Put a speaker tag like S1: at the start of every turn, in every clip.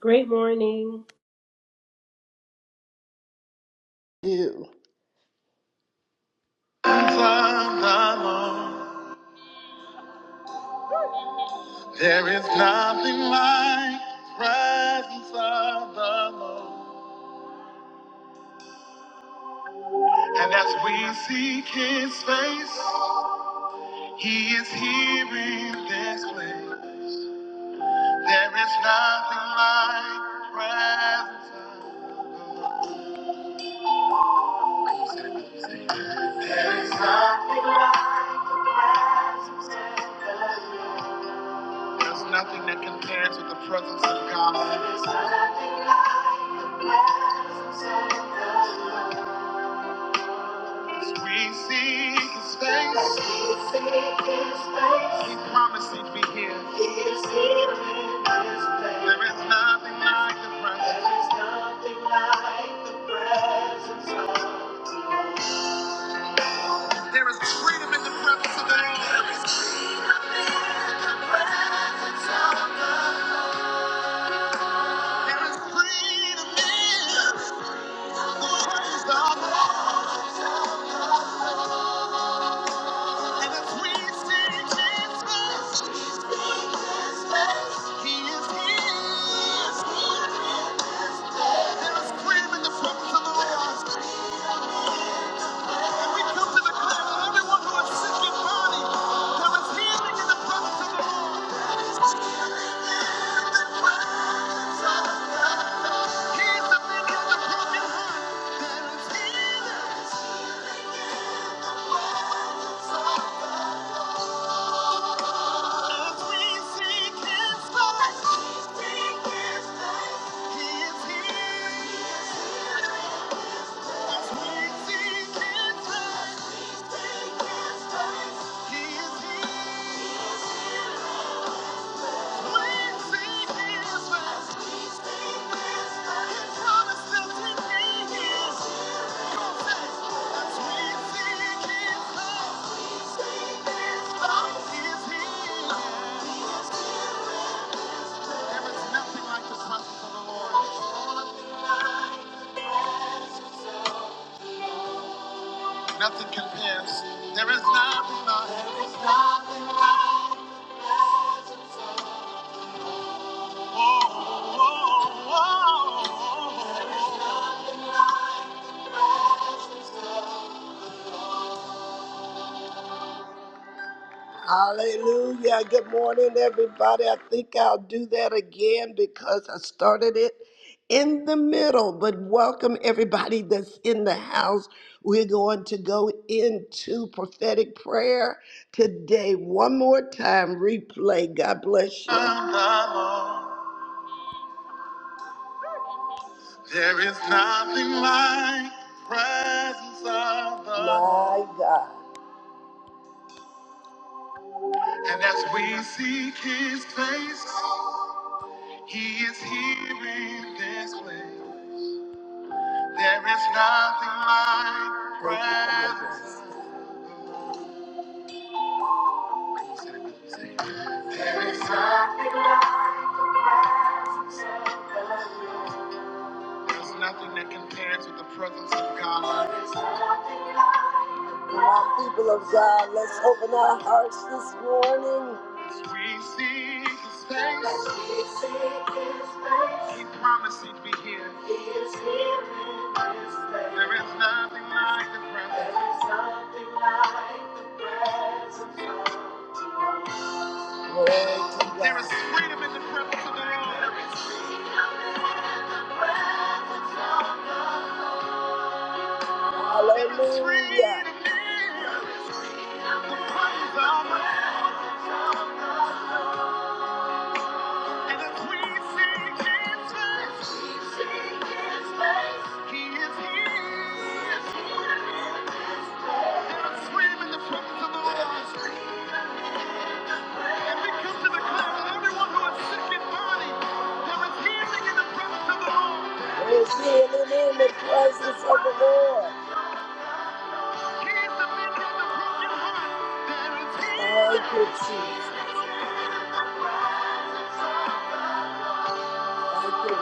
S1: Great morning.
S2: you. Lord. There is nothing like presence of the Lord. And as we seek his face, he is here in this place. There is nothing like presence of the Lord. There's nothing that compares with the presence of God. There's nothing like the presence of the Lord. We seek his face. He promised he'd be here. There is nothing like the presence. There is like of There is freedom in the presence of the Lord. There is freedom in the presence of the Lord. There is freedom in the voice of the Lord. And the sweet singing Jesus, He is here. There is freedom in the presence of the Lord. And we come to declare that everyone who is sick in body, there is healing in the presence of the Lord. He is the mender of the broken heart. He is here. Nothing compares. There is nothing like. There is nothing like. Hallelujah. Good morning, everybody. I think I'll do that again because I started it in the middle. But welcome, everybody that's in the house. We're going to go into prophetic prayer today. One more time, replay. God bless you. There is nothing like the presence of the My Lord. God. And as we seek his face, he is here in this place. There is nothing like the Thank you for your presence. Presence. There is nothing like the presence of the Lord. There's nothing that compares with the presence of God. Come on, people of God, let's open our hearts this morning. As we seek His face, As we seek His face, He promised He'd be here. He is here in this place. There is nothing like the presence. There is nothing like the presence. of God. There is freedom in the presence of the Lord. There is freedom Hallelujah. in the presence of the Lord. And as we seek His face, He is here. There is freedom in the presence of the Lord. we come to in the presence of the Lord. I healing see, I presence of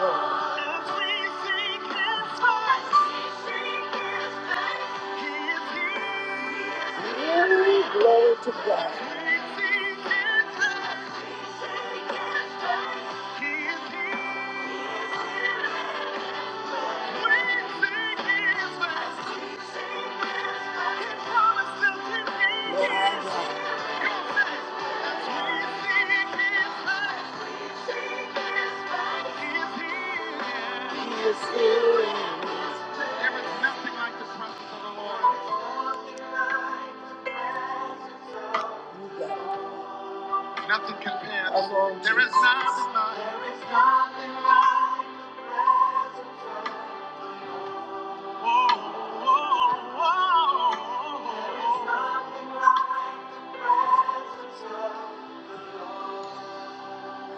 S2: As we seek His face, we seek His face, He is here. Glory, glory to God. we seek His face, we seek His face, He is here. Nothing compares. There is nothing like the presence of the Lord. Nothing compares. There is nothing like.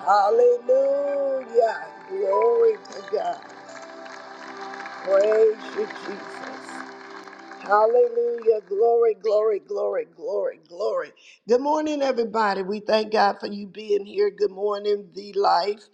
S2: Hallelujah. Glory to God. Praise you, Jesus. Hallelujah. Glory, glory, glory, glory, glory. Good morning, everybody. We thank God for you being here. Good morning, The Life.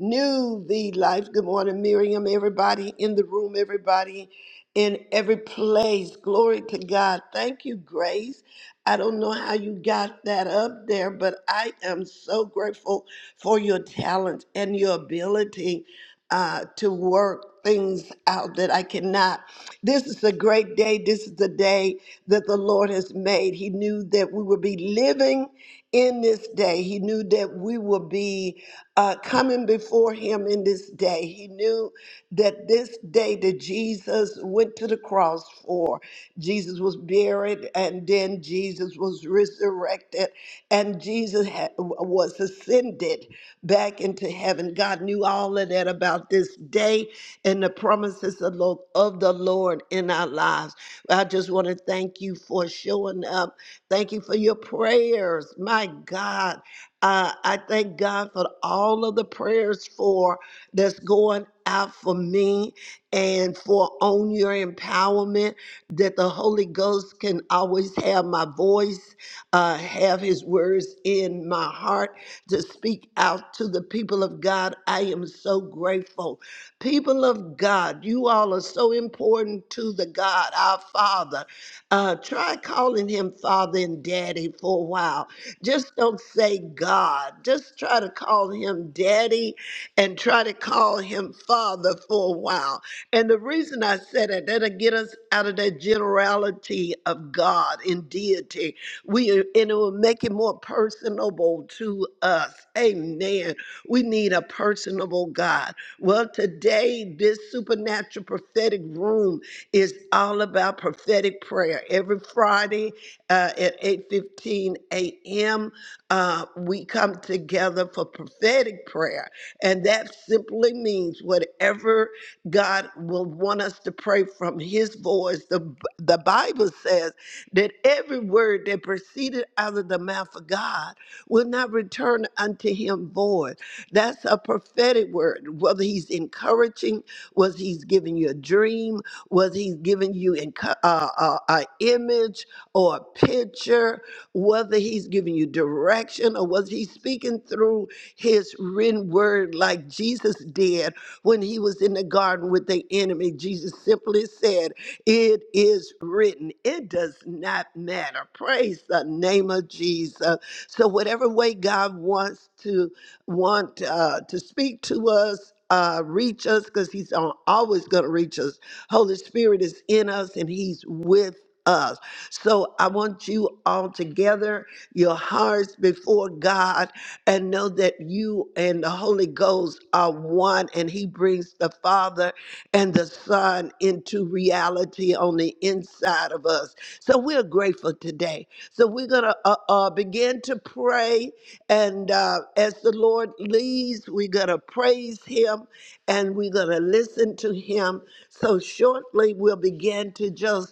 S2: New The Life. Good morning, Miriam, everybody in the room, everybody in every place. Glory to God. Thank you, Grace. I don't know how you got that up there, but I am so grateful for your talent and your ability uh, to work things out that I cannot. This is a great day. This is the day that the Lord has made. He knew that we would be living in this day. He knew that we would be uh, coming before him in this day. He knew that this day that Jesus went to the cross for, Jesus was buried and then Jesus was resurrected and Jesus had, was ascended back into heaven. God knew all of that about this day and the promises of, lo- of the Lord in our lives. I just want to thank you for showing up Thank you for your prayers. My God, uh, I thank God for all of the prayers for that's going out for me and for on your empowerment that the Holy Ghost can always have my voice, uh, have His words in my heart to speak out to the people of God. I am so grateful. People of God, you all are so important to the God, our Father. Uh, try calling him father and daddy for a while. Just don't say God. Just try to call him daddy and try to call him father for a while. And the reason I said it, that'll get us out of that generality of God and deity. We and it will make it more personable to us. Amen. We need a personable God. Well, today, this supernatural prophetic room is all about prophetic prayer. Every Friday uh, at 8:15 a.m., uh, we come together for prophetic prayer, and that simply means whatever God will want us to pray from His voice. The the Bible says that every word that proceeded out of the mouth of God will not return unto Him void. That's a prophetic word. Whether He's encouraging, whether He's giving you a dream, was he giving you an uh, uh, a image or a picture? Whether he's giving you direction or was he speaking through his written word like Jesus did when he was in the garden with the enemy? Jesus simply said, It is written. It does not matter. Praise the name of Jesus. So whatever way God wants to want uh, to speak to us, uh, reach us, because He's on, always going to reach us. Holy Spirit is in us and He's with us. So I want you all together, your hearts before God, and know that you and the Holy Ghost are one, and He brings the Father and the Son into reality reality on the inside of us. So we're grateful today. So we're going to uh, uh, begin to pray. And uh, as the Lord leads, we're going to praise Him and we're going to listen to Him. So shortly, we'll begin to just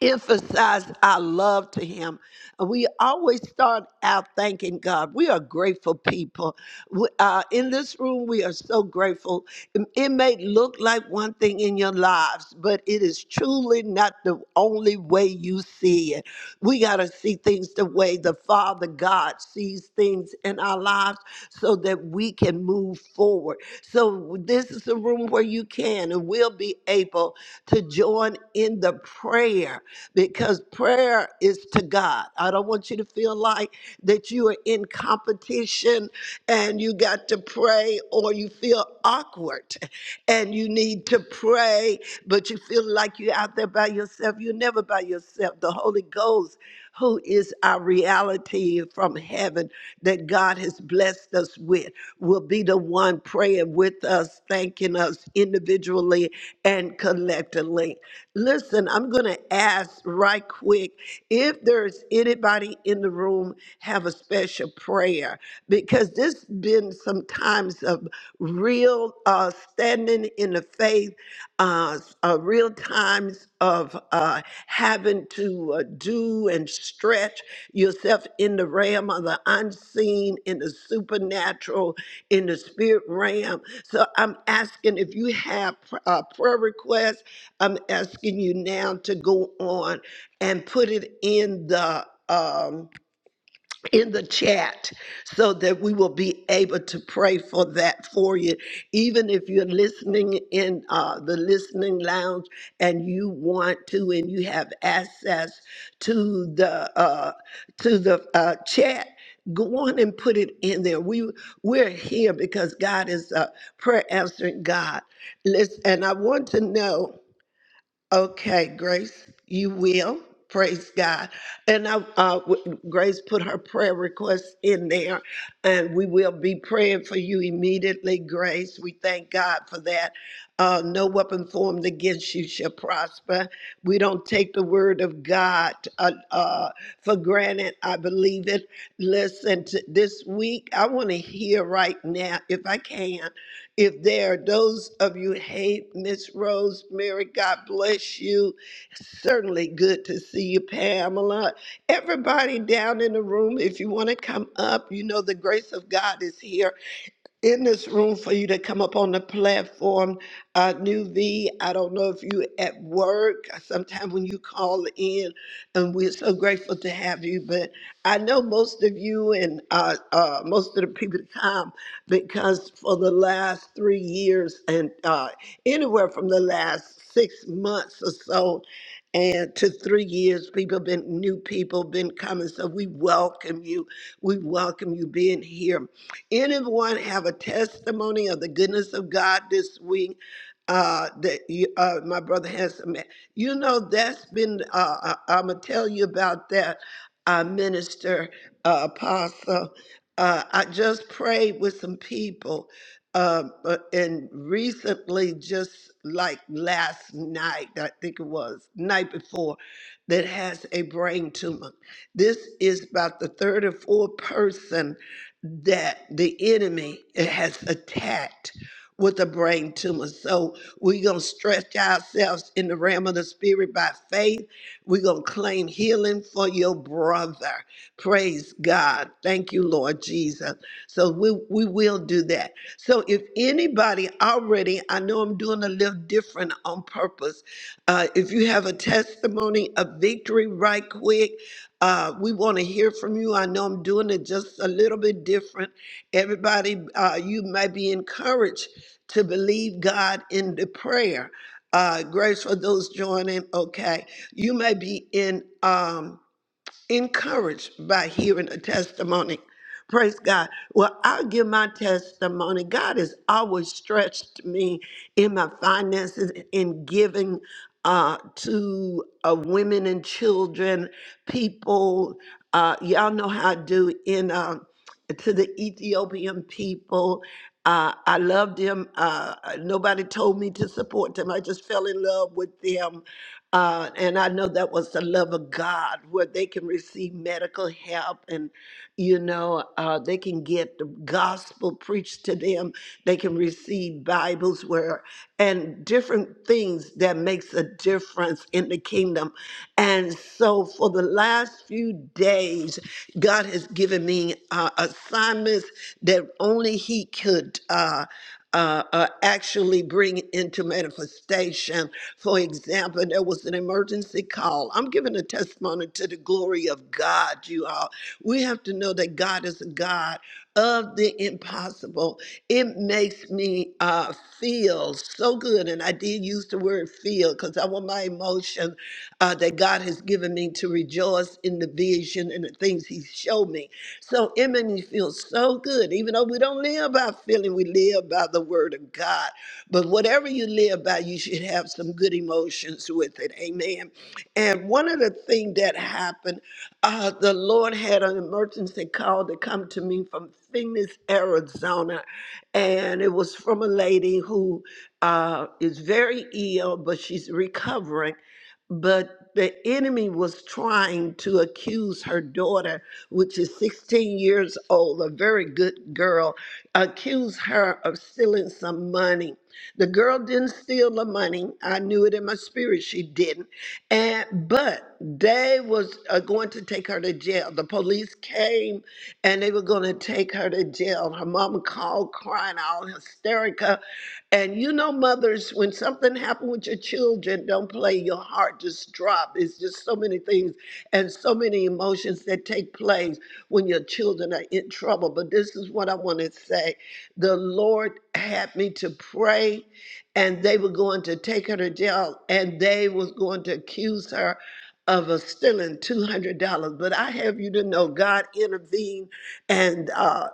S2: emphasize our love to Him. And we always start out thanking God. We are grateful people. We, uh, in this room, we are so grateful. It, it may look like one thing in your lives, but it is truly not the only way you see it. We got to see things the way the Father God sees things in our lives so that we can move forward forward. So, this is a room where you can and will be able to join in the prayer because prayer is to God. I don't want you to feel like that you are in competition and you got to pray or you feel awkward and you need to pray, but you feel like you're out there by yourself. You're never by yourself. The Holy Ghost who is our reality from heaven that God has blessed us with, will be the one praying with us, thanking us individually and collectively. Listen, I'm going to ask right quick if there's anybody in the room have a special special prayer because there's been some times of real uh, standing in the faith, uh, uh, real times of uh, having to uh, do and stretch yourself in the realm of the unseen, in the supernatural, in the spirit realm. So I'm asking if you have a prayer request, I'm asking you now to go on and put it in the um, in the chat so that we will be able to pray for that for you. Even if you're listening in uh, the listening lounge and you want to and you have access to the uh, to the uh, chat, go on and put it in there. We we're here because God is a prayer answering God. Listen, and I want to know. Okay, Grace, you will. Praise God. And I, uh, w- Grace put her prayer request in there, and we will be praying for you immediately, Grace. We thank God for that. Uh, no weapon formed against you shall prosper. We don't take the word of God uh, uh, for granted. I believe it. Listen, to this week, I want to hear right now, if I can. If there are those of you hate Miss Rosemary, God bless you. Certainly good to see you, Pamela. Everybody down in the room, if you want to come up, you know the grace of God is here in this room for you to come up on the platform. Uh, New V, I don't know if you at work. Sometime when you call in, and we're so grateful to have you. But I know most of you and uh, uh, most of the people that come because for the last three years and uh, anywhere from the last six months or so. And to three years, people been new people been coming. So we welcome you. We welcome you being here. Anyone have a testimony of the goodness of God this week? Uh, that you, uh, my brother has some. You know, that's been. Uh, I, I'm gonna tell you about that, uh, minister, uh, apostle. Uh, I just prayed with some people, um, uh, but- and recently, just like last night, I think it was night before, that has a brain tumor. This is about the third or fourth person that the enemy has attacked with a brain tumor. So we're going to stretch ourselves in the realm of the spirit by faith. We're going to claim healing for your brother. Praise God. Thank you, Lord Jesus. So we, we will do that. So if anybody already, I know I'm doing a little different on purpose. Uh, if you have a testimony of victory right quick, uh, we want to hear from you. I know I'm doing it just a little bit different. Everybody, uh, you may be encouraged to believe God in the prayer. Uh, grace for those joining. Okay, you may be in. Um, encouraged by hearing a testimony. Praise God. Well, I'll give my testimony. God has always stretched me in my finances in giving uh, to uh, women and children, people. Uh, y'all know how I do in uh, to the Ethiopian people. Uh, I love them. Uh, nobody told me to support them. I just fell in love with them uh, and I know that was the love of God, where they can receive medical help and, you know, uh, they can get the gospel preached to them. They can receive Bibles where and different things that makes a difference in the kingdom. And so for the last few days, God has given me uh, assignments that only he could uh, uh, uh, actually bring into manifestation. For example, there was an emergency call. I'm giving a testimony to the glory of God, you all. We have to know that God is a God of the impossible. It makes me uh, feel so good. And I did use the word feel because I want my emotion uh, that God has given me to rejoice in the vision and the things He showed me. So it made me feel so good. Even though we don't live by feeling, we live by the Word of God. But whatever you live by, you should have some good emotions with it. Amen. And one of the things that happened uh, the Lord had an emergency call to come to me from Phoenix, Arizona, and it was from a lady who uh, is very ill, but she's recovering. But the enemy was trying to accuse her daughter, which is 16 years old, a very good girl, accuse her of stealing some money. The girl didn't steal the money. I knew it in my spirit she didn't. And but they was uh, going to take her to jail. The police came and they were going to take her to jail. Her mama called crying all hysterical. And you know, mothers, when something happened with your children, don't play. Your heart just drop. It's just so many things and so many emotions that take place when your children are in trouble. But this is what I want to say: the Lord had me to pray and they were going to take her to jail and they was going to accuse her of uh, stealing $200 but i have you to know god intervened and uh,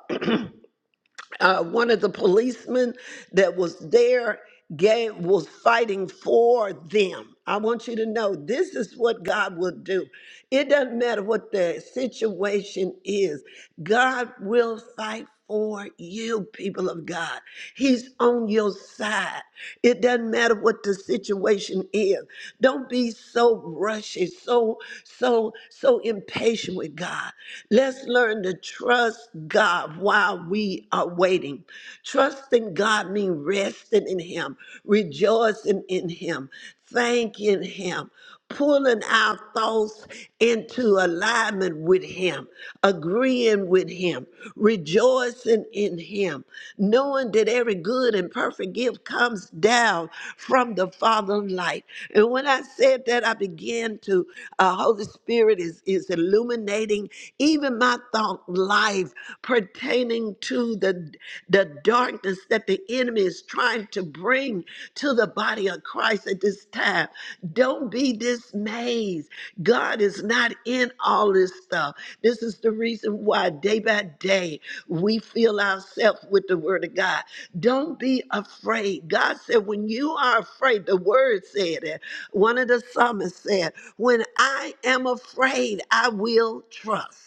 S2: uh, one of the policemen that was there gave was fighting for them. I want you to know this is what God will do. It doesn't matter what the situation is. God will fight for you, people of God. He's on your side. It doesn't matter what the situation is. Don't be so rushy, so so so impatient with God. Let's learn to trust God while we are waiting. Trusting God means resting in Him, rejoicing in Him, thanking Him, pulling our thoughts into alignment with Him, agreeing with Him, rejoicing in Him, knowing that every good and perfect gift comes down from the Father of light. And when I said that, I began to, uh, Holy Spirit is, is illuminating even my thought life life pertaining to the, the darkness that the enemy is trying to bring to the body of Christ at this time. Don't be dismayed. God is not in all this stuff. This is the reason why day by day we fill ourselves with the word of God. Don't be afraid. God said, when you are afraid, the word said it. One of the psalmists said, when I am afraid, I will trust.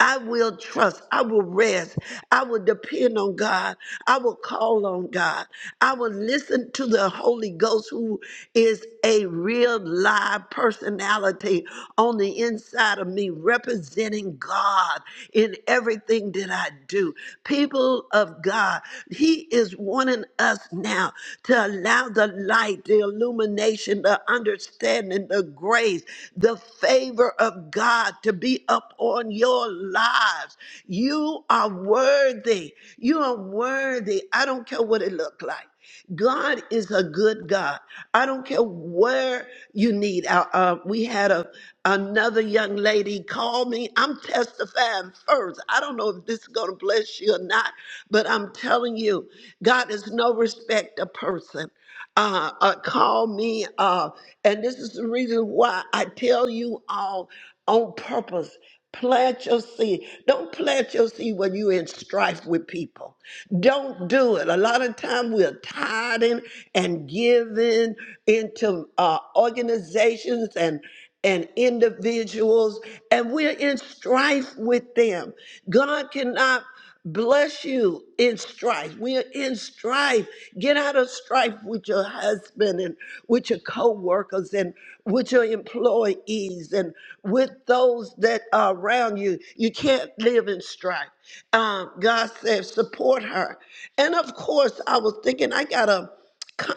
S2: I will trust. I will rest. I will depend on God. I will call on God. I will listen to the Holy Ghost, who is a real live personality on the inside of me, representing God in everything that I do. People of God, He is wanting us now to allow the light, the illumination, the understanding, the grace, the favor of God to be upon your lives. You are worthy. You are worthy. I don't care what it looked like. God is a good God. I don't care where you need. Uh, uh, we had a another young lady call me. I'm testifying first. I don't know if this is going to bless you or not, but I'm telling you, God is no respect a person uh, uh, call me. Uh, and this is the reason why I tell you all on purpose. Plant your seed. Don't plant your seed when you're in strife with people. Don't do it. A lot of time we're tithing and giving into uh, organizations and and individuals, and we're in strife with them. God cannot. Bless you in strife. We are in strife. Get out of strife with your husband and with your co-workers and with your employees and with those that are around you. You can't live in strife. Um, God says, support her. And of course, I was thinking, I got to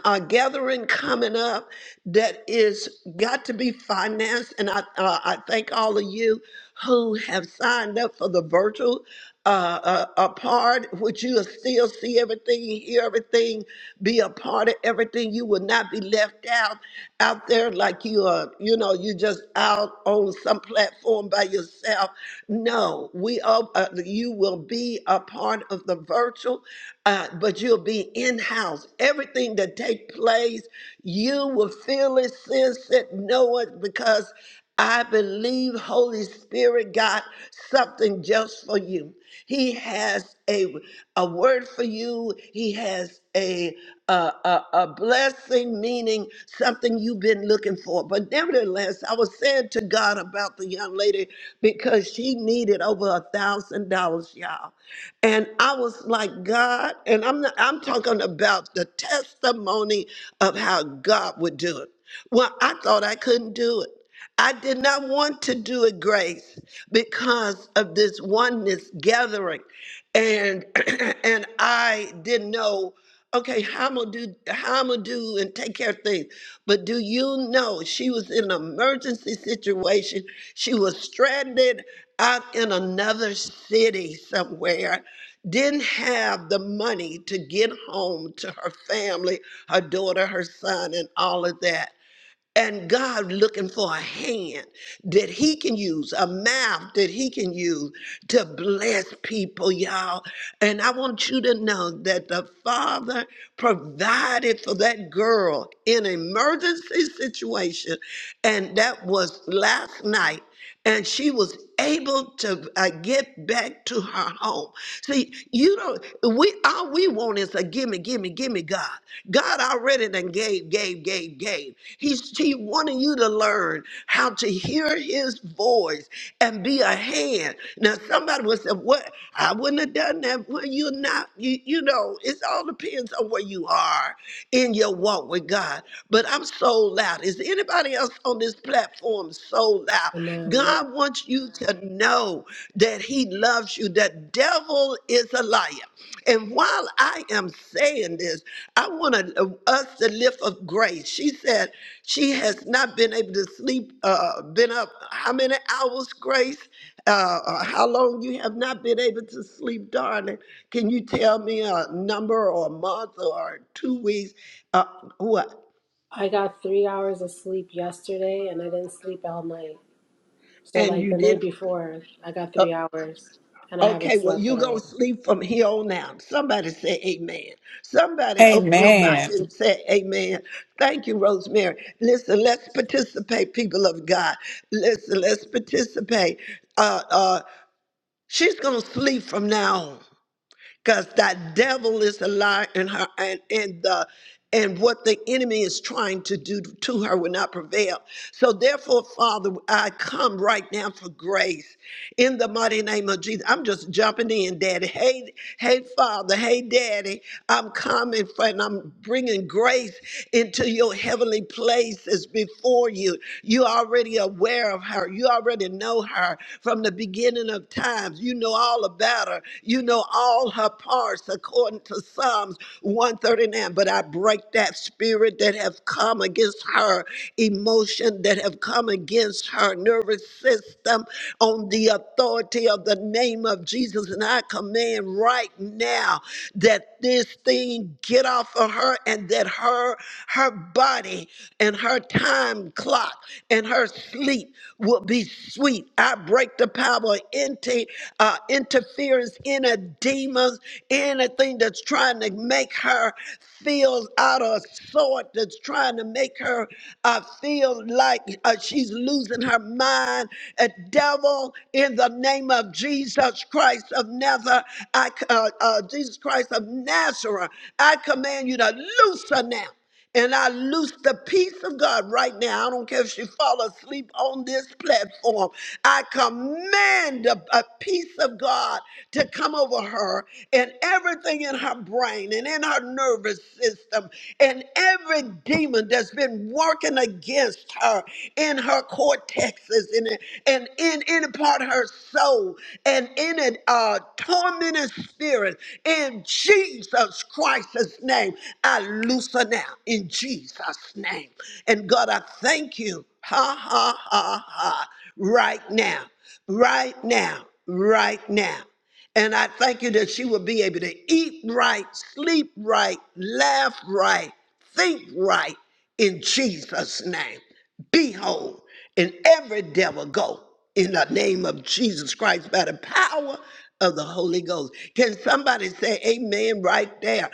S2: a gathering coming up that is got to be financed. And I, uh, I thank all of you who have signed up for the virtual uh, uh, a part, which you will still see everything, hear everything, be a part of everything. You will not be left out out there like you are, you know, you just out on some platform by yourself. No, we are, uh, you will be a part of the virtual. uh, not, but you'll be in-house. Everything that take place, you will feel it, sense it, know it, because I believe Holy Spirit got something just for you. He has a, a word for you. He has a, a, a, a blessing, meaning something you've been looking for. But nevertheless, I was saying to God about the young lady because she needed over a thousand dollars, y'all. And I was like, God, and I'm not, I'm talking about the testimony of how God would do it. Well, I thought I couldn't do it. I did not want to do it, Grace, because of this oneness gathering. And and I didn't know okay, how I'm gonna do, how I'm gonna do and take care of things. But do you know she was in an emergency situation? She was stranded out in another city somewhere, didn't have the money to get home to her family, her daughter, her son, and all of that. And God looking for a hand that He can use, a mouth that He can use to bless people, y'all. And I want you to know that the Father provided for that girl in an emergency situation. And that was last night and she was able to uh, get back to her home. See, you don't. We all we want is a gimme, gimme, gimme. God, God already done gave, gave, gave, gave. He's He wanted you to learn how to hear His voice and be a hand. Now, somebody would say, "What? I wouldn't have done that." Well, you're not. You, you know, it all depends on where you are in your walk with God. But I'm so loud. Is anybody else on this platform so loud?
S1: Amen.
S2: God wants you to know that He loves you. The devil is a liar. And while I am saying this, I want to, uh, us to lift up grace. She said she has not been able to sleep, uh, been up how many hours, Grace? uh, uh, how long you have not been able to sleep, darling. Can you tell me a number or a month or two weeks? Uh, what?
S1: I got three hours of sleep yesterday and I didn't sleep all night. So,
S2: And
S1: like
S2: you
S1: the night
S2: didn't.
S1: before, I got
S2: Uh,
S1: three hours and I haven't
S2: okay, well,
S1: slept
S2: you
S1: at
S2: going
S1: all.
S2: to sleep from here on out. Somebody say amen. Somebody open your mic
S3: Amen.
S2: and say amen. Thank you, Rosemary. Listen, let's participate, people of God. Listen, let's participate. Uh, uh, she's going to sleep from now on. because that devil is a lie and her and, and the and what the enemy is trying to do to her will not prevail. So therefore, Father, I come right now for grace in the mighty name of Jesus. I'm just jumping in, Daddy. Hey, hey, Father. Hey, Daddy. I'm coming for and I'm bringing grace into your heavenly places before you. You already aware of her. You already know her from the beginning of times. You know all about her. You. You know all her parts according to Psalms 139. But I break that spirit that have come against her emotion, that have come against her nervous system on the authority of the name of Jesus. And I command right now that this thing get off of her and that her her body and her time clock and her sleep will be sweet. I break the power of anti, interference, any demons, anything that's trying to make her feel out of sort, that's trying to make her uh, feel like uh, she's losing her mind. A devil, in the name of Jesus Christ of Nazareth, I, c- uh, uh, Jesus Christ of Nazareth, I command you to loose her now. And I loose the peace of God right now. I don't care if she fall asleep on this platform. I command a, a peace of God to come over her and everything in her brain and in her nervous system and every demon that's been working against her in her cortexes and, and in any part of her soul and in it and uh, tormenting spirit. In Jesus Christ's name, I loosen now in Jesus' name. And God, I thank you. Ha, ha, ha, ha. Right now, right now, right now. And I thank you that she will be able to eat right, sleep right, laugh right, think right in Jesus' name. Be whole. And every devil go in the name of Jesus Christ by the power of the Holy Ghost. Can somebody say amen right there?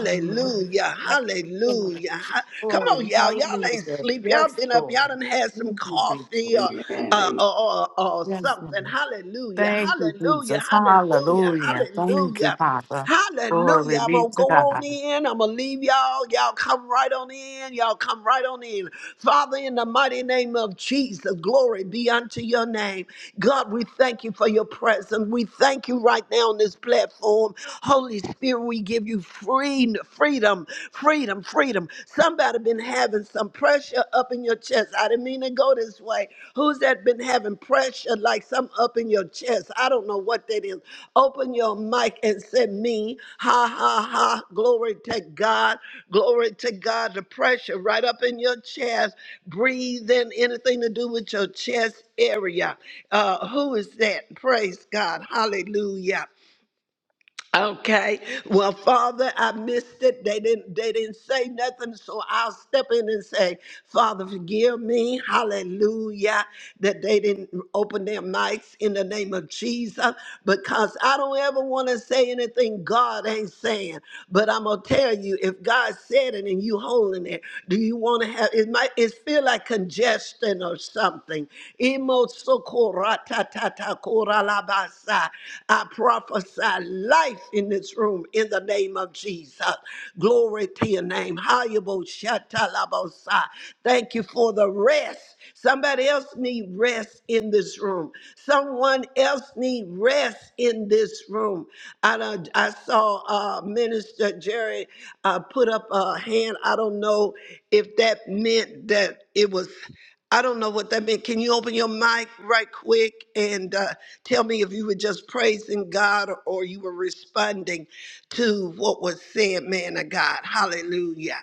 S1: Amen.
S2: Hallelujah. Ha- Come
S3: Glory,
S2: on, y'all. Y'all ain't
S3: hallelujah.
S2: sleep. Y'all
S3: Yes,
S2: been up.
S3: Lord.
S2: Y'all done had some
S3: Thank you,
S2: coffee
S3: Jesus.
S2: or,
S4: Amen.
S2: uh,
S4: Amen.
S2: or, or, or
S3: Yes,
S2: something something.
S3: Lord.
S2: Hallelujah.
S3: Thank you,
S2: Hallelujah.
S3: Jesus.
S2: Hallelujah.
S3: Hallelujah. Thank you,
S2: Hallelujah.
S3: Father.
S2: Hallelujah.
S3: Glory
S2: I'm
S3: be
S2: going to
S3: to
S2: go
S3: God.
S2: on in. I'm going to leave y'all. Y'all come right on in. Y'all come right on in. Father, in the mighty name of Jesus, glory be unto your name. God, we thank you for your presence. We thank you right now on this platform. Holy Spirit, we give you free, freedom, freedom, freedom. Somebody been having some pressure up in your chest. I didn't mean to go this way, Who's that been having pressure like some up in your chest? I don't know what that is. Open your mic and say me. Ha ha ha. Glory to God. Glory to God. The pressure right up in your chest. Breathe in anything to do with your chest area. Uh, who is that? Praise God. Hallelujah. Okay. Well, Father, I missed it. They didn't they didn't say nothing, so I'll step in and say, Father, forgive me. Hallelujah. That they didn't open their mics in the name of Jesus. Because I don't ever want to say anything God ain't saying. But I'm gonna tell you, if God said it and you holding it, do you want to have it might it feel like congestion or something. I prophesy life in this room in the name of Jesus. Glory to your name. Hayabo Thank you for the rest. Somebody else need rest in this room. Someone else need rest in this room. I, done- I saw uh, Minister Jerry uh, put up a hand. I don't know if that meant that it was. I don't know what that meant. Can you open your mic right quick and uh, tell me if you were just praising God or, or you were responding to what was said, man of God? Hallelujah.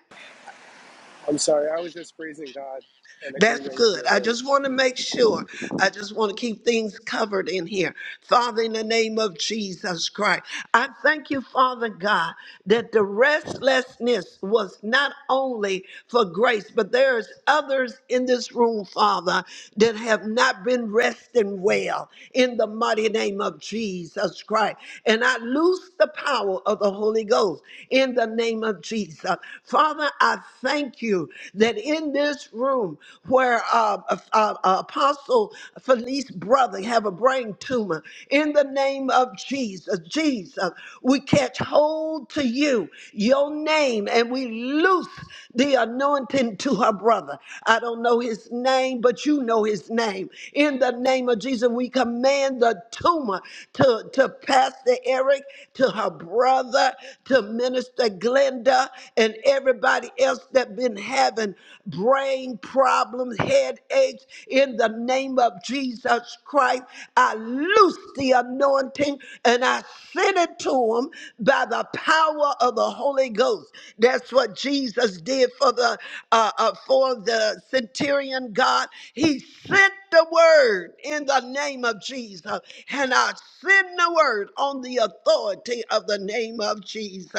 S5: I'm sorry, I was just praising God in
S2: That's
S5: agreement with
S2: good.
S5: your
S2: I
S5: word.
S2: just want to make sure. I just want to keep things covered in here. Father, in the name of Jesus Christ, I thank you, Father God, that the restlessness was not only for grace, but there's others in this room, Father, that have not been resting well in the mighty name of Jesus Christ. And I loose the power of the Holy Ghost in the name of Jesus. Father, I thank you that in this room where uh, uh, uh, Apostle Felice's brother have a brain tumor. In the name of Jesus, Jesus, we catch hold to you, your name, and we loose the anointing to her brother. I don't know his name, but you know his name. In the name of Jesus, we command the tumor to, to Pastor Eric, to her brother, to Minister Glenda, and everybody else that been having brain problems headaches in the name of Jesus Christ. I loose the anointing and I send it to him by the power of the Holy Ghost. That's what Jesus did for the uh, uh, for the centurion God. He sent the word in the name of Jesus. And I send the word on the authority of the name of Jesus.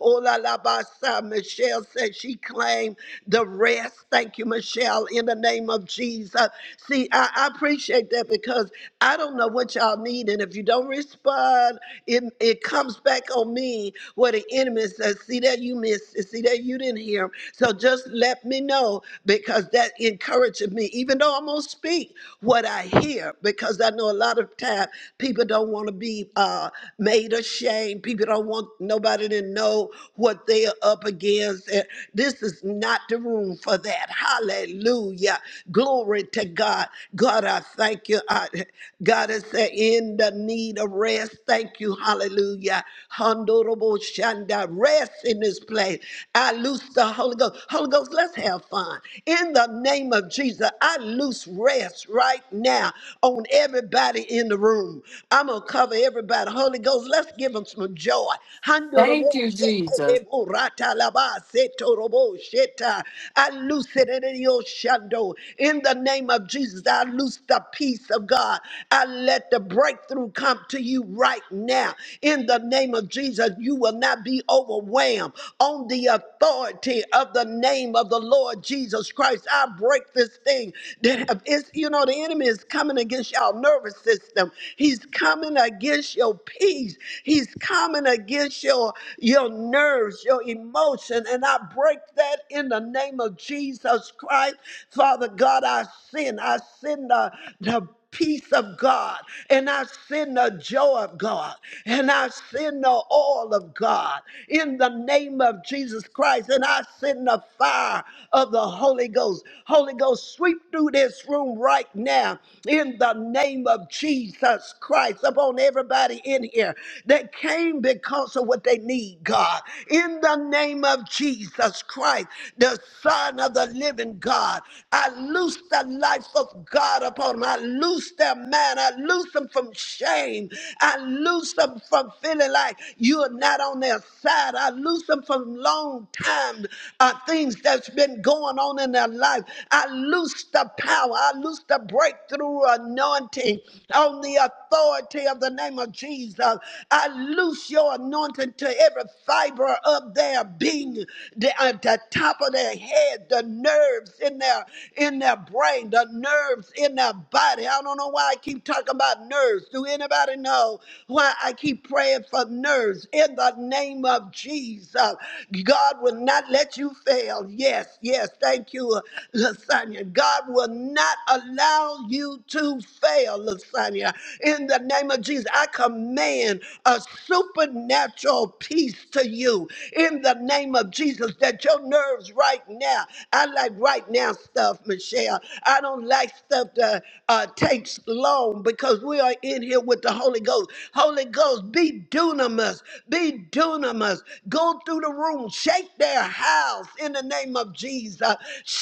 S2: Oh, la, la, ba, sa. Michelle said she claimed the rest. Thank you, Michelle, in the name of Jesus. See, I, I appreciate that because I don't know what y'all need. And if you don't respond, it, it comes back on me where the enemy says, see that you missed it. See that you didn't hear. him. So just let me know because that encourages me. Even though know I'm gonna speak what I hear because I know a lot of time people don't want to be uh, made ashamed. People don't want nobody to know what they are up against. And this is not the room for that. Hallelujah. Glory to God. God, I thank you. I, God is saying, in the need of rest. Thank you. Hallelujah. Honorable Shanda, rest in this place. I loose the Holy Ghost. Holy Ghost, let's have fun. In the name of of Jesus, I loose rest right now on everybody in the room. I'm going to cover everybody. Holy Ghost, let's give them some joy. I
S3: Thank you, Jesus.
S2: loose it in your shadow. In the name of Jesus, I loose the peace of God. I let the breakthrough come to you right now. In the name of Jesus, you will not Christ. I break this thing that have- it's, you know, the enemy is coming against your nervous system. He's coming against your peace. He's coming against your your nerves, your emotion. And I break that in the name of Jesus Christ. Father God, I sin. I sin the, the peace of God, and I send the joy of God, and I send the oil of God in the name of Jesus Christ, and I send the fire of the Holy Ghost. Holy Ghost, sweep through this room right now in the name of Jesus Christ upon everybody in here that came because of what they need, God. In the name of Jesus Christ, the Son. Son of the living God. I loose the life of God upon them. I loose their man. I loose them from shame. I loose them from feeling like you are not on their side. I loose them from long time uh, things that's been going on in their life. I loose the power. I loose the breakthrough anointing on the authority of the name of Jesus. I loose your anointing into every fiber of their being, the, at the top of their head, the nerves in their in their brain, the nerves in their body. I don't know why I keep talking about nerves. Do anybody know why I keep praying for nerves? In the name of Jesus, God will not let you fail. Yes, yes. Thank you, uh, Lasagna. God will not allow you to fail, Sonia. In the name of Jesus, I command a supernatural peace to you. In the name of Jesus, that your nerves right now, I like right now stuff, Michelle. I don't like stuff that uh, takes long because we are in here with the Holy Ghost. Holy Ghost, be dunamis, be dunamis. Go through the room, shake their house in the name of Jesus.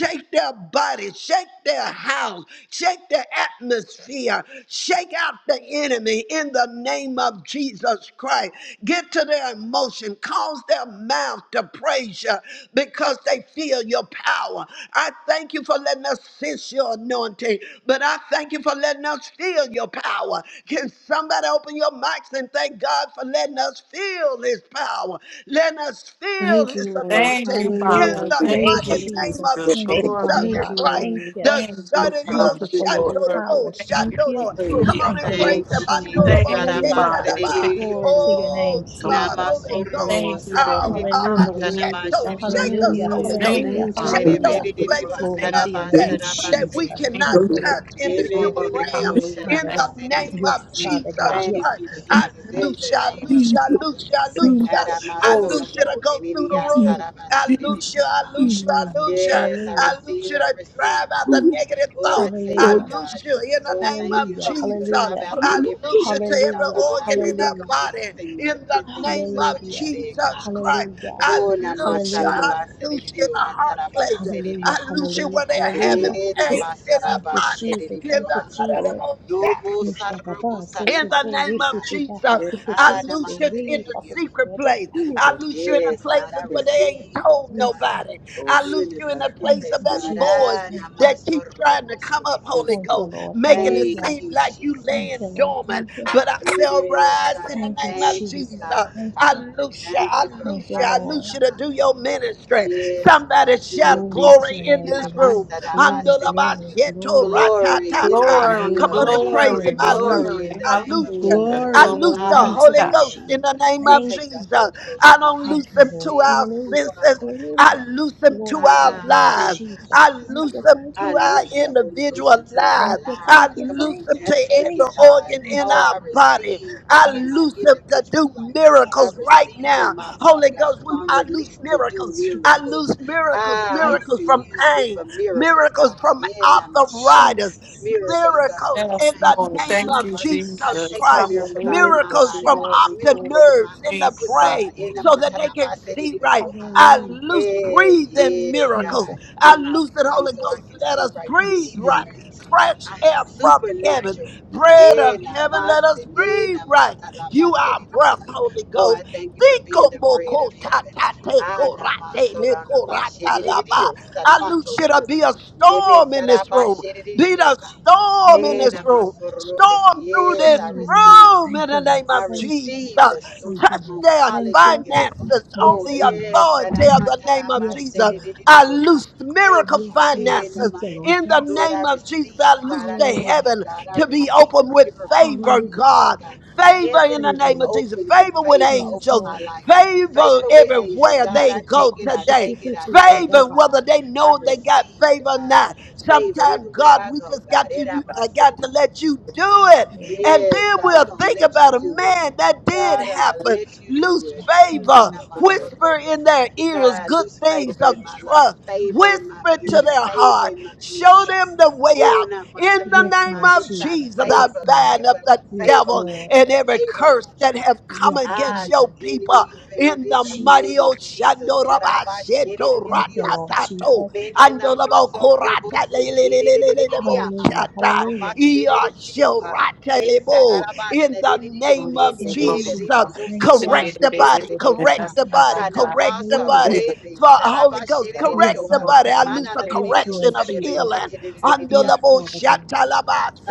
S2: Shake their bodies, shake their house, shake their atmosphere, shake out the enemy in the name of Jesus Christ. Get to their emotion, cause their mouth to praise you because they feel your power. I thank you for letting us sense your anointing, but I thank you for letting us feel your power. Can somebody open your mics and thank God for letting us feel his power? Letting us feel
S1: Thank
S2: his
S1: you, Lord.
S3: Thank
S2: anointing
S3: you,
S6: Thank you,
S2: in
S6: Lord.
S3: Father.
S1: Hallelujah.
S2: the
S6: Thank you,
S1: Thank
S7: Thank
S3: Thank
S1: you.
S2: mighty
S7: you,
S3: you,
S7: Jesus.
S2: name
S6: Jesus.
S2: of
S3: Jesus.
S6: Thank
S7: Thank
S6: you,
S7: you,
S3: Glory,
S6: Father
S2: Jesus
S7: dear.
S1: Thank
S6: God.
S1: you,
S3: hallelujah.
S2: Christ,
S6: Thank
S1: Lord.
S6: you.
S7: Thank
S2: the
S7: you,
S3: Thank
S2: Son
S4: Oh
S3: you,
S2: of
S7: praise
S4: God, I
S6: Thank
S2: your
S3: Father.
S6: you
S4: give
S6: for
S4: it
S7: the
S6: your
S7: Lord.
S3: Glory.
S6: power.
S2: Shandorobo,
S3: Thank you,
S6: Thank you.
S2: Shandoro.
S3: Jesus.
S4: praise
S2: Come
S7: Truly,
S2: on
S6: Thank
S2: and
S6: you,
S2: praise
S6: Lord
S8: Thank
S3: Hallelujah.
S2: Him.
S8: you,
S6: Jesus.
S8: Jesus.
S2: Andorobo
S3: Thank
S4: and
S3: you,
S4: that it
S6: Hallelujah.
S3: Father.
S2: Shetalaba.
S3: Stick it
S8: Harabaseridiyo.
S6: Glory
S3: in
S6: to
S3: the
S6: your name,
S2: Oh
S3: hand. So,
S2: God,
S6: Jesus.
S2: Holy
S6: Thank you,
S2: Ghost.
S6: Lord.
S3: Thank you,
S2: Oh,
S3: Lord.
S8: Namasorobosaradididi.
S9: Lord,
S2: Abba,
S6: Hallelujah.
S3: Hallelujah.
S2: Sheto,
S3: Thank you,
S2: shake us,
S8: Hatanamashirididiyosa.
S6: Hallelujah.
S3: Jesus.
S2: Holy
S1: Hallelujah.
S2: Ghost.
S3: Thank you,
S6: Hallelujah.
S1: Thank you,
S2: Shake
S3: Father.
S9: hallelujah,
S2: those
S6: Hallelujah.
S1: Lord.
S3: Glory.
S8: Serebedididiyo.
S2: places in
S6: Glory
S3: Thank
S6: to
S2: us
S6: your
S3: you.
S2: that
S6: name,
S3: Thank you,
S2: that
S6: Jesus.
S2: we
S3: Jesus.
S8: Hakarabasarabaseridiyo.
S3: Thank
S2: cannot
S6: Thank you,
S3: you,
S6: Lord.
S2: touch in the
S6: Yes,
S3: Lord.
S6: Lord.
S2: human
S3: Glory.
S8: Nemenididiyo.
S2: realm.
S6: Yes,
S3: Hallelujah.
S2: In
S6: Father
S3: Thank
S2: the
S6: God.
S3: you,
S2: name
S3: Jesus.
S8: Sharabaseridiyo.
S6: Yes,
S2: of
S3: Thank you,
S6: Father God.
S2: Jesus
S8: Thank
S3: Father.
S6: Yes,
S2: Christ,
S8: you,
S6: Lord.
S3: Stick it
S2: I
S8: Jesus.
S3: in the
S8: In
S2: loose
S8: the
S2: you, I
S3: hand.
S8: name of
S2: loose you, I
S8: Jesus.
S2: loose you, I loose
S6: Thank
S9: hallelujah.
S6: you,
S4: is
S2: you, I
S6: Jesus.
S4: Lord,
S2: loose you to
S8: Haramasonobo.
S2: go through the
S9: Thank
S6: Yes.
S2: room. I loose you,
S8: Nenidiyasarabaseridiyo.
S2: I loose you, I
S6: Hallelujah.
S2: loose you.
S8: Yes, I
S2: I
S6: Hallelujah.
S4: the
S2: loose
S8: receive,
S2: you
S4: Lord,
S8: I
S2: to
S8: receive,
S2: drive out
S8: God.
S2: the negative
S8: Oh, I
S2: thought.
S8: take
S2: I
S6: Hallelujah.
S8: it, God.
S2: loose you in the
S8: Oh,
S2: name
S8: thank
S2: of
S8: you,
S6: Hallelujah,
S8: Holy Spirit.
S2: Jesus.
S8: Drive
S6: hallelujah,
S8: out
S2: I
S8: the every
S2: loose you to
S8: negative
S2: every
S8: thought,
S6: hallelujah,
S8: God. I
S2: organ in
S8: think
S2: our
S6: hallelujah,
S8: on these
S2: body
S8: things, the
S2: in the
S8: good things
S2: name
S8: of what
S2: of
S8: you
S6: hallelujah,
S8: said,
S2: Jesus
S8: God.
S2: Christ.
S6: hallelujah,
S2: I
S8: Oh,
S4: the Lord,
S2: loose you.
S6: hallelujah,
S2: I
S8: namasaraba
S2: loose you in the
S8: sedidioha,
S2: heart
S8: taraba
S2: place.
S6: hallelujah,
S2: I
S8: sedidioha.
S2: loose you
S6: hallelujah,
S2: where they are
S4: the Lord,
S8: He
S2: having
S6: hallelujah.
S2: pains in their
S6: Thank
S8: namasaraba
S6: you,
S2: body.
S6: Jesus.
S2: In
S6: Thank you,
S8: sedidioha.
S4: Lord, Lord,
S6: Jesus.
S8: No
S2: the
S4: thank
S8: more
S4: you,
S6: Mushtagaba,
S4: Lord.
S6: so,
S8: sarabosa, no
S2: in
S6: so,
S8: more
S2: the
S6: so,
S2: name
S8: pain,
S6: rishi,
S2: of
S6: si,
S8: God.
S6: baha,
S2: Jesus,
S4: Yes,
S6: si, ke,
S4: Lord,
S2: I
S6: so,
S8: Ah,
S6: so,
S2: loose
S6: so,
S2: you in
S6: ri,
S2: the
S6: fa, fo,
S8: namasedidioha.
S6: fo,
S2: secret place.
S4: and
S2: I loose
S4: let
S2: you
S4: it
S2: in the
S8: Yes,
S6: Yes,
S8: God, I
S2: places
S4: be,
S2: where they ain't
S8: receive,
S2: told
S6: Lord. Yes,
S8: God.
S6: Lord.
S2: nobody.
S4: Lord,
S2: I
S8: You
S2: loose
S8: in the
S2: you in the
S4: Shabbat.
S8: secret
S6: Thank
S2: place of
S8: place,
S6: you,
S2: that
S4: God,
S8: God.
S4: yes, Lord,
S6: Jesus.
S2: voice
S8: Ah,
S6: Thank you.
S2: that keep trying to come
S8: namasorobosidi.
S2: up,
S4: thank
S2: Holy
S6: Thank you,
S2: Ghost,
S6: Lord.
S2: making it
S6: Hallelujah.
S8: Thank
S2: seem
S8: you,
S2: like you
S6: Thank you,
S2: laying
S8: Jesus.
S6: Lord.
S2: dormant.
S6: Thank you.
S2: But I shall
S8: Yes,
S2: rise
S8: God.
S2: in
S8: I
S2: the
S6: Thank you,
S2: name of
S8: Thank you,
S6: Jesus.
S2: Jesus.
S6: Thank
S8: God.
S2: I
S6: you.
S2: loose you,
S8: Thank
S2: I
S8: you for
S6: Thank
S2: loose
S6: you,
S2: you, I
S8: rising,
S2: loose
S6: Lord.
S2: you to
S8: God.
S2: do your ministry.
S8: Yes,
S2: Somebody
S8: God, do your
S2: shout
S6: Glory to
S2: glory
S6: your
S8: ministry
S2: in
S6: name.
S8: in the
S2: this
S6: Glory,
S2: room
S8: Masadaba
S6: glory,
S8: city.
S6: glory, glory,
S8: Glory in the
S2: ta.
S3: Glory,
S8: name
S2: Come
S8: of
S2: on
S6: glory.
S2: and praise
S8: Jesus.
S3: glory,
S2: him. I loose,
S8: Glory
S2: you.
S8: in
S3: glory.
S6: Hallelujah.
S8: the
S2: I
S8: name
S2: loose,
S6: Thank
S8: of
S2: you.
S6: you,
S3: Hallelujah.
S8: Jesus.
S6: Lord.
S2: I loose
S1: Glory.
S3: Glory
S2: the
S3: be
S6: Thank
S3: to
S2: Holy
S6: you,
S3: God.
S2: Ghost
S8: Hallelujah.
S2: in the
S6: Jesus.
S2: name
S8: We
S2: of
S6: Thank,
S8: take the
S2: Jesus.
S8: Holy Ghost.
S2: I
S8: Come on,
S2: don't
S8: I
S6: thank
S2: loose
S6: you,
S2: him
S6: Lord.
S2: to
S8: receive
S2: our
S6: Hallelujah.
S8: more of
S2: senses.
S8: the Holy
S2: I
S6: Hallelujah.
S8: Ghost.
S2: loose him to
S6: Glory to
S2: our
S6: your
S8: Ah,
S6: name,
S8: thank
S2: lives.
S8: you,
S6: Jesus.
S2: I
S8: Jesus.
S6: Thank
S8: Come
S2: loose
S6: you,
S8: on,
S2: him
S6: thank
S8: I
S6: you,
S2: to our
S6: thank
S8: loose the
S6: you.
S8: Holy Ghost
S2: individual
S8: into my
S6: Thank
S2: lives.
S6: you,
S2: I
S6: thank
S8: lives.
S6: you,
S8: Come on,
S2: loose
S6: thank
S2: him
S8: and I
S6: you,
S2: to
S8: take it,
S6: thank
S2: every
S6: you,
S8: God.
S2: organ
S6: thank
S2: in
S6: you.
S8: Oh,
S2: our
S8: I
S2: body.
S8: receive
S2: I
S8: God in my
S6: Yes,
S2: loose him to do
S8: individual life. I
S2: miracles
S6: yes,
S2: right
S6: Father
S8: receive
S6: God.
S2: now.
S8: in my
S6: Yes,
S8: body,
S2: Holy
S8: God.
S2: Ghost,
S8: Come
S2: we,
S8: on,
S2: I loose
S8: release to
S2: miracles.
S8: do
S2: I
S6: Jesus.
S2: loose
S8: miracles.
S2: miracles,
S8: Ah, you
S6: Yes,
S2: miracles
S8: can
S2: from
S6: Lord
S8: use
S2: pain
S8: me
S2: name.
S8: for
S6: Jesus.
S8: miracles, God.
S2: Miracles from
S8: In and my son,
S2: arthritis.
S6: Jesus,
S8: miracles, God,
S6: Jesus,
S2: Miracles
S8: for
S2: in
S3: Yes,
S2: the
S8: pain.
S3: Lord.
S8: Ah,
S2: name
S3: Thank
S8: and
S2: of
S3: you,
S8: my son, I
S2: Jesus
S6: Jesus,
S3: Jesus.
S8: take the
S2: Christ.
S6: Jesus,
S8: miracle, God, in
S3: Hallelujah.
S8: my
S2: Miracles
S8: body,
S2: from
S8: God, the
S6: Jesus.
S3: Glory,
S2: optic
S3: glory.
S8: miracle in my
S2: nerves in
S3: Thank
S2: the
S3: you,
S8: foot,
S6: Yes.
S8: God.
S3: Father.
S2: brain
S8: In and
S2: so
S8: my
S2: that they
S6: Hallelujah.
S8: tada,
S2: can
S8: my said it,
S2: see
S8: it, it, it,
S2: right. I
S6: Hallelujah.
S2: loose
S8: Eh,
S2: breathing
S8: yes,
S2: miracles.
S6: Jesus.
S8: God,
S2: I
S8: in my
S2: loose the
S8: breathing,
S2: Holy
S8: so I
S2: Ghost.
S8: can
S2: Let
S8: see
S2: us
S8: right
S2: breathe
S6: Yes,
S8: breathing.
S2: right.
S6: Lord.
S8: And so
S2: Fresh
S8: I have
S2: air from heaven.
S8: supernatural. breath.
S2: Bread
S8: Eh,
S2: of heaven, let us
S8: namaste, eh,
S2: breathe right.
S8: namaste,
S2: You are
S8: namaste.
S2: breath, Holy
S8: Oh, I
S2: Ghost.
S8: thank you for
S2: Think
S8: being the bread of heaven. Ah,
S2: rate le
S8: namasorana
S2: korata laba.
S8: bashiridiyo,
S2: I loose
S8: sanamanto
S2: you to
S8: ro.
S2: be a storm in this
S8: Nemesaraba
S2: room.
S6: Thank you,
S2: Be the
S6: Lord
S8: shiridiyoka.
S6: Jesus.
S2: storm in
S8: Eh,
S2: this
S6: Hallelujah.
S2: room.
S8: namasorobo.
S2: Storm through
S8: Yes,
S2: this
S8: I
S6: Hallelujah.
S8: receive.
S2: room in
S6: Thank you,
S2: the
S6: Lord.
S2: name
S8: I
S2: of
S6: Thank
S2: Jesus.
S6: you.
S8: receive the stone.
S6: Thank you,
S2: Touch
S6: Lord.
S2: their
S6: Thank you.
S8: Hallelujah.
S2: finances on
S8: Oh,
S6: Yes,
S2: the
S6: Lord.
S8: yes. and
S2: authority
S8: I'm
S2: of
S8: not
S2: the name of
S8: taraba,
S6: Yes,
S8: said
S2: Jesus.
S8: it,
S6: Lord.
S8: it, it, it,
S2: I
S8: yo, ha.
S2: loose miracle
S8: Thank you.
S6: Yes, Lord.
S8: In the
S2: finances
S6: Thank you,
S8: mouth.
S6: Lord.
S2: in the
S6: Yes.
S8: Lord, I
S2: name of Jesus.
S8: receive.
S2: I
S8: God,
S2: loose
S8: I
S2: the
S8: take
S6: Hallelujah.
S8: it.
S2: heaven
S8: God, I
S2: to be
S8: receive
S2: open with
S8: miracle
S2: favor,
S6: Hallelujah.
S8: finances.
S2: God.
S8: God,
S2: Favor in the
S8: heavens
S6: Favor,
S8: be
S2: name of
S6: Lord.
S2: Jesus.
S8: open with
S2: Favor with
S8: favor
S6: Yes,
S8: over
S2: angels.
S8: my
S6: Lord.
S8: life.
S2: Favor
S8: Favor with angels.
S2: everywhere
S8: God,
S6: Yes,
S2: they
S8: I
S2: go
S8: take it. I
S2: today.
S8: take it. I take it,
S2: Favor
S6: Lord.
S2: whether
S8: God.
S2: they
S8: I
S2: know they got
S8: receive,
S2: favor or
S8: God.
S2: not.
S8: Favor
S2: Sometimes,
S8: everywhere
S2: God,
S8: I
S2: we
S8: go,
S2: just
S8: God.
S2: got to
S8: It
S2: you-
S8: I
S2: I
S8: said
S2: got
S8: it. it,
S2: to
S8: it, oh,
S2: let
S8: ha.
S2: you do
S6: Yes,
S2: it.
S6: Lord.
S2: And
S8: Yes,
S2: then
S8: God,
S2: we'll
S8: we're going
S2: think
S8: to let you
S2: about it.
S8: do it.
S2: Man, that did
S8: God, I'm going to
S2: happen.
S8: let you do
S2: Loose
S8: it.
S6: Yes, Lord
S2: favor.
S8: Mm, now
S6: Jesus.
S4: you,
S8: my soul
S4: Lord.
S2: Whisper
S8: will
S2: in
S8: say,
S2: their ears
S8: God,
S2: good
S8: lose
S2: things
S8: favor
S2: of
S8: in my
S6: Yes,
S8: life,
S2: trust
S8: favor in my
S2: whisper to
S8: business,
S2: their
S6: yes,
S8: favor
S2: heart,
S8: in my hands,
S2: show
S8: God.
S2: them the
S6: Jesus.
S2: way
S8: Oh,
S2: out.
S8: not my soul,
S2: In
S8: that
S2: the
S8: it-
S6: Yes,
S2: name
S8: my
S6: Lord
S2: of
S6: Jesus.
S8: insides,
S2: Jesus, I
S6: Yes,
S8: favor, God,
S6: Lord.
S2: bind
S8: everywhere.
S2: up the
S6: Yes,
S8: Favor
S2: devil
S8: on the
S6: Lord.
S2: and every
S8: favor in
S2: curse
S8: my
S2: that
S8: travel.
S2: have come
S6: Yes,
S8: Ah,
S2: against
S8: you
S2: your
S6: Father.
S2: people.
S8: enemy, you bound
S2: In
S8: in
S2: the
S8: the
S2: mighty
S8: name of
S6: Jesus.
S8: Jesus.
S2: Oshando
S8: That I by shit it it
S2: Rabasheto
S8: it
S6: Thank you, Lord
S8: yosa.
S2: Ratatato
S6: Jesus.
S8: Men and I'm a
S2: Andolabo Korata Lelelelelelebo
S6: Hallelujah.
S2: Shata
S6: Hallelujah.
S8: sorrow,
S2: Iashorata
S8: Besa
S2: Lebo.
S8: daraba
S2: In
S8: na
S2: the
S8: dedidio
S2: name
S3: I'm gonna
S2: of
S8: ene
S3: say,
S6: Thank you,
S3: go,
S8: de
S2: Jesus,
S3: go, go.
S6: Jesus.
S8: dedidio
S6: Thank
S3: Should
S6: you.
S2: correct
S3: be
S8: sinamashi
S3: the
S2: the
S8: de
S3: best of
S2: body,
S3: the day that
S8: dedidio
S4: Hallelujah.
S8: ha
S2: correct
S3: God-
S6: Yes,
S2: the
S3: that
S6: Lord
S2: body,
S3: God-
S8: kana
S6: Jesus.
S3: that
S2: correct
S3: God-
S2: the
S3: that
S8: masa
S3: God-
S6: Hallelujah.
S2: body.
S8: re
S2: For
S8: besa daraba
S2: Holy
S3: go,
S2: Ghost,
S8: shiri
S3: go,
S6: Yes,
S2: correct
S3: go,
S8: dedidio
S2: the
S8: ha
S3: go,
S6: Lord.
S2: body. I
S3: go.
S2: lose
S8: mana
S2: a
S8: na
S3: Thank
S6: Yes,
S3: you,
S8: dedidio
S2: correction
S6: Lord
S2: of
S3: Jesus.
S8: sare
S6: Jesus.
S8: besa
S2: Healing,
S3: Is it a-
S2: undo
S8: dedidio ha.
S6: Yes,
S2: the blood
S6: Father
S2: shatter
S6: God.
S2: the bonds.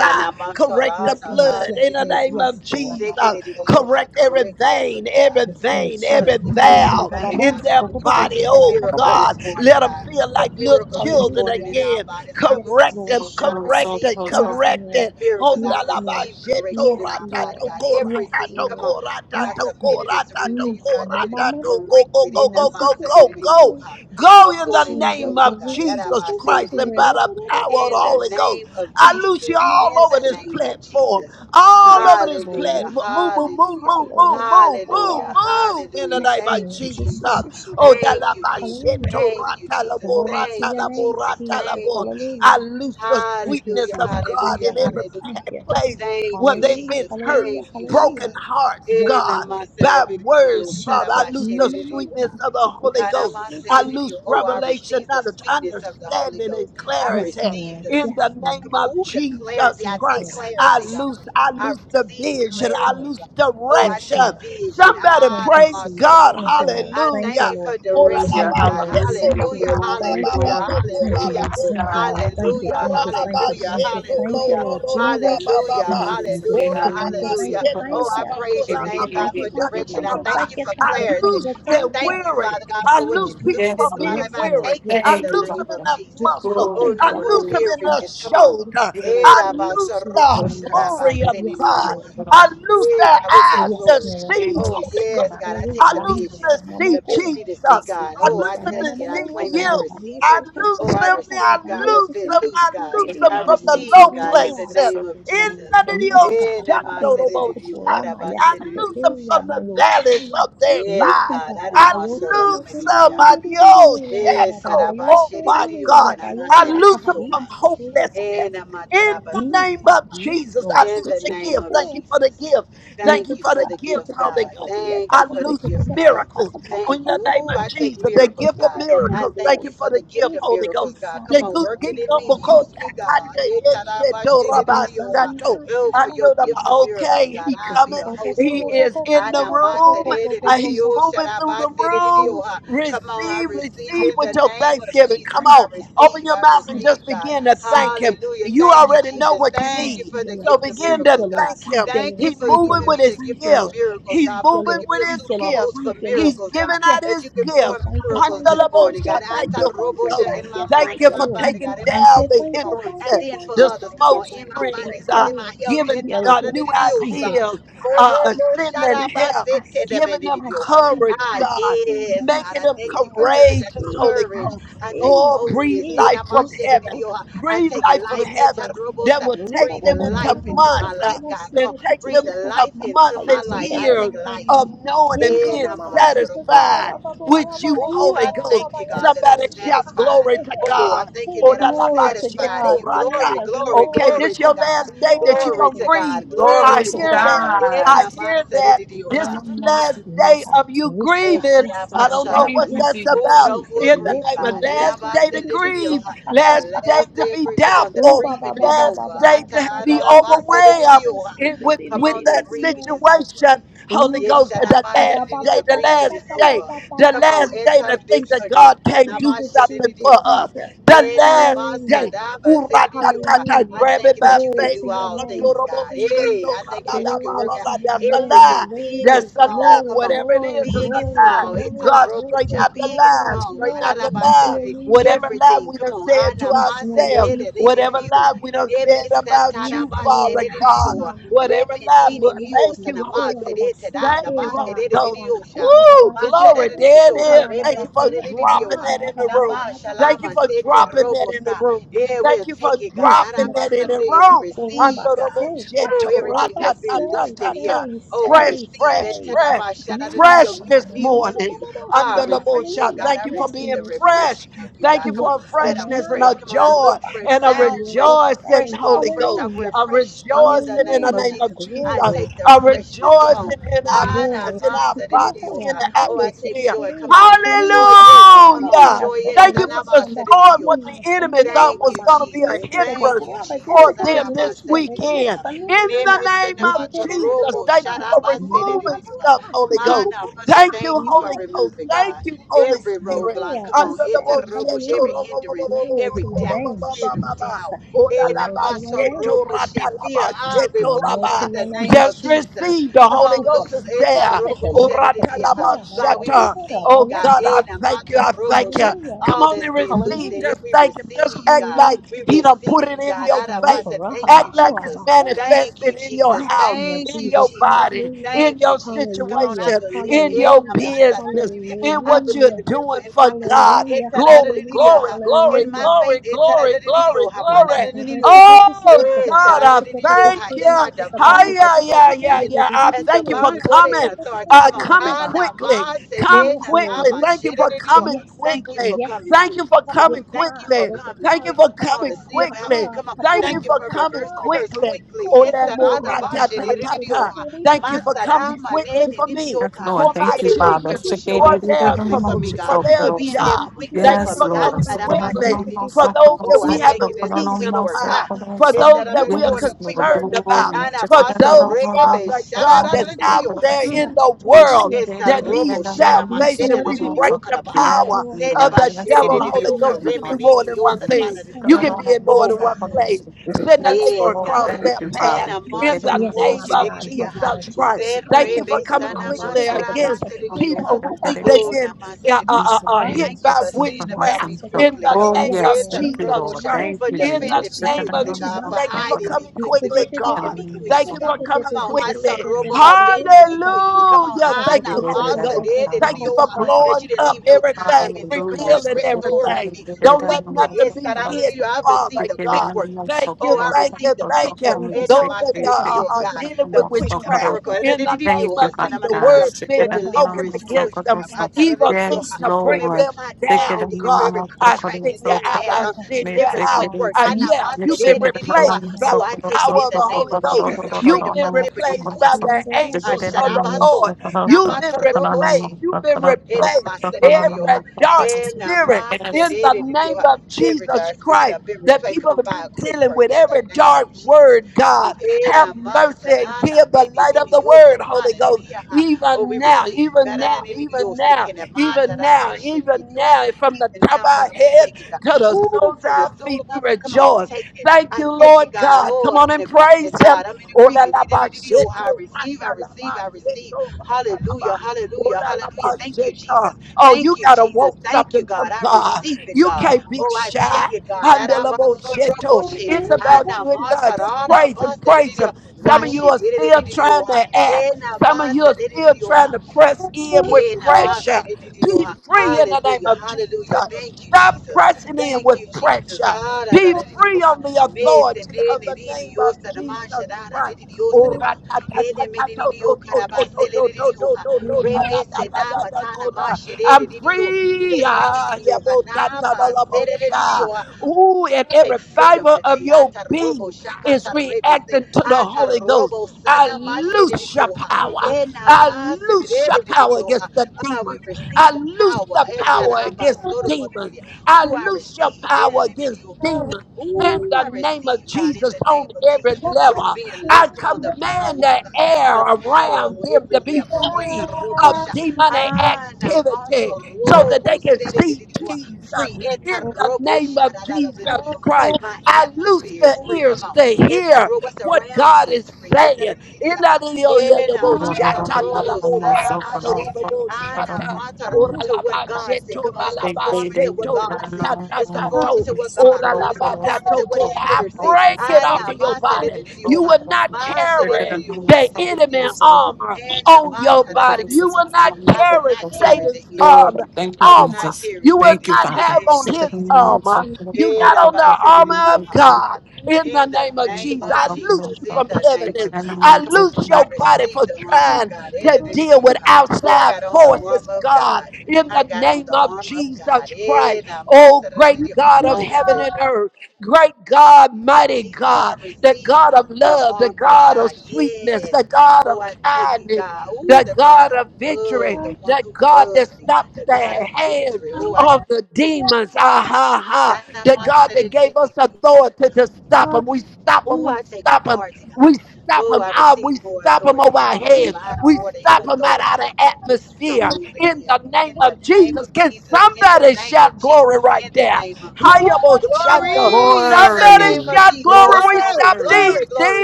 S2: Correct the
S6: Yes, Lord.
S8: la
S2: blood
S6: Yes,
S2: in the
S6: Lord.
S2: name
S8: liridioha.
S2: of
S6: Yes, Lord.
S2: Jesus.
S3: go, go, go,
S8: Sekeridioha.
S2: Correct every
S3: go.
S8: Correct the blood
S2: vein,
S8: of
S2: every
S8: God.
S6: Yes, Lord
S2: vein,
S6: Jesus.
S2: every
S8: Correct every
S6: Bushka
S2: valve
S8: vein,
S3: Thank you.
S2: in
S8: God.
S6: bababas,
S2: their
S8: Come on, we
S2: body.
S8: taking the
S6: babababoska,
S2: Oh
S8: miracle
S6: babababos,
S8: this
S2: God,
S8: morning,
S2: let them
S8: God.
S2: feel
S8: The
S2: like
S6: Yes.
S2: little
S8: miracles this
S2: children
S8: morning
S6: Hallelujah.
S8: in our
S2: again.
S8: bodies, God. We
S6: Yes,
S2: Correct
S6: Lord
S2: them,
S3: So
S8: receive. I
S3: close,
S6: Jesus.
S3: so
S2: correct them,
S8: receive,
S3: close, so
S6: Yes,
S3: close.
S8: God.
S2: correct them.
S6: Lord.
S2: Go,
S8: Miracles.
S2: go,
S8: I
S2: go,
S6: Yes,
S2: go, go,
S6: Lord.
S8: receive correction in
S6: Yes,
S8: my body,
S6: Lord.
S8: God.
S6: Yes,
S8: Everything, come
S6: Lord.
S8: on, that I
S6: Yes, Lord.
S8: submitted and surrendered to
S6: Mm,
S8: you,
S6: sa-
S8: God, that
S6: ma-
S8: it'll
S6: ma-
S8: be
S6: ma- ma- ma-
S8: corrected
S6: ma-
S8: in
S6: ma-
S8: That
S2: go,
S6: su-
S2: go,
S6: su-
S8: mindset, that
S6: su-
S8: it
S6: su-
S8: is
S6: su-
S8: your
S2: go,
S6: su.
S8: heart
S2: go in the
S8: According to
S2: name
S8: your
S6: Jesus.
S2: name
S6: su-
S8: will,
S2: of
S8: God. That
S6: su- su- su-
S2: Jesus
S8: I
S6: su-
S8: said
S6: su-
S2: Christ
S8: it is
S6: su-
S2: and
S6: re-
S2: by
S8: your heart
S6: re- re-
S2: the
S6: re- re-
S2: power of
S8: in
S2: the
S6: re-
S8: the
S6: re.
S2: Holy Ghost.
S6: Sa-
S8: name
S6: ma-
S8: of
S2: I
S6: mm, sa-
S2: loose you
S8: Jesus.
S2: all
S6: ma-
S8: In
S2: over
S6: su-
S8: the
S2: this
S6: ma-
S8: name
S6: su-
S8: of
S6: ma-
S2: platform,
S6: su-
S8: Jesus.
S6: ma.
S2: all over
S6: Yes,
S2: this
S8: Hallelujah.
S6: Lord.
S2: platform. Move, move,
S6: Pa-
S2: move,
S8: Hallelujah.
S6: pa-
S2: move,
S6: yo-
S2: move,
S6: ro- ko-
S2: move,
S6: ko-
S2: move,
S8: Hallelujah.
S6: ra.
S2: move in the
S8: Hallelujah.
S6: Yes,
S2: name of
S8: Thank
S6: Lord.
S8: you,
S6: Su- su-
S8: Jesus.
S2: Jesus.
S6: su- su.
S2: Oh,
S8: Thank you, Jesus.
S6: Hallelujah.
S2: dalabasheto
S8: Thank you, Jesus.
S2: ratalabo
S6: Glory to
S8: Thank
S6: your
S8: you,
S6: name,
S2: ratalabo
S8: Jesus.
S6: Jesus.
S8: Thank
S2: ratalabo.
S8: you, Jesus.
S6: Hallelujah.
S2: I loose the
S6: Thank you,
S8: Hallelujah.
S2: sweetness of
S6: Jesus. Thank
S2: God
S8: Hallelujah.
S2: in
S6: you, Lord.
S2: every
S6: Thank
S8: Hallelujah.
S2: pla-
S6: you.
S2: place
S8: Thank
S2: where
S8: you,
S2: they've
S6: Hallelujah.
S2: been
S8: Jesus.
S2: hurt,
S6: Hallelujah.
S8: Thank you,
S6: Hallelujah.
S2: broken
S8: Jesus.
S2: hearts,
S8: Eh,
S6: Yes,
S2: God,
S6: Lord.
S8: namaste,
S2: by
S8: every
S2: words,
S8: video,
S2: Father. I
S6: Jesus.
S2: loose the
S6: mama, mama.
S8: sarabashe,
S2: sweetness of the Holy Ghost. I
S8: Kanamasereriri.
S2: lose
S8: Oh, I
S2: revelation,
S8: receive the
S2: under-
S8: sweetness of the Holy
S2: understanding, and
S8: Ghost. I
S6: Yes, Lord. Yes,
S2: clarity
S8: receive
S6: Lord.
S8: the
S2: in the
S6: Yes,
S8: sweetness.
S2: name
S6: Lord.
S8: Come on.
S2: of
S8: Ooh, the clarity.
S2: Jesus
S8: I take
S2: Christ. I
S8: clarity, God.
S2: lose, I
S8: I
S2: lose the
S8: receive
S2: vision,
S6: Yes,
S2: I
S6: Lord.
S8: clarity,
S2: lose
S8: God. Oh, I
S6: Yes,
S8: take
S2: direction.
S6: Lord.
S8: vision.
S2: Somebody
S8: Ah,
S6: Thank
S8: the
S6: you,
S2: praise
S6: Jesus.
S2: God.
S6: Thank
S8: masorobos.
S6: you, Lord.
S8: I
S6: Thank
S8: thank
S6: you,
S2: Hallelujah.
S8: you for
S6: Lord.
S2: Ora la
S8: direction,
S3: Hallelujah,
S6: Thank
S2: ba
S6: you,
S8: God.
S6: Lord.
S2: sheto
S6: Thank
S2: la
S3: hallelujah,
S6: you,
S8: Hallelujah,
S2: bo
S6: Lord.
S2: ra ba
S8: hallelujah,
S3: glory, glory,
S6: Thank
S2: ba
S6: you.
S2: ba bo ko
S6: Thank
S2: la
S6: you,
S3: glory
S2: la
S8: hallelujah,
S3: be
S6: Lord.
S3: to
S2: bo
S6: Thank you,
S3: God.
S2: sha.
S6: Lord.
S3: Thank you,
S6: Thank you.
S8: hallelujah,
S2: Ora
S6: Thank
S3: Father.
S6: you.
S2: la
S6: Thank
S2: ba
S6: you.
S8: hallelujah,
S6: Thank you.
S2: sheto
S6: Thank
S8: hallelujah,
S2: lo
S6: you,
S2: ro
S6: Lord
S2: ro ra
S3: Thank
S2: ba
S6: Jesus.
S2: ba ba
S8: hallelujah,
S3: you,
S6: Thank
S2: ba.
S3: Lord,
S6: you. Thank
S3: for
S6: you.
S3: being
S2: Ora
S6: Thank
S8: hallelujah,
S3: our
S6: you.
S2: la
S6: Thank you.
S2: ba
S6: Thank
S3: minister
S8: hallelujah.
S3: of
S6: you.
S2: sheto
S8: Oh,
S6: Thank
S2: la
S3: Christ.
S8: I
S6: you.
S2: ba ko
S8: praise your
S2: la
S3: And
S6: Thank
S2: la
S3: Thank
S6: you.
S8: name,
S3: you,
S2: ba
S3: Lord, for
S6: Thank
S8: God,
S6: you.
S8: for
S3: being
S2: sha
S6: Thank you.
S3: with
S8: direction.
S3: your
S2: no
S6: Thank
S8: I
S2: ra
S6: you.
S2: ba.
S8: thank
S6: Thank
S8: you
S6: you.
S8: for
S6: Thank
S2: I
S6: you.
S8: clarity.
S6: Thank you.
S2: loose
S8: I
S2: their
S6: Thank you.
S8: thank you,
S2: weary.
S8: Father God,
S6: Yes,
S2: I
S8: for what you
S2: loose
S6: Lord.
S2: people
S6: Yes,
S8: loosed
S2: from
S3: Yes,
S8: into
S6: Lord.
S8: my
S2: being
S8: life.
S3: Lord.
S6: Yes,
S8: I
S6: Lord.
S2: weary.
S8: take
S6: Yes,
S8: it
S2: I
S8: in
S3: Thank you,
S2: loose
S8: the
S6: Lord.
S2: them
S8: name
S2: in
S8: of
S3: Father.
S2: their
S8: Jesus.
S2: muscles.
S3: Glory,
S8: Oh,
S6: Jokoboko
S2: I
S8: no more
S2: loose
S3: hallelujah.
S2: them in
S6: wakabasi.
S3: Thank
S2: their
S3: you,
S8: weariness. Come
S3: Father.
S8: on.
S6: Yes,
S2: shoulder.
S3: You know,
S6: Lord.
S8: Eh,
S3: as a
S2: I
S8: rabba,
S3: blessing,
S2: loose
S6: Yes,
S2: the
S8: sorrobo,
S3: and you
S6: Father God.
S3: lost the
S8: sharaba,
S2: glory
S3: book
S2: of
S6: Yes,
S2: God.
S6: Lord.
S8: senenenio.
S3: of the
S2: I
S3: Lord.
S2: loose
S8: Yeah,
S3: Yes,
S2: their
S8: God, we say
S2: eyes
S6: Yes,
S2: to
S8: glory.
S6: Lord.
S2: see
S8: Oh,
S3: thank
S6: Yes,
S2: Holy
S3: you,
S8: yes,
S6: Lord.
S2: Ghost.
S3: God.
S8: God, I
S3: Thank you,
S8: take
S2: I
S8: the
S6: Hallelujah.
S3: God.
S2: loose them
S8: vision,
S2: to
S8: the
S2: see
S6: Anurusamamokora.
S8: ability to
S2: Jesus.
S8: see
S3: Thank
S8: God.
S2: I
S8: Oh, I
S2: loose
S3: you,
S2: them to
S8: take it. I
S2: see
S8: claim it.
S3: God. Thank
S8: I
S2: you.
S6: Irusamamamamawakabahaya
S8: receive
S2: I
S8: it.
S3: you,
S2: loose
S8: Oh,
S3: God.
S8: I
S2: them. I
S8: receive, God,
S6: sokokorabababaya
S8: what's
S2: loose
S8: been
S2: them.
S8: loose,
S2: I
S8: God.
S2: loose them
S8: I
S2: from the low
S8: receive, God, in the
S6: okeketututuribibibibibibiyora.
S2: places.
S8: name of
S2: In
S8: Jesus.
S2: the Dios,
S8: Eh, nama,
S6: Iskapakaya
S8: senenenio, karaba,
S6: sokokoramaya
S2: I loose them
S8: senenenio,
S2: from
S6: sikeeya
S2: the valleys
S6: mayosaya.
S2: of their
S8: Yes,
S2: lives.
S8: God.
S2: I
S6: Ikibababaya
S2: loose them,
S8: Anamasoranamanidia.
S2: adios,
S8: Yes,
S2: shato.
S6: sokotokoribibibibiyobabababaya
S2: Oh my
S8: Sarabashiridio,
S2: God. I
S6: soriribababayanda.
S2: loose them from
S6: Isekoraba.
S2: hopelessness. In the name
S6: Isa.
S8: Kanamaserdio,
S2: of
S6: Yes,
S2: Jesus, I
S6: Lord.
S8: in
S2: loose
S8: the
S6: fish
S2: the
S8: name
S2: gift.
S8: of
S6: to
S2: Thank you for the
S8: Jesus.
S2: gift.
S6: Yes,
S2: Thank you
S8: Thank you
S2: for
S8: for
S2: the
S8: the gifts,
S2: gift, Holy
S8: God.
S6: Lord
S2: Ghost.
S8: Thank
S2: I
S8: you for the
S2: loose
S8: gifts, God.
S2: miracles in
S8: Thank
S2: the
S8: you.
S2: name
S8: Ooh,
S2: of
S8: I take
S2: Jesus. The
S8: miracles,
S2: gift of
S8: God. I
S2: miracles. Thank
S8: thank you
S2: you
S8: for
S2: for the
S8: the gift
S2: gift,
S8: of
S2: Holy
S8: miracles,
S2: Ghost.
S8: God. Come
S2: The
S8: on,
S2: good
S8: work it
S2: gift
S8: in
S2: of
S8: me.
S2: Makota,
S8: Use me, God.
S2: Kanda, Esheto, Rabba,
S8: Itarabashiridiyo. I
S2: Sato. I
S8: for your
S2: know them.
S8: gift of miracles,
S2: Okay,
S8: God.
S2: he
S8: I'll be
S2: coming.
S8: a host
S2: He
S8: for it.
S2: is in the room. Uh, he's
S8: Anamaseredidiyo,
S2: moving through the room.
S6: Jesus.
S8: sharabasiridiyo. Come on, I
S2: Receive,
S8: receive
S2: receive
S8: in
S2: with
S8: the
S2: your
S8: name of
S2: thanksgiving.
S8: Jesus.
S2: Come
S6: Thank
S8: I
S2: on.
S6: you.
S2: Open
S8: receive.
S2: your
S8: I
S2: mouth and
S6: Thank
S8: receive,
S2: just
S6: you.
S8: God.
S2: begin to
S6: Thank
S2: thank
S6: you.
S2: him.
S8: Hallelujah.
S2: You
S8: Thank you,
S6: Thank
S2: already
S6: you.
S2: know
S8: Jesus.
S2: what you
S8: Thank you
S6: Thank
S2: need.
S6: you,
S8: for the
S6: Lord.
S2: So
S8: gift of
S2: begin
S6: Thank
S2: to
S8: miracles,
S6: you, Lord.
S8: God.
S2: thank
S6: Thank
S2: him.
S6: you,
S8: Thank
S6: Lord.
S8: you
S2: He's
S8: for
S6: Thank you,
S2: moving
S8: giving
S6: Lord.
S2: with
S8: me the
S2: his
S6: Thank
S8: gift
S6: you,
S8: of
S2: gifts.
S6: Lord.
S8: miracles,
S2: He's
S6: Thank
S8: God, for
S6: you,
S2: moving
S6: Lord.
S8: making me
S2: with
S8: a
S6: Thank
S2: his
S6: you,
S8: suitable
S6: Lord.
S2: gifts.
S8: host for
S6: Thank you, Lord.
S2: He's
S8: miracles,
S6: Thank
S8: God,
S2: giving
S6: you.
S2: out
S8: that you
S2: his
S8: can
S6: Thank you,
S2: gifts.
S8: perform
S6: thank you,
S8: miracles
S6: thank
S8: this
S6: you,
S8: morning,
S2: Handalabosha.
S8: God. I
S2: Thank
S6: thank
S8: taught
S2: you,
S6: you,
S8: a
S6: thank
S2: Holy
S6: you, thank you,
S2: Ghost.
S8: robosha
S6: thank
S8: in my
S6: you,
S2: Thank
S8: mind,
S6: thank
S8: in
S2: you
S6: you,
S8: my
S2: for
S6: Lord. Hmm.
S8: body,
S2: taking
S8: God, in my
S6: Thank
S2: down
S8: business.
S6: you,
S2: the
S6: thank
S8: Come on.
S6: you, thank
S8: And
S2: hindrances,
S6: you,
S8: then
S6: thank
S8: for
S2: the
S6: you,
S8: others,
S6: thank
S8: come
S6: you,
S2: smoke
S8: on, in
S6: thank
S8: my
S6: you, thank
S2: screens,
S8: finances,
S6: you,
S2: uh,
S8: in my
S6: Lord.
S8: health.
S6: Thank
S8: eh,
S2: giving
S6: you,
S2: uh,
S6: Lord.
S2: new
S6: Thank you,
S8: taradadididiosa.
S2: ideas,
S6: Jesus. I
S8: Oh,
S2: uh,
S8: no
S2: uh,
S6: see,
S8: more
S6: I
S2: sending
S6: see,
S2: help
S6: I see,
S2: giving them
S6: I
S8: shadabasitedabedidio. Ah,
S6: see.
S2: courage,
S8: Ah,
S6: I
S2: God,
S6: see,
S8: yes,
S6: I
S8: God,
S2: making
S8: I
S2: them
S6: see,
S8: thank you for
S6: I
S8: courage. I
S2: courageous,
S8: take
S6: see,
S2: Holy
S6: I
S8: courage.
S2: Ghost.
S8: I take
S6: see,
S2: Oh,
S6: I
S2: breathe
S8: boldness.
S6: see.
S2: life from
S6: Usa,
S2: heaven.
S8: In
S6: usa,
S8: I
S6: asa,
S2: Breathe
S8: take
S2: life
S6: asa,
S2: from
S8: life,
S6: asa,
S2: heaven
S6: asa.
S2: that
S8: etarobosa,
S2: will
S6: Hey,
S2: take
S6: mama,
S8: breathe
S2: them into
S8: life into my
S2: months uh,
S8: life, God. Come
S2: and
S8: on,
S2: take them
S8: breathe
S2: into
S8: life into
S2: months
S8: my
S2: and
S8: life. I
S2: years
S8: take life.
S2: of knowing and being
S6: mama, see,
S2: satisfied
S8: Enamasorobosa.
S2: with you,
S8: Ooh,
S2: Holy
S8: I
S2: Ghost.
S8: thank you, God, that I'm
S2: Somebody shout
S8: satisfied.
S2: glory to
S8: Oh, I
S2: God.
S8: thank you
S2: Oh,
S6: hey,
S8: that
S2: la,
S8: I'm
S2: la,
S6: glory
S2: ba,
S6: to
S8: satisfied in
S6: God,
S2: sheto,
S8: you. Glory,
S2: rata.
S6: hallelujah,
S8: glory,
S2: Okay,
S8: glory
S2: this
S6: glory,
S8: to
S2: your
S6: ha,
S8: God.
S2: last day that you're
S8: Glory
S2: going to
S8: to
S6: glory,
S2: grieve.
S8: God.
S6: hallelujah,
S3: Glory
S2: I
S8: Glory
S3: to
S8: to
S2: hear
S8: God.
S2: that.
S3: God.
S6: glory.
S2: I hear that. This is
S8: Enamasorobosa.
S2: the
S8: I
S2: last day
S6: Risa,
S2: of you
S8: Eh,
S6: Risa,
S2: grieving.
S6: yes,
S2: I
S6: Lord
S2: don't know
S6: Jesus,
S3: Thank
S2: what
S8: shadabasarabase.
S3: you,
S2: that's
S6: yes, Lord
S3: Jesus.
S8: Oh,
S2: about.
S8: no more
S6: Jesus,
S2: In the
S8: grief,
S6: yes,
S2: name of
S8: God.
S6: Lord,
S8: Eh,
S6: to,
S2: last
S6: to, to,
S2: day to
S6: to, to,
S2: grieve,
S6: to,
S8: dabasedididioha. It's the
S2: last day
S8: last
S2: to
S8: day of
S2: be
S8: grief. Come on, the
S2: doubtful,
S6: Ruba, ba,
S8: grieving
S6: ba,
S8: is
S6: ba,
S2: last
S6: ba,
S8: over.
S6: ba, ba,
S2: day
S6: ba, ba,
S2: to be
S6: ba, ba, ba, ba, ba, ba, ba,
S2: overwhelmed in,
S6: baby baby
S2: with,
S8: Atadadabasedidio. Come
S6: baby
S2: with
S8: on,
S6: baby, bi,
S8: the
S2: that
S8: grieving is over.
S2: situation. Holy
S6: Ruba,
S8: Yes,
S2: Ghost,
S6: ba,
S2: the
S8: Shanama
S6: ah, ba,
S2: last
S6: ba,
S8: Sadidi,
S6: ba,
S2: day,
S8: the
S6: ba,
S2: the
S6: ba,
S8: grieving
S2: last
S6: ba,
S8: is
S6: ba, ba,
S2: day,
S8: over.
S6: ba, ba,
S2: the
S6: ba,
S8: Come on,
S6: ba.
S2: last day
S8: enter
S2: to think that
S6: Dishka,
S2: God
S8: disconnect.
S2: can't
S6: thank
S2: do
S8: Tanama
S6: you,
S2: something
S6: Jesus,
S2: for
S6: thank
S8: Shedidioha.
S2: us.
S6: you,
S2: The last
S8: Enama
S6: hallelujah.
S2: day.
S8: Sadaba Sedidi Oha.
S2: Ura-ta-ta-ta,
S8: I
S6: Hallelujah.
S2: grab
S8: thank
S2: it
S8: you
S2: by
S8: that you
S6: Glory
S8: can
S2: faith.
S6: to
S8: do
S6: your
S8: all
S6: name.
S8: things,
S2: Undurable
S8: God.
S2: shit.
S6: Hallelujah.
S8: Hey,
S2: Oh,
S8: I thank you
S2: la, la,
S8: that
S2: la,
S8: you can
S2: la,
S6: Glory
S2: la,
S8: work out
S6: to
S2: la.
S6: your
S2: That's a
S6: name.
S2: lie.
S8: everything, big and
S2: That's
S6: Glory,
S2: a lie.
S8: small.
S6: glory,
S8: Come on.
S2: Whatever it is,
S6: glory,
S2: it's a
S8: Big and
S6: glory,
S2: lie.
S8: small, Enter,
S6: glory,
S2: God, straighten
S6: glory,
S8: Etaropucha,
S2: out the
S8: big and
S2: lie.
S6: glory,
S8: small,
S2: Straighten
S8: God.
S2: out
S6: glory.
S2: the
S8: Araba
S2: lie.
S8: Sedidi,
S2: Whatever
S6: Hallelujah.
S2: lie
S8: Everything.
S2: we
S8: Come
S2: done
S8: on.
S2: said to
S6: Yes,
S8: Anama
S6: Lord
S2: ourselves,
S6: Jesus.
S2: whatever lie we done said about
S6: Yes,
S2: you, Father
S6: Lord.
S2: God,
S8: Sedidioha.
S6: Hasma.
S2: whatever lie.
S8: Remenini
S2: but
S6: Yes,
S8: niyo
S2: Thank
S6: Lord.
S2: you,
S8: sanama
S2: Holy Ghost.
S6: Horaba,
S8: serete
S6: si,
S8: da da
S2: Thank you,
S8: ba
S2: Holy
S6: eba,
S8: serete
S2: Ghost.
S6: abba,
S8: diyo sha.
S6: soba,
S2: Woo!
S6: daba, de, de, de,
S2: Glory,
S6: de, shi,
S2: there it
S6: koba,
S2: is.
S6: raba,
S2: Thank
S6: ba,
S8: rebe
S2: you
S6: ha,
S2: for
S6: ya, ha,
S8: serete
S6: ba,
S2: dropping
S6: ba,
S2: that in
S6: ba,
S2: the
S6: ba,
S2: room.
S8: Nama
S6: ba, ba,
S2: Thank you
S8: shalama
S2: for
S8: sete
S6: ba.
S2: dropping that
S8: robo
S2: in the room.
S8: Yeah, we'll
S2: Thank you for
S8: take it, God. Out
S2: dropping
S8: of our
S2: that in the
S6: Rusmahat,
S8: Saturday, and we
S2: room.
S6: Koraba,
S8: receive,
S2: Andorobo
S8: God.
S6: say,
S8: Oh,
S6: Hasta
S2: sheto
S8: everything
S6: Koraba,
S8: that's been
S6: say,
S8: loosed in here.
S2: ratatatata
S6: say,
S8: Oh, we
S6: say,
S2: fresh,
S8: receive it.
S2: fresh,
S6: say, ha.
S2: fresh,
S8: Tanaba
S6: Release,
S8: shadadidio,
S2: fresh
S8: new,
S2: this
S8: new, new,
S2: morning.
S8: new. Ah,
S2: Under
S6: Amamamamamamamamosia.
S2: the
S8: refreshing,
S2: bullshot.
S6: Hallelujah.
S8: God. I
S2: Thank you for
S6: Yes,
S8: receive
S2: being
S8: the
S6: Lord. Yes,
S2: fresh.
S8: refreshing of
S6: Lord.
S8: you,
S2: Thank you
S8: God. Come on,
S2: for
S6: Yes,
S2: a
S8: that
S6: Mama,
S8: I'm
S2: freshness and
S8: fresh.
S6: Umamama,
S2: a
S8: Come on, I
S2: joy
S8: look fresh,
S2: and a
S6: Sikubaba,
S8: sound fresh
S6: Yego, say,
S2: rejoicing,
S8: fresh walk,
S2: Holy
S8: fresh
S2: Ghost.
S8: talk,
S6: Hallelujah.
S2: A
S8: refresh me in the
S2: rejoicing in the
S8: name of
S2: name
S6: Hallelujah.
S2: of
S8: Jesus.
S2: Jesus.
S8: I
S6: Glory.
S8: take the
S2: A
S8: freshness. Come
S2: rejoicing
S8: on.
S2: in our
S8: Ah, na,
S6: Glory.
S2: minds, in
S8: ma,
S2: our
S8: sa, di,
S6: Hasikeloho
S2: bodies,
S8: Oh,
S2: in
S8: ha.
S2: the
S6: raba
S8: Oh, I
S6: hande
S8: take
S2: atmosphere.
S8: joy. Come
S6: seketere
S8: on.
S6: satori
S8: Joy, yes.
S6: sapoko
S8: Come
S6: raba
S8: on.
S2: Hallelujah.
S6: baya
S8: Joy, yes.
S2: Thank
S6: satori
S8: Ah,
S2: you for
S8: na, ma, sa,
S6: shanda.
S8: di,
S2: destroying
S8: oh,
S2: what
S8: ha.
S2: the
S6: Mm, sama
S2: enemy
S6: mama
S2: thought
S8: Thank
S2: was
S8: you,
S6: mama
S2: going to be
S6: suri
S8: Jesus.
S2: a
S6: di tobo
S8: Thank
S2: hindrance
S8: you,
S6: kura ba
S8: Jesus.
S6: jese
S2: for
S6: ko
S8: Ah,
S6: do
S8: da,
S2: them
S8: ba,
S6: do
S2: this
S6: shi
S8: sa,
S6: de
S8: di,
S6: do ko
S8: oh,
S2: weekend.
S8: ha.
S6: sanuri
S2: In the
S6: anda.
S8: Neme se Ne, me, sa,
S2: name
S8: na,
S6: Le
S2: of
S6: de
S8: ma,
S6: de
S8: to,
S6: de de
S8: ro,
S6: do
S2: Jesus,
S6: do
S8: bo,
S2: thank
S6: pa.
S8: sha,
S2: you
S8: da,
S2: for
S6: Ya baba baba.
S2: removing
S6: ba.
S8: oh, ha.
S2: stuff, Holy
S6: Hasiki
S8: Ma,
S2: Ghost.
S8: na,
S2: Thank you,
S8: Thank you
S6: Le
S8: for
S2: Holy
S6: ba.
S2: Ghost.
S8: removing,
S2: Thank
S8: God.
S2: you, Holy
S6: Yes,
S8: Every
S6: we
S2: Spirit.
S8: roadblock.
S6: hear
S8: Come
S2: Under
S6: us
S8: on.
S2: the
S8: It, to,
S6: say
S2: bosheto
S8: Every
S2: ro-
S6: hallelujah.
S2: ro- ro- ro-
S8: hindrance,
S2: ro- ro-
S6: Glory
S8: every
S6: to your
S2: ro- ro- ro-
S8: doubt,
S2: ro-
S6: name,
S2: ro- ro-
S8: spirit of
S2: ro- ro-
S6: Jesus.
S8: doubt.
S2: Ola la
S8: Ena
S6: Glory
S2: ba
S6: to your
S8: maso
S6: name.
S2: sheto
S8: robo
S2: rata
S8: she
S2: la
S8: fear
S2: ba
S8: are
S2: sheto la
S6: Glory
S8: removed
S6: to
S2: ba.
S8: in the
S6: your
S8: name
S6: name,
S8: of
S2: Just
S6: Jesus.
S8: Jesus.
S2: receive the
S8: Come
S2: Holy
S8: on,
S6: Ufa,
S2: Ghost
S8: loose.
S2: is
S8: Eta
S6: Santos não
S2: there.
S6: vai ter
S8: robo
S2: O
S6: uma rafa,
S2: rata
S6: que
S2: la
S8: ah.
S2: ba
S6: pula,
S8: God,
S6: rafa,
S8: we
S2: shata.
S6: tatara,
S8: receive,
S2: Oh
S8: God.
S6: yes.
S2: God, I
S8: Ena
S2: thank you.
S8: mata
S2: I
S8: robo
S2: thank
S8: she.
S2: you.
S6: Hallelujah.
S2: Come
S8: All
S2: on
S8: that's
S2: and
S8: being loosed
S2: receive.
S8: in here,
S6: Hallelujah.
S2: Just
S8: we
S2: thank Him. Just
S8: receive,
S2: act
S8: God.
S2: like
S6: Hallelujah.
S8: We
S2: He done put it
S8: receive,
S2: in
S8: God.
S6: Yes,
S2: your
S6: Lord.
S2: face.
S8: Arabasa, thank you,
S2: Act like it's
S8: Jesus.
S6: Rahabahorabahe.
S8: Thank you,
S2: manifested in your
S8: Jesus.
S6: Yes,
S2: house,
S6: Lord
S8: Thank
S2: in
S8: you,
S2: your
S6: Jesus.
S8: Jesus.
S2: body,
S6: Hallelujah.
S2: in
S8: Thank you,
S2: your
S8: Jesus. Come on, I
S6: Hallelujah.
S2: situation,
S8: believe.
S2: in your
S8: Ena
S6: Hallelujah.
S8: masa da
S2: business, in
S8: ah. I
S2: what you're
S8: believe the
S6: Hallelujah.
S8: miracle
S2: doing
S8: in
S2: for
S8: my belief.
S2: God.
S6: Hallelujah.
S8: Eta da da
S2: Glory,
S6: Hallelujah.
S8: ah
S2: glory, glory,
S8: in my
S6: Hallelujah.
S8: faith,
S2: glory,
S8: eh,
S2: glory, glory,
S8: tadadadadidioha,
S6: Yes,
S2: glory.
S6: Lord,
S8: manananidioha,
S2: Oh,
S8: eh,
S2: God, I thank
S8: sadadadadidioha, in
S2: you.
S8: my
S2: Hi,
S8: divine
S2: yeah, yeah, yeah,
S8: authority,
S2: yeah.
S8: in
S2: I
S8: a
S2: thank you for
S8: divine order and
S2: coming,
S8: authority.
S2: uh,
S8: Come on.
S2: coming quickly.
S8: Anama
S2: Come quickly.
S8: sedenanama
S2: Thank you
S6: Rizka.
S2: for
S8: shedidio.
S2: coming
S6: Yes,
S8: Thank you
S6: Father,
S2: quickly.
S8: for coming
S6: yes.
S2: Thank you
S8: quickly.
S2: for
S8: Come
S2: coming
S8: on. Thank you
S6: Papa,
S8: for
S2: quickly.
S8: coming
S2: Thank you
S8: quickly.
S2: for
S6: papa, papa,
S8: Come on
S2: coming
S8: to see about me.
S2: quickly.
S6: papa,
S8: Come on.
S2: Thank you
S8: Thank
S6: papa,
S8: you
S2: for
S8: for
S2: coming
S8: reversing the
S6: papa.
S8: curse
S2: quickly.
S8: quickly.
S2: Olemo
S8: Esaradaba
S6: Baba hayo sote
S8: shedidio.
S2: ratatatata.
S6: kuridi
S2: Thank you for
S6: kaha.
S8: Masada
S2: coming
S6: Nesta
S2: quickly
S6: katu
S2: for
S6: baba
S2: me,
S3: Yes,
S6: nesta katu
S2: for
S3: Lord.
S2: my
S3: Thank
S8: Hey,
S3: you,
S6: tsushiki
S8: thank
S3: Father.
S6: tsofo
S8: you
S2: children,
S6: fo
S8: for
S6: fo fo
S8: showing
S2: for
S8: up
S6: fo fo
S2: their
S6: fo
S8: quickly
S6: fo.
S8: for me,
S2: promotion,
S8: God,
S2: for
S6: Pepe pe
S2: their
S8: for
S6: pe
S8: being
S6: pe
S3: Shikiri-di-di-di-di-di-di-di-di-di-di-di-di.
S8: there
S6: pe
S2: job.
S6: pe pe
S8: quickly
S6: ba
S2: Thank you
S8: for
S6: ba
S3: Yes,
S2: for
S8: me.
S6: ba
S8: I,
S6: ba
S3: Lord.
S2: coming
S6: ba
S8: I, I
S6: ba
S8: I
S6: ba ba
S2: quickly
S8: said
S6: ito
S8: it.
S6: pe
S8: it-
S6: pe
S2: for
S8: uh,
S6: pe pe
S2: those
S6: pe
S2: that
S8: Oh,
S6: pe
S8: I
S2: we
S6: pe
S8: thank
S6: pe
S8: you.
S2: haven't
S6: pe
S8: That's a
S2: seen
S8: quick
S6: usa.
S2: in a
S8: work. Ah,
S2: while,
S6: Mami
S2: for
S3: Shikiri-di-di-di-di-di-di-di-di-di-di-di-di-di-di.
S8: they
S2: those
S8: said I've
S6: mami
S8: been
S2: that
S6: ke
S2: we are
S8: doing a
S6: mami
S3: Yes,
S6: ke
S8: quick
S3: Lord.
S6: ma
S8: work.
S2: concerned about,
S6: mama
S3: Glory.
S8: And I'm
S2: for
S8: also
S6: mama
S2: those,
S8: rebe
S2: Father
S8: shout out
S2: God,
S8: out of
S2: that's
S8: the
S2: out
S8: video.
S6: mama
S2: there
S6: sia.
S3: Shikiri-di-di-di-di-di-di-di-di-di-di-di-di.
S2: in
S8: Mm.
S2: the world
S6: Hallelujah.
S8: It's
S3: shikiri
S8: a
S3: di di di
S2: that
S3: di di di
S2: needs
S8: robo shout out my
S3: di
S6: Yes,
S3: di
S8: sin
S2: salvation.
S8: and
S6: Lord
S2: We
S8: in
S3: di
S8: the
S2: break
S3: di
S6: Jesus.
S2: the
S8: Okadaba.
S6: Yes,
S3: Yes,
S2: power
S6: Lord.
S8: Send
S2: of
S8: about
S2: the
S8: shit it.
S2: devil,
S8: It
S3: Lord.
S8: it,
S6: Yes,
S8: it,
S2: Holy
S8: oh, ha,
S2: Ghost.
S6: Lord.
S2: You can
S8: reme,
S2: do more
S8: nini,
S2: than
S8: yo,
S2: one
S8: sa, da, ma,
S2: thing
S6: Yes,
S8: na, di,
S2: you can
S6: Father.
S8: ah.
S2: be in more
S8: Oh,
S2: than
S6: Yes,
S8: God.
S2: one
S6: Lord.
S2: place. Send a
S3: Yes,
S2: labor
S8: Yes,
S3: Lord.
S2: across
S8: God.
S3: Thank
S2: their
S3: you for the light.
S8: En
S2: path in
S3: Thank
S8: amaso
S2: the
S8: no
S3: you. shikiri di di di di di di di di Yes, Lord. Thank you, Father. shikiri di di
S6: Yes,
S3: di
S8: mo
S2: name
S6: Father
S2: of
S6: God.
S3: di
S6: Yes,
S8: shiririyaha.
S3: di
S6: Lord
S2: Jesus
S3: di
S2: Christ.
S6: Jesus.
S8: Ser
S6: Ano
S2: Thank
S3: di
S6: po
S2: you
S6: pe
S2: for
S8: rebe
S6: ke
S2: coming
S3: Oh,
S8: sana
S6: kono shike
S2: quickly
S6: to tata
S8: matarama
S2: against
S6: soto kuta to
S2: people
S8: seririyoha.
S2: who
S6: kuba
S2: think they've
S6: hata.
S8: Oh,
S2: been
S8: namasa
S2: uh, uh, uh,
S6: Yes,
S8: seririyoha.
S2: uh,
S6: Baba.
S2: hit
S8: Thank you
S2: by
S6: Soto
S8: for
S6: kuta
S8: seeing
S6: na
S8: about
S6: bo.
S2: witchcraft
S8: me
S6: Soto
S2: in
S8: quickly.
S2: the
S6: ba.
S8: Come on.
S2: name
S6: Yes,
S2: of
S3: yes.
S8: Eta
S3: Thank
S6: Lord.
S3: you,
S8: robo
S2: Jesus
S3: Lord.
S6: Na
S8: sha-
S2: Christ.
S6: mas
S3: Thank
S8: For
S3: you,
S6: mas
S2: In the
S6: mas
S8: defending
S3: Jesus.
S8: me
S6: mas
S2: name of
S8: quickly,
S6: mas
S2: Jesus,
S8: God. For
S6: mas
S2: thank you
S6: mas.
S2: for
S8: hiding me
S2: coming
S6: Yes, te
S8: quickly.
S6: te
S8: For
S2: quickly,
S6: te te te
S8: keeping
S6: te
S2: God.
S8: me
S2: Thank
S8: quickly,
S2: you
S8: God.
S6: te te
S2: for coming
S8: Come
S6: te te
S8: on.
S6: te te te te
S8: Asa
S2: quickly.
S6: te te
S8: robo
S6: te te te.
S8: avenging me
S6: Está.
S8: quickly. Come on.
S2: Hallelujah.
S6: Hasha to
S2: Thank
S8: Ana
S6: to
S2: you, Holy
S6: soto
S3: Hallelujah.
S8: masa
S2: Ghost.
S6: soto
S2: Thank you
S6: soko
S2: for
S6: papa.
S8: deririyoha. That
S2: blowing
S8: you didn't
S2: up
S8: leave no time
S2: everything,
S8: in there. Come on. And
S2: revealing
S6: Hasha papa.
S2: everything.
S8: restoring me
S2: Don't let
S8: quickly.
S2: nothing
S8: Yes,
S2: be hidden,
S8: saraririyo. I
S2: Father
S8: received the quick
S2: God.
S8: work
S2: Thank you,
S8: Oh, I
S2: thank you,
S8: received the quick
S2: thank you.
S8: work.
S6: Bo bo
S8: Eh,
S6: bo bo
S2: Those
S6: bo
S2: that
S8: namaste
S6: bo
S2: are,
S8: di
S2: are
S6: koshi te
S2: are
S6: te
S8: God,
S6: te
S2: dealing
S8: the
S6: te
S2: with
S6: te
S8: quick,
S6: te
S8: the
S6: te
S2: witchcraft,
S6: te
S8: miracle, Eh,
S6: te
S2: in
S6: te.
S2: the
S8: di
S3: Thank
S2: name
S3: you,
S2: of
S3: God.
S2: Jesus, words
S8: the
S2: being
S6: Ura ba ba
S2: spoken
S6: ba
S8: deliverance
S6: ba
S8: from
S6: ba
S2: against
S6: ba
S2: them,
S8: witchcraft,
S6: ba.
S8: Ah,
S3: God.
S2: evil
S8: oh,
S2: thing
S3: Yes,
S2: to
S8: from
S2: bring
S8: every
S2: them
S8: plot and plan of
S2: down,
S8: the enemy, for
S2: God.
S8: every
S2: I
S8: contract
S2: send
S8: that
S2: you
S8: the enemy
S2: out.
S8: has
S2: I
S8: on
S2: send you
S8: deliverance, quick
S2: out.
S8: work.
S2: Uh,
S8: Ah,
S6: Nisa,
S2: yeah,
S8: namaste,
S2: you've been
S8: eh,
S6: Masa,
S8: Oh,
S2: replaced by
S6: Mansa,
S8: Oh,
S2: the
S8: I
S3: Lord.
S8: take it
S2: power
S8: in
S2: of
S8: the
S2: the
S6: Masa.
S8: name
S2: Holy
S8: of
S2: Ghost.
S8: Jesus, the
S2: You've
S8: freedom,
S2: been
S8: the liberty,
S2: replaced by
S3: Yes,
S8: quick.
S2: the
S3: Yes.
S8: Ah,
S6: Musiandorisha,
S2: angels of the
S8: shadabaso,
S6: Tutoriosha.
S2: Lord. You've been replaced.
S8: namato-roboshi.
S2: You've been replaced.
S8: Enamasererioha.
S2: Every dark spirit in the name
S8: Enamasererioha.
S2: of
S8: Every
S2: Jesus
S8: dark spirit
S2: Christ.
S8: have been
S2: That
S8: replaced. Come
S2: people
S8: on,
S2: have
S8: by
S2: been
S8: a quick
S2: dealing
S8: work
S2: with
S8: in the
S2: every
S8: name of
S2: dark
S8: Jesus.
S2: word,
S8: Come
S2: God.
S8: on.
S2: Have mercy and
S8: Enamasana,
S2: give the
S8: mini,
S2: light of
S8: nini,
S2: the word,
S8: yosana,
S2: Holy
S8: mana, nini,
S2: Ghost.
S8: yaha. Oh,
S2: Even
S8: we
S2: now,
S8: receive.
S2: even
S8: Barana,
S2: now,
S8: nini,
S2: even now,
S8: yosikene, mata,
S2: even
S8: raba,
S2: now, even
S8: shirerioha.
S2: now, from the
S8: Even
S2: top of
S8: now, God,
S2: our
S8: we
S2: head
S8: take it, God.
S2: to the
S8: Ooh,
S2: soles of
S8: from the
S2: our
S8: soul
S2: feet,
S8: of
S2: we
S8: my feet. Come on, we
S2: rejoice.
S8: take it.
S2: Thank
S8: I
S2: you,
S8: take
S2: Lord
S8: it, God.
S2: God.
S8: Oh,
S2: Come
S8: I'm
S2: on
S8: in
S2: and praise
S8: agreement,
S2: Him.
S8: God. I'm in
S2: Ola
S8: agreement.
S2: la ba
S8: Eneneneneoha.
S2: sheto,
S8: I receive, I
S2: rata la
S8: receive,
S2: ba
S8: I receive.
S2: sheto, rata la ba.
S8: Hallelujah. Hallelujah.
S2: Ola la
S8: Hallelujah.
S2: ba
S8: Thank you,
S2: sheto.
S8: Jesus.
S2: Oh, you
S8: Thank you,
S2: got to
S8: Jesus.
S2: want
S8: Thank you,
S2: something
S8: God.
S2: from
S8: I
S2: God.
S8: receive it,
S2: You
S8: God.
S2: can't be
S8: Oh, I
S2: shy.
S8: take it, God.
S2: Handelaboshito.
S8: Arabasoroboshe,
S2: It's about you and God. Just
S8: anamatarada,
S2: praise Him, praise Him.
S8: basadididida,
S2: Some of
S8: Wash
S2: you
S8: it.
S2: are still trying
S8: Idididididioha,
S2: to ask. Some of you are still trying to press in with
S8: Kena
S2: pressure.
S8: masere
S2: Be free in the name
S8: Hallelujah.
S2: of Jesus.
S8: Hallelujah. Thank you,
S2: Stop
S8: Jesus.
S2: pressing in
S8: Thank
S2: with
S8: you, Jesus.
S2: pressure. Be free
S8: Hallelujah.
S2: on the
S8: Mese
S2: authority of
S8: nene
S2: the name
S8: nini
S2: of
S8: yosa na masha
S2: Jesus
S8: dana
S2: Christ.
S8: nini yosa na
S2: Ora
S8: ma.
S2: ta ta
S8: Ene
S2: ta ta
S8: mene
S2: to
S8: nini yo
S2: to to
S8: karabase
S2: to
S8: le
S2: to
S8: nini
S2: to
S8: yo
S2: to
S8: ha.
S2: to to to
S8: Re
S2: da da da
S8: mese
S2: da
S8: na
S2: da da
S8: matana
S2: kora.
S8: masha re
S2: I'm
S8: nini yo.
S2: free.
S8: Sene mene
S2: Ah,
S8: nini
S2: yeah,
S8: yo ha.
S2: bo ta
S8: Na
S2: ta da
S8: ma
S2: la bo
S8: sele nini
S2: sha.
S8: yo
S2: Ooh, and every
S8: take freedom
S2: fiber of
S8: today.
S2: your
S8: Atarobo
S2: being is
S8: shakatarebe se
S2: reacting to the Holy Ghost.
S8: atarobo
S2: I
S8: sana
S2: loose your
S8: mashedidioha.
S2: power.
S8: Ena
S2: I loose your power
S8: masedididioha.
S2: against the
S8: Ah, we
S2: demons. I
S8: receive the
S2: loose
S8: power.
S2: the power
S8: Esharaba
S2: against demons.
S8: sorobodidia.
S2: I
S8: Who I
S2: loose your
S8: receive.
S2: power against
S8: Enanidio.
S2: demons in
S8: Ooh,
S2: the
S8: I
S2: name of
S8: receive God in
S2: Jesus
S8: the
S2: on
S8: name of
S2: every
S8: Jesus. What's
S2: level.
S8: being
S2: I
S8: loose? Come on, the
S2: command
S8: power
S2: the air
S8: the power
S2: around
S8: on
S2: them
S8: every
S2: to be
S8: level. Eta
S2: free
S8: robo
S2: of
S8: sha-
S2: demonic
S8: Ana
S2: activity
S8: maso
S2: so that they
S8: robo
S2: can
S8: sede de
S2: see
S8: de de boa.
S2: Jesus
S8: Free. Eta
S2: in the
S8: robo
S2: name
S8: sha
S2: of
S8: da da da da de de.
S2: Jesus Christ.
S8: My
S2: I loose
S8: atmosphere
S2: the
S8: is free. Come
S2: ears to
S8: on. Eta
S2: hear
S8: robo
S2: what
S8: surround
S2: God
S8: me
S2: is
S8: is free. Eta da
S2: saying.
S8: de de de
S2: In the
S8: ha.
S2: name of
S8: Ena
S2: Yahweh,
S8: maso
S2: Shatta,
S8: robo
S2: Dalabo, Rata,
S8: sarabashi.
S2: Torodobo,
S8: Ana
S2: Shatta,
S8: mata to what God said.
S2: Oralabacheto,
S8: Come on, it's
S3: Big
S8: conforming to
S3: baby,
S8: what
S2: Ralabacheto,
S8: God said. It's conforming
S2: Ratatatato,
S8: to what God
S3: so
S8: wants. It's
S3: what else?
S8: conforming to
S2: Oralabatato,
S8: what
S2: Kola.
S7: I'm
S8: His
S2: I
S8: Word said.
S2: break it off
S8: Ana
S2: of your
S8: masa de
S2: body.
S8: de de de.
S2: You will not
S8: Ma
S3: You're good
S2: carry
S3: at
S8: shedididioha,
S2: the
S3: myself.
S2: enemy
S8: sedididioha,
S3: so
S2: armor
S8: and a
S2: on your body. You will
S8: matadadididipa.
S2: not
S8: I will
S2: carry
S8: not carry the
S2: Satan's
S8: enemy.
S3: Lord,
S2: um,
S3: thank you,
S8: I will not
S2: armor.
S3: Jesus.
S8: carry
S2: You will
S8: Satan.
S3: Thank you,
S8: In
S2: not
S8: the
S3: Father.
S2: have
S8: name
S2: on
S8: of
S2: his
S8: Jesus.
S3: Glory,
S2: armor. You got on
S8: Eraba
S2: the armor of
S8: sedididioha.
S2: God in
S8: In
S2: the
S8: the
S2: name of
S8: name
S2: Jesus.
S8: of
S2: I loose
S8: Jesus.
S2: you
S8: In
S2: from
S8: the name
S2: heaviness.
S8: of Jesus.
S2: I
S8: Come on.
S2: loose
S8: I
S2: your body for
S8: receive the arm of
S2: trying
S8: God.
S2: to deal with
S8: Eradidididiyoha. Oh, I
S2: outside
S8: got on the arm
S2: forces,
S8: of
S2: God,
S8: God.
S2: in
S8: I
S2: the
S8: got on
S2: name
S8: the
S2: of
S8: arm of God.
S2: Jesus Christ.
S8: Ena
S2: Oh, great
S8: matadadidio.
S2: God
S8: I
S2: of
S8: don't have
S2: heaven
S8: to
S2: and earth, great God,
S8: of
S2: mighty
S8: Jesus.
S2: God
S8: I
S2: the
S8: receive
S2: God of
S8: the
S2: love, the
S8: arm of
S2: God of
S8: God.
S2: sweetness,
S8: Yes.
S2: the God
S8: Oh,
S2: of
S8: I take it,
S2: kindness,
S8: God. Oh,
S2: the
S8: the God
S2: God
S8: of
S2: of victory,
S8: love, the one
S2: the
S8: who
S2: God that
S8: loves me,
S2: stops
S8: the
S2: the
S8: God of
S2: hands
S8: victory. Oh,
S2: of the demons. Ah, ha, ha. The
S8: I
S2: God that gave us authority to stop them. We stop them.
S8: Oh,
S2: We
S8: I take
S2: stop them.
S8: authority. Come
S2: We
S8: on.
S2: stop
S8: Oh,
S2: them
S8: I
S2: out. We
S8: receive more
S2: stop them
S8: authority.
S2: over
S8: Come
S2: our
S8: on,
S2: heads.
S8: divine
S2: We
S8: order in
S2: stop them out,
S8: authority.
S2: out of
S8: Come on. We stomp
S2: atmosphere.
S8: on the
S2: In
S8: hill.
S2: the name
S8: In the
S2: of
S8: name
S2: Jesus,
S8: of
S2: can
S8: Jesus. In the
S2: somebody
S8: name of
S2: shout glory
S8: Jesus.
S2: right
S8: In the
S2: there?
S8: name of Jesus. Glory
S2: Hayaboshanto.
S8: in the
S2: Somebody
S8: name of
S2: shout
S8: Jesus.
S2: glory. We
S8: Glory,
S2: stop
S3: glory,
S2: these
S8: glory, glory,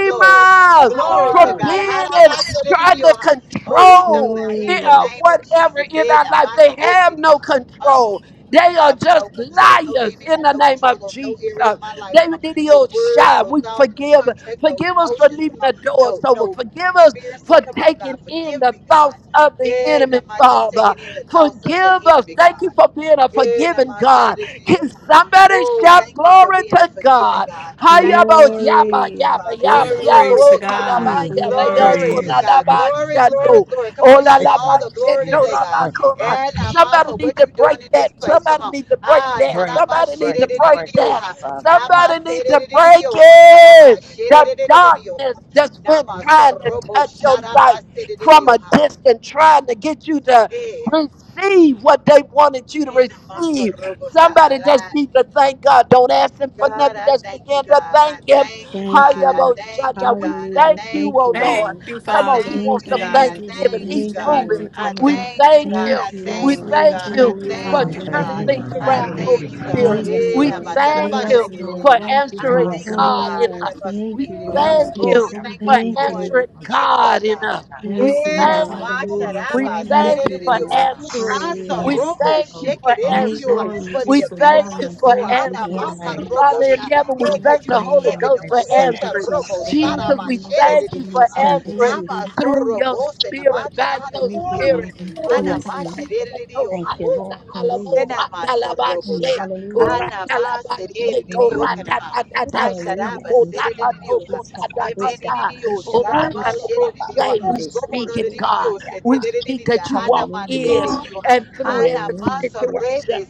S8: glory. Glory
S2: from
S8: to God.
S3: glory,
S2: being and trying to
S8: Harabasadididiyoha. Oh, we stomp
S2: control
S8: out in
S2: it,
S8: the
S2: uh,
S1: Glory.
S8: name of
S2: whatever
S8: Jesus.
S2: in our life. They have no
S8: Edabasadidididioha
S2: control. They are
S8: have no
S2: just
S8: control. No
S2: liars
S8: demon
S2: in
S8: got
S2: the
S8: no
S2: name
S8: control
S2: of
S8: over no
S2: Jesus.
S8: area of my life. Come
S2: David
S8: on.
S2: did the
S8: No
S2: old
S8: words,
S2: shot.
S8: no
S2: We
S8: thoughts, no
S2: forgive.
S8: contracts, no
S2: Forgive us for
S8: emotions.
S2: leaving
S8: Come on.
S2: the doors
S8: No,
S2: open.
S8: no
S2: Forgive us
S8: experiences.
S2: for
S8: Come on,
S2: taking
S8: God.
S2: in
S8: Forgive
S2: the
S8: me, God.
S2: thoughts of the
S8: And I
S2: enemy,
S8: might have
S2: Father.
S8: taken in the thoughts of the
S2: Forgive us.
S8: enemy,
S2: Thank you
S8: God.
S2: for being a
S8: And I
S2: forgiving
S8: might have said it
S2: God.
S8: to you.
S2: Can somebody
S8: Oh,
S2: shout
S8: thank you for
S2: glory
S8: being a
S2: to
S8: forgiving
S2: God?
S8: God. Thank you
S2: Hayabo
S8: for
S2: yaba
S8: forgiving me,
S1: Glory.
S2: yaba
S8: Father
S10: Glory,
S8: God.
S2: yaba yaba
S3: glory
S8: Glory
S2: o
S3: to
S8: to God.
S2: kuraba
S3: God.
S10: hallelujah,
S2: yaba yo
S10: glory.
S8: Glory
S3: Glory.
S8: to God.
S10: Thank you,
S2: kuralaba
S8: Glory, glory,
S2: shando
S8: glory. Come on, you're going to get
S10: shaking
S8: all
S10: our
S2: olalaba
S8: the glory
S2: sheto
S8: today,
S10: Yes,
S2: raba
S8: God.
S10: break,
S2: kura.
S8: And
S10: it,
S8: I'm off
S2: Somebody
S8: for
S2: need
S8: what
S2: to
S8: you're
S2: break
S8: doing in
S2: that.
S8: this place. Come
S2: Somebody
S8: on.
S2: need to break
S8: Ah,
S2: that.
S10: break
S8: taraba
S10: it,
S2: Somebody need
S10: break
S2: to
S10: it,
S2: break
S10: break it
S2: that.
S8: shedededededioha.
S10: outside the God.
S8: Nama
S2: Somebody need to break
S8: sedededededioha. Karaba
S2: it. The darkness that's
S8: shedededededioha.
S2: been
S8: Nama
S2: trying to
S8: sorobo
S2: touch your life
S8: sharaba
S2: from a
S8: sededededioha.
S2: distance, trying to get you to
S8: Eh,
S2: receive what they wanted you to
S8: and I'm also
S2: receive.
S8: robo sa
S2: Somebody
S8: ah,
S2: just need to thank God. Don't ask him for
S8: God,
S2: nothing.
S8: I
S2: Just
S8: thank you,
S2: begin to
S8: God. I
S2: thank him.
S8: thank you,
S1: Thank you,
S8: God. I
S1: Lord.
S8: thank you,
S2: Hayaboshata. We
S8: God. I
S1: Hallelujah.
S2: thank you,
S8: thank
S1: Thank
S8: you,
S1: you,
S2: oh
S8: God.
S2: Lord.
S3: Thank
S1: Lord.
S3: you,
S8: I
S2: Come on, he
S3: Father.
S8: thank
S2: wants
S1: Thank
S8: you,
S1: you,
S2: some
S8: God. I
S3: Thank
S1: Lord.
S3: you,
S2: thanksgiving.
S8: thank you,
S3: Jesus.
S2: He's
S1: Thank you,
S8: God.
S3: Thank
S2: moving.
S1: Lord.
S3: you,
S8: I
S10: Thank
S2: We
S3: Father.
S8: thank you,
S2: thank
S8: God.
S1: Thank
S8: I
S2: you.
S1: you,
S8: thank
S10: you,
S2: We
S3: Yes,
S1: Lord.
S10: Lord
S8: you,
S3: Lord.
S10: God.
S2: thank
S8: God. I
S2: you
S3: Thank you,
S1: Hallelujah,
S2: for
S10: We
S8: thank you,
S1: Lord.
S10: thank
S8: God.
S2: turning
S10: you,
S1: Thank
S2: things
S1: you.
S10: Lord
S8: I
S10: God.
S2: around,
S10: Thank
S2: Holy
S10: you
S8: thank
S6: Hallelujah.
S8: you,
S10: for
S8: God.
S10: your
S3: Father.
S2: Spirit.
S1: Thank you,
S6: Yes,
S8: Eh,
S2: We
S8: na
S6: Father
S8: ba
S1: Lord.
S8: sa
S6: God.
S8: ra
S10: understanding.
S2: thank
S8: ba
S10: Thank
S1: Thank
S8: shi
S3: Yes,
S10: you
S2: you
S1: you,
S8: di di di
S3: Lord.
S2: for
S10: for
S8: ma.
S1: Lord.
S10: your
S3: Thank you,
S8: I
S2: answering
S10: forgiveness,
S8: thank
S6: Yes,
S3: Father.
S8: you,
S10: Father
S6: Lord.
S2: God
S10: God.
S2: in
S8: God. Na
S1: Hallelujah.
S10: Thank
S2: us.
S8: ra
S10: you
S8: ba su di
S1: Thank
S2: We
S1: you,
S8: di di
S10: for
S8: o
S10: the
S8: ma.
S3: Yes,
S1: Lord.
S10: love
S2: thank
S10: that
S8: Oh,
S10: you
S3: Lord.
S8: I
S2: you
S6: Yes,
S10: have
S6: Lord.
S3: Thank
S8: thank
S10: for
S3: you,
S8: you
S2: for
S8: for
S10: us.
S1: Thank
S10: Thank you
S8: doing
S3: Jesus.
S2: answering
S10: for
S1: you.
S8: big work,
S2: God
S10: unstoppable,
S2: in
S8: God.
S10: Father
S2: us.
S10: God. We
S2: We
S3: Yes,
S1: Thank
S10: just
S1: you,
S8: Eh,
S10: give
S8: na
S3: Lord.
S2: thank
S6: Yes,
S10: God
S1: Lord.
S8: ma
S2: you.
S8: sha
S3: Hallelujah.
S10: glory,
S8: ra
S2: We
S8: ba
S10: Father
S3: Thank
S8: si
S10: God.
S3: you,
S8: di
S2: thank
S1: Thank you,
S8: di
S2: you
S10: Thank
S8: di
S2: for
S8: di o
S10: you,
S8: ma.
S3: Jesus.
S1: Lord.
S10: Father
S2: answering.
S10: God.
S8: Ma sa
S1: Hallelujah.
S2: We
S10: You
S8: ro
S6: yes,
S10: are
S6: Lord.
S8: bo
S2: thank
S8: she
S2: you
S10: holy,
S8: ke
S2: for
S8: di di
S10: holy,
S8: di di
S1: Thank,
S6: Yes,
S8: o. ma
S10: holy.
S2: answering.
S3: Glory
S8: for
S3: be
S8: the
S2: We
S10: You
S3: to
S10: is
S8: ability
S2: thank you
S8: to
S3: God.
S10: Lord
S2: for
S8: soar.
S10: God.
S3: Thank you,
S8: Ana
S2: answering.
S6: yes.
S3: Father.
S8: mata
S10: Thank
S6: Lord.
S10: you,
S8: robo
S2: Father in
S10: Father
S8: sha.
S10: God.
S2: heaven, we
S10: Move
S3: Yes,
S10: for
S8: Because
S2: thank
S8: you
S2: the
S8: ain't
S2: Holy
S10: your
S8: heavy
S3: Lord.
S8: no
S2: Ghost for
S8: more.
S10: patience,
S8: It's
S6: Thank
S10: Father
S8: a
S6: you,
S2: answering.
S10: God.
S8: robo.
S6: Jesus.
S3: Thank you,
S8: Sara
S2: Jesus,
S8: ba
S2: we
S3: Lord.
S8: shere de
S2: thank
S8: de
S2: you
S8: de yo,
S2: for
S8: ah.
S6: Thank you,
S3: Thank
S2: answering
S3: you.
S8: Nama
S6: Jesus.
S8: so
S2: through your
S8: robo se na
S2: spirit,
S8: mata
S2: by
S8: ra de
S2: your
S8: de
S3: Thank you,
S8: de se.
S2: spirit. Oh, la,
S8: Ana
S6: Yes,
S2: la,
S8: ma
S2: ba,
S6: Lord.
S3: Father.
S8: shere
S2: she, to,
S8: de de de
S2: ra,
S8: yo,
S6: Thank
S8: ah.
S6: you,
S2: ta,
S6: Lord.
S2: la, la, la, bo,
S6: Hallelujah.
S2: ra,
S8: Senama
S2: ta, la, ba,
S6: Mm,
S2: she.
S8: sarobosha.
S6: hallelujah.
S8: Anama
S6: Mm,
S2: Uratalabasheto
S6: mm, mm,
S8: seririyokanama.
S6: Hallelujah.
S8: Asharaba
S6: Buska
S2: ratatatatatokotaka
S6: ba,
S8: seririyoha.
S6: buska ba, buska
S2: nokotataka.
S6: ba,
S8: Nemeniriyo
S6: buska ba,
S8: saraba
S6: buska ba, ba,
S8: seririyoha.
S2: Uratalaboshe. We
S6: bande shi
S2: speak
S8: Robodo
S2: it,
S6: kutura ba
S2: God.
S8: diriyo
S2: We
S6: yaha.
S2: speak
S8: seteririya.
S2: that you walk
S8: Anama de
S6: Hallelujah.
S2: in
S8: dioha,
S2: and through every
S8: Anama
S6: Hallelujah.
S2: situation.
S8: sorebe